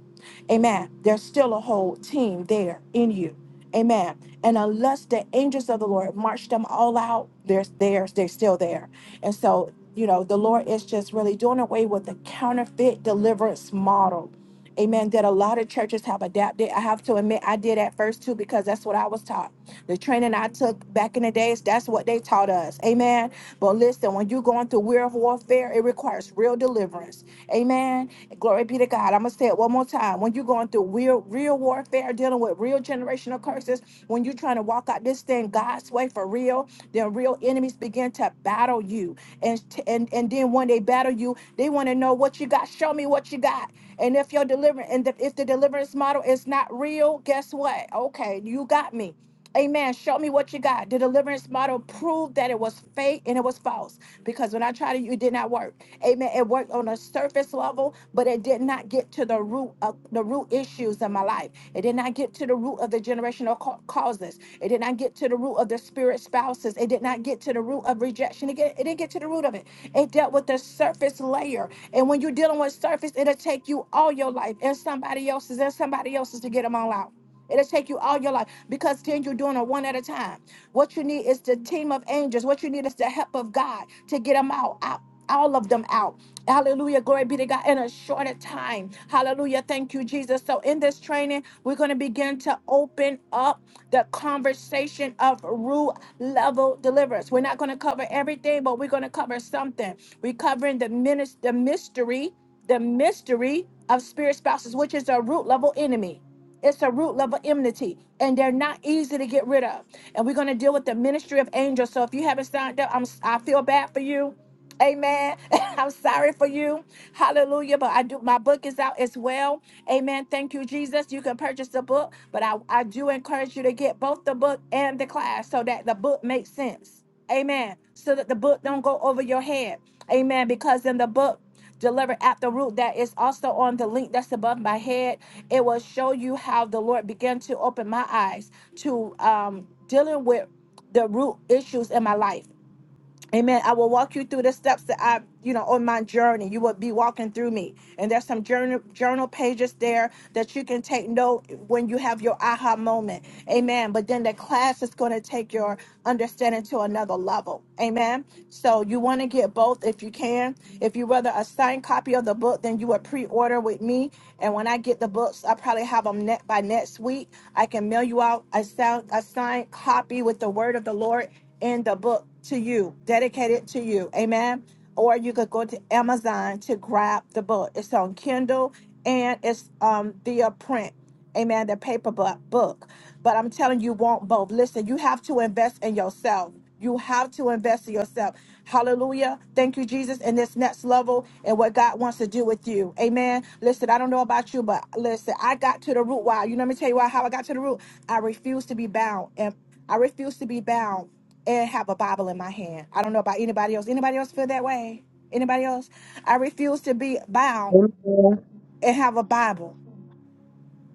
B: Amen. There's still a whole team there in you. Amen. And unless the angels of the Lord march them all out, they're theirs, they're still there. And so, you know, the Lord is just really doing away with the counterfeit deliverance model. Amen. That a lot of churches have adapted. I have to admit, I did at first too, because that's what I was taught. The training I took back in the days, that's what they taught us. Amen. But listen, when you're going through real warfare, it requires real deliverance. Amen. Glory be to God. I'm going to say it one more time. When you're going through real, real warfare, dealing with real generational curses, when you're trying to walk out this thing God's way for real, then real enemies begin to battle you. And, t- and, and then when they battle you, they want to know what you got. Show me what you got. And if your deliverance and the, if the deliverance model is not real, guess what? Okay, you got me. Amen. Show me what you got. The deliverance model proved that it was fake and it was false because when I tried it, it did not work. Amen. It worked on a surface level, but it did not get to the root of the root issues in my life. It did not get to the root of the generational ca- causes. It did not get to the root of the spirit spouses. It did not get to the root of rejection. It, get, it didn't get to the root of it. It dealt with the surface layer. And when you're dealing with surface, it'll take you all your life and somebody else's and somebody else's to get them all out. It'll take you all your life because then you're doing it one at a time. What you need is the team of angels. What you need is the help of God to get them out, out all of them out. Hallelujah. Glory be to God in a shorter time. Hallelujah. Thank you, Jesus. So, in this training, we're going to begin to open up the conversation of root level deliverance. We're not going to cover everything, but we're going to cover something. We're covering the, minis- the mystery, the mystery of spirit spouses, which is a root level enemy. It's a root level enmity, and they're not easy to get rid of and we're going to deal with the ministry of angels. So if you haven't signed up, I'm I feel bad for you. Amen. I'm sorry for you. Hallelujah. But I do my book is out as well. Amen. Thank you, Jesus. You can purchase the book, but I, I do encourage you to get both the book and the class so that the book makes sense. Amen. So that the book don't go over your head. Amen. Because in the book, delivered at the root that is also on the link that's above my head it will show you how the lord began to open my eyes to um, dealing with the root issues in my life. Amen. I will walk you through the steps that I, you know, on my journey. You will be walking through me. And there's some journal journal pages there that you can take note when you have your aha moment. Amen. But then the class is going to take your understanding to another level. Amen. So you want to get both if you can. If you rather a signed copy of the book, then you would pre-order with me. And when I get the books, I probably have them net by next week. I can mail you out a sound a signed copy with the word of the Lord in the book to you, dedicated to you. Amen. Or you could go to Amazon to grab the book. It's on Kindle and it's um via print. Amen. The paper bu- book. But I'm telling you, you want both. Listen, you have to invest in yourself. You have to invest in yourself. Hallelujah. Thank you, Jesus, in this next level and what God wants to do with you. Amen. Listen, I don't know about you, but listen, I got to the root. Why? You know, let me tell you why, how I got to the root. I refuse to be bound. And I refuse to be bound and have a Bible in my hand. I don't know about anybody else. Anybody else feel that way? Anybody else? I refuse to be bound
C: Amen.
B: and have a Bible.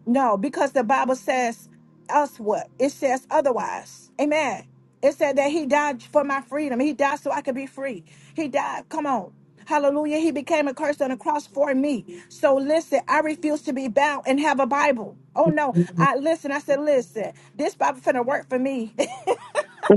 B: No, because the Bible says us what? It says otherwise. Amen. It said that he died for my freedom. He died so I could be free. He died. Come on. Hallelujah. He became a curse on the cross for me. So listen, I refuse to be bound and have a Bible. Oh no. I listen, I said, listen, this Bible finna work for me.
C: I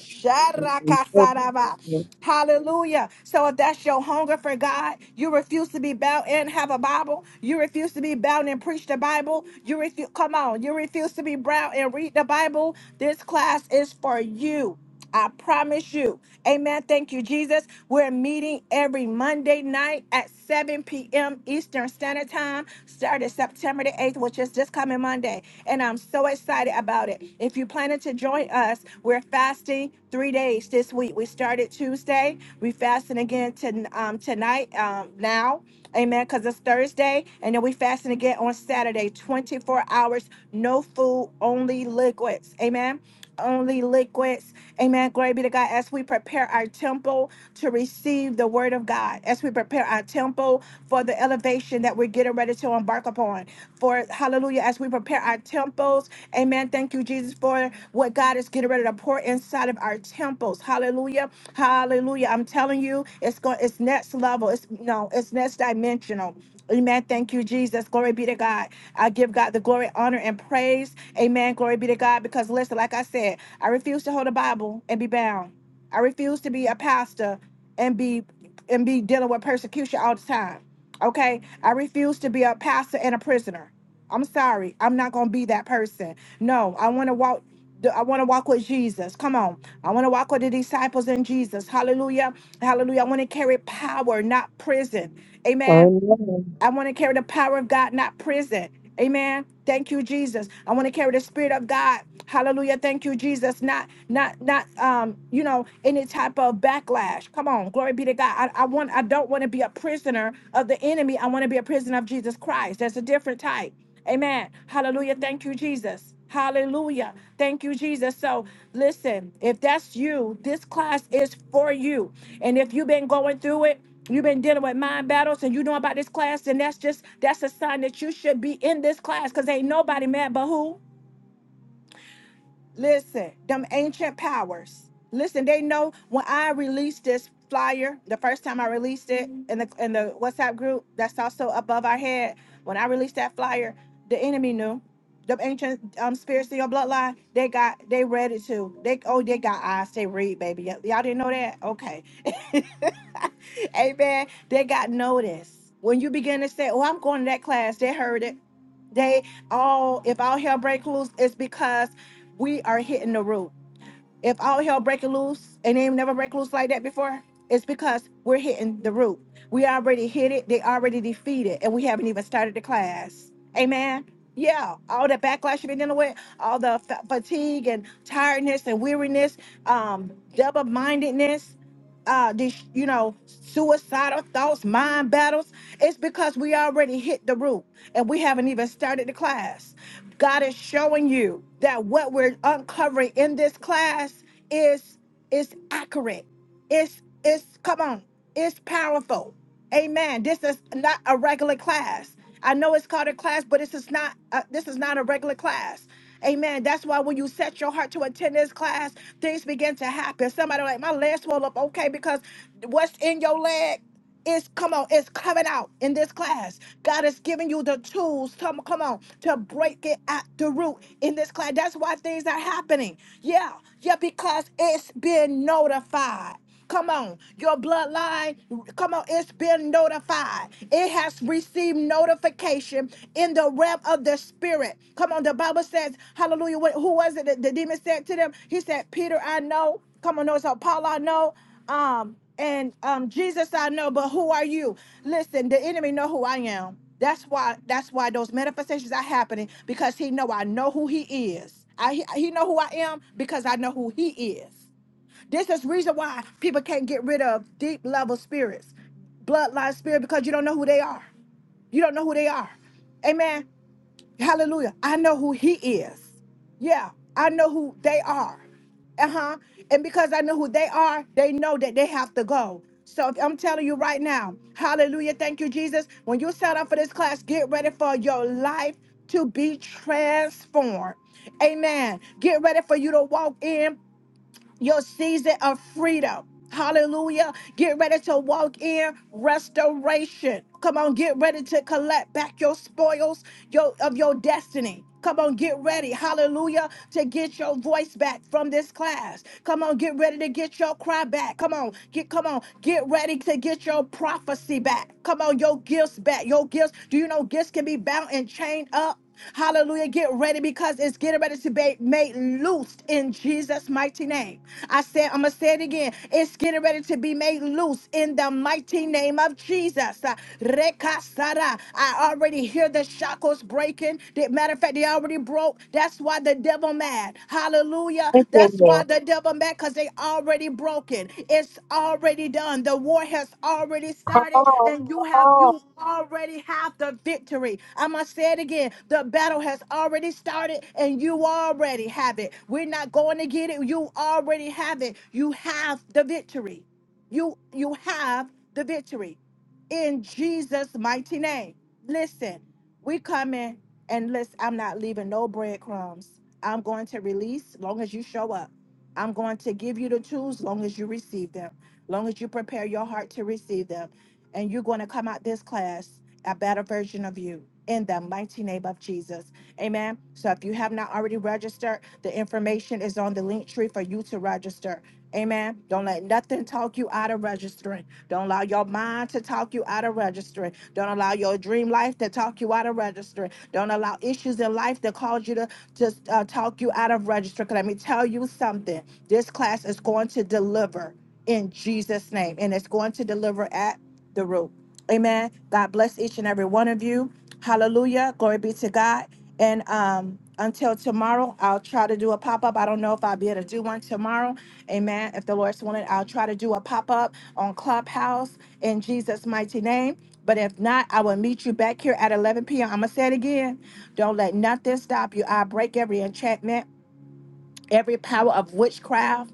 B: Sharakasaraba. Hallelujah. So if that's your hunger for God, you refuse to be bound and have a Bible. You refuse to be bound and preach the Bible. You refuse come on, you refuse to be bound and read the Bible. This class is for you. I promise you. Amen. Thank you, Jesus. We're meeting every Monday night at 7 p.m. Eastern Standard Time, started September the 8th, which is this coming Monday. Monday, and I'm so excited about it. If you planning to join us, we're fasting three days this week. We started Tuesday. We fasting again to, um, tonight, um, now. Amen. Because it's Thursday. And then we fasting again on Saturday, 24 hours, no food, only liquids. Amen only liquids. Amen. Glory be to God. As we prepare our temple to receive the word of God, as we prepare our temple for the elevation that we're getting ready to embark upon. For hallelujah, as we prepare our temples, amen. Thank you, Jesus, for what God is getting ready to pour inside of our temples. Hallelujah. Hallelujah. I'm telling you, it's going it's next level. It's no, it's next dimensional. Amen. Thank you, Jesus. Glory be to God. I give God the glory, honor, and praise. Amen. Glory be to God. Because listen, like I said, I refuse to hold a Bible and be bound. I refuse to be a pastor and be and be dealing with persecution all the time. Okay? I refuse to be a pastor and a prisoner. I'm sorry. I'm not gonna be that person. No, I want to walk. I want to walk with Jesus. Come on. I want to walk with the disciples in Jesus. Hallelujah. Hallelujah. I want to carry power, not prison. Amen.
C: know.
B: I want to carry the power of God, not prison. Amen. Thank you, Jesus. I want to carry the spirit of God. Hallelujah. Thank you, Jesus. Not, not, not, um, you know, any type of backlash. Come on. Glory be to God. I, I want, I don't want to be a prisoner of the enemy. I want to be a prisoner of Jesus Christ. That's a different type. Amen. Hallelujah. Thank you, Jesus. Hallelujah. Thank you, Jesus. So, listen, if that's you, this class is for you. And if you've been going through it, you've been dealing with mind battles and you know about this class, then that's just that's a sign that you should be in this class because ain't nobody mad but who? Listen, them ancient powers. Listen, they know when I released this flyer, the first time I released it in the in the WhatsApp group that's also above our head. When I released that flyer, the enemy knew. The ancient um, spirits in your bloodline, they got, they read it too. They oh, they got eyes, they read, baby. Y- y'all didn't know that? Okay. Amen. They got notice. When you begin to say, Oh, I'm going to that class, they heard it. They all, if all hell break loose, it's because we are hitting the root if all hell breaking loose and they ain't never break loose like that before, it's because we're hitting the root. We already hit it, they already defeated, and we haven't even started the class. Amen. Yeah, all the backlash you've been dealing with, all the fa- fatigue and tiredness and weariness, um, double mindedness, uh, this, you know, suicidal thoughts, mind battles. It's because we already hit the root and we haven't even started the class. God is showing you that what we're uncovering in this class is is accurate. It's it's come on, it's powerful. Amen. This is not a regular class. I know it's called a class, but this is not uh, this is not a regular class. Amen. That's why when you set your heart to attend this class, things begin to happen. Somebody like my legs swell up, okay, because What's in your leg is come on, it's coming out in this class. God is giving you the tools. Come, come on, to break it at the root in this class. That's why things are happening. Yeah, yeah, because it's been notified. Come on, your bloodline, come on, it's been notified. It has received notification in the realm of the spirit. Come on, the Bible says, hallelujah. What- Who was it that the demon said to them? He said, Peter, I know. Come on, no, it's Apollo, I know. Um, and um, Jesus, I know, but who are you? Listen, the enemy know who I am. That's why. That's why those manifestations are happening because he know I know who he is. I he know who I am because I know who he is. This is reason why people can't get rid of deep level spirits, bloodline spirit, because you don't know who they are. You don't know who they are. Amen. Hallelujah. I know who he is. Yeah, I know who they are. Uh huh. And because I know who they are, they know that they have to go. So if- I'm telling you right now, hallelujah. Thank you, Jesus. When you sign up for this class, get ready for your life to be transformed. Amen. Get ready for you to walk in your season of freedom. Hallelujah. Get ready to walk in restoration. Come on, get ready to collect back your spoils your, of your destiny. Come on, get ready. Hallelujah. To get your voice back from this class. Come on, get ready to get your cry back. Come on, get come on, get ready to get your prophecy back. Come on, your gifts back. Your gifts. Do you know gifts can be bound and chained up? Hallelujah. Get ready because it's getting ready to be made loose in Jesus' mighty name. I said, I'm going to say it again. It's getting ready to be made loose in the mighty name of Jesus. Uh, Rekasara. I already hear the shackles breaking. The- Matter of fact, they already broke. That's why the devil mad. Hallelujah. Hallelujah.
C: Thank you,
B: That's why
C: Lord.
B: the devil mad because they already broken. It's already done. The war has already
A: Come
B: started,
A: on,
B: and you
A: come
B: have
A: on.
B: you already have the victory. I must say it again. The battle has already started, and you already have it. We're not going to get it. You already have it. You have the victory. You you have the victory in Jesus' mighty name. Listen, we coming and listen, I'm not leaving no breadcrumbs. I'm going to release long as you show up. I'm going to give you the tools long as you receive them, long as you prepare your heart to receive them. And you're going to come out this class a better version of you in the mighty name of Jesus. Amen. So if you have not already registered, the information is on the link tree for you to register. Amen. Don't let nothing talk you out of registering. Don't allow your mind to talk you out of registering. Don't allow your dream life to talk you out of registering. Don't allow issues in life that cause you to just uh, talk you out of register. 'Cause let me tell you something. This class is going to deliver in Jesus' name, and it's going to deliver at the root. Amen. God bless each and every one of you. Hallelujah. Glory be to God. And um, until tomorrow, I'll try to do a pop up. I don't know if I'll be able to do one tomorrow. Amen. If the Lord's willing, I'll try to do a pop up on Clubhouse in Jesus' mighty name. But if not, I will meet you back here at 11 p.m. I'm going to say it again. Don't let nothing stop you. I break every enchantment, every power of witchcraft.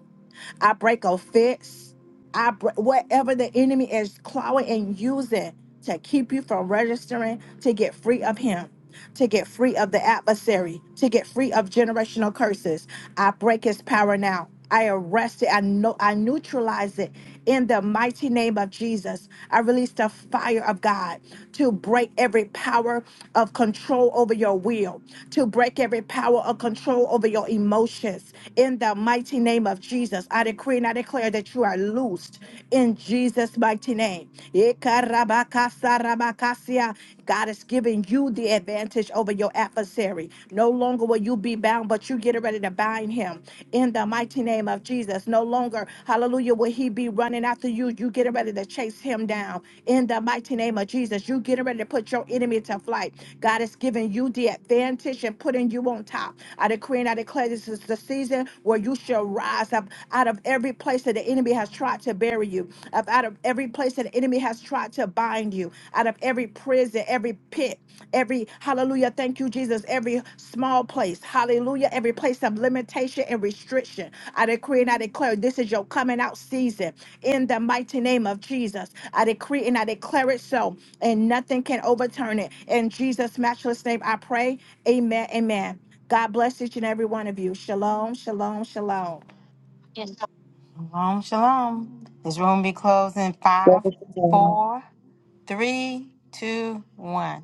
B: I break offense. I break whatever the enemy is clawing and using to keep you from registering to get free of him to get free of the adversary, to get free of generational curses. I break his power now. I arrest it. I know I neutralize it in the mighty name of Jesus. I release the fire of God to break every power of control over your will, to break every power of control over your emotions. In the mighty name of Jesus, I decree and I declare that you are loosed in Jesus' mighty name. Ikarabakasarabakasia. God is giving you the advantage over your adversary. No longer will you be bound, but you get ready to bind him in the mighty name of Jesus. No longer, hallelujah, will he be running after you. You getting ready to chase him down in the mighty name of Jesus. You getting ready to put your enemy to flight. God is giving you the advantage and putting you on top. I decree and I declare this is the season where you shall rise up out of every place that the enemy has tried to bury you, up out of every place that the enemy has tried to bind you out of every prison, every pit, every hallelujah, thank you, Jesus, every small place, hallelujah, every place of limitation and restriction. I decree and I declare this is your coming out season in the mighty name of Jesus. I decree and I declare it so, and nothing can overturn it. In Jesus' matchless name, I pray. Amen. Amen. God bless each and every one of you. Shalom, shalom, shalom.
G: Shalom, shalom. This room be closing five,
C: Thank you,
G: four, three, two, one.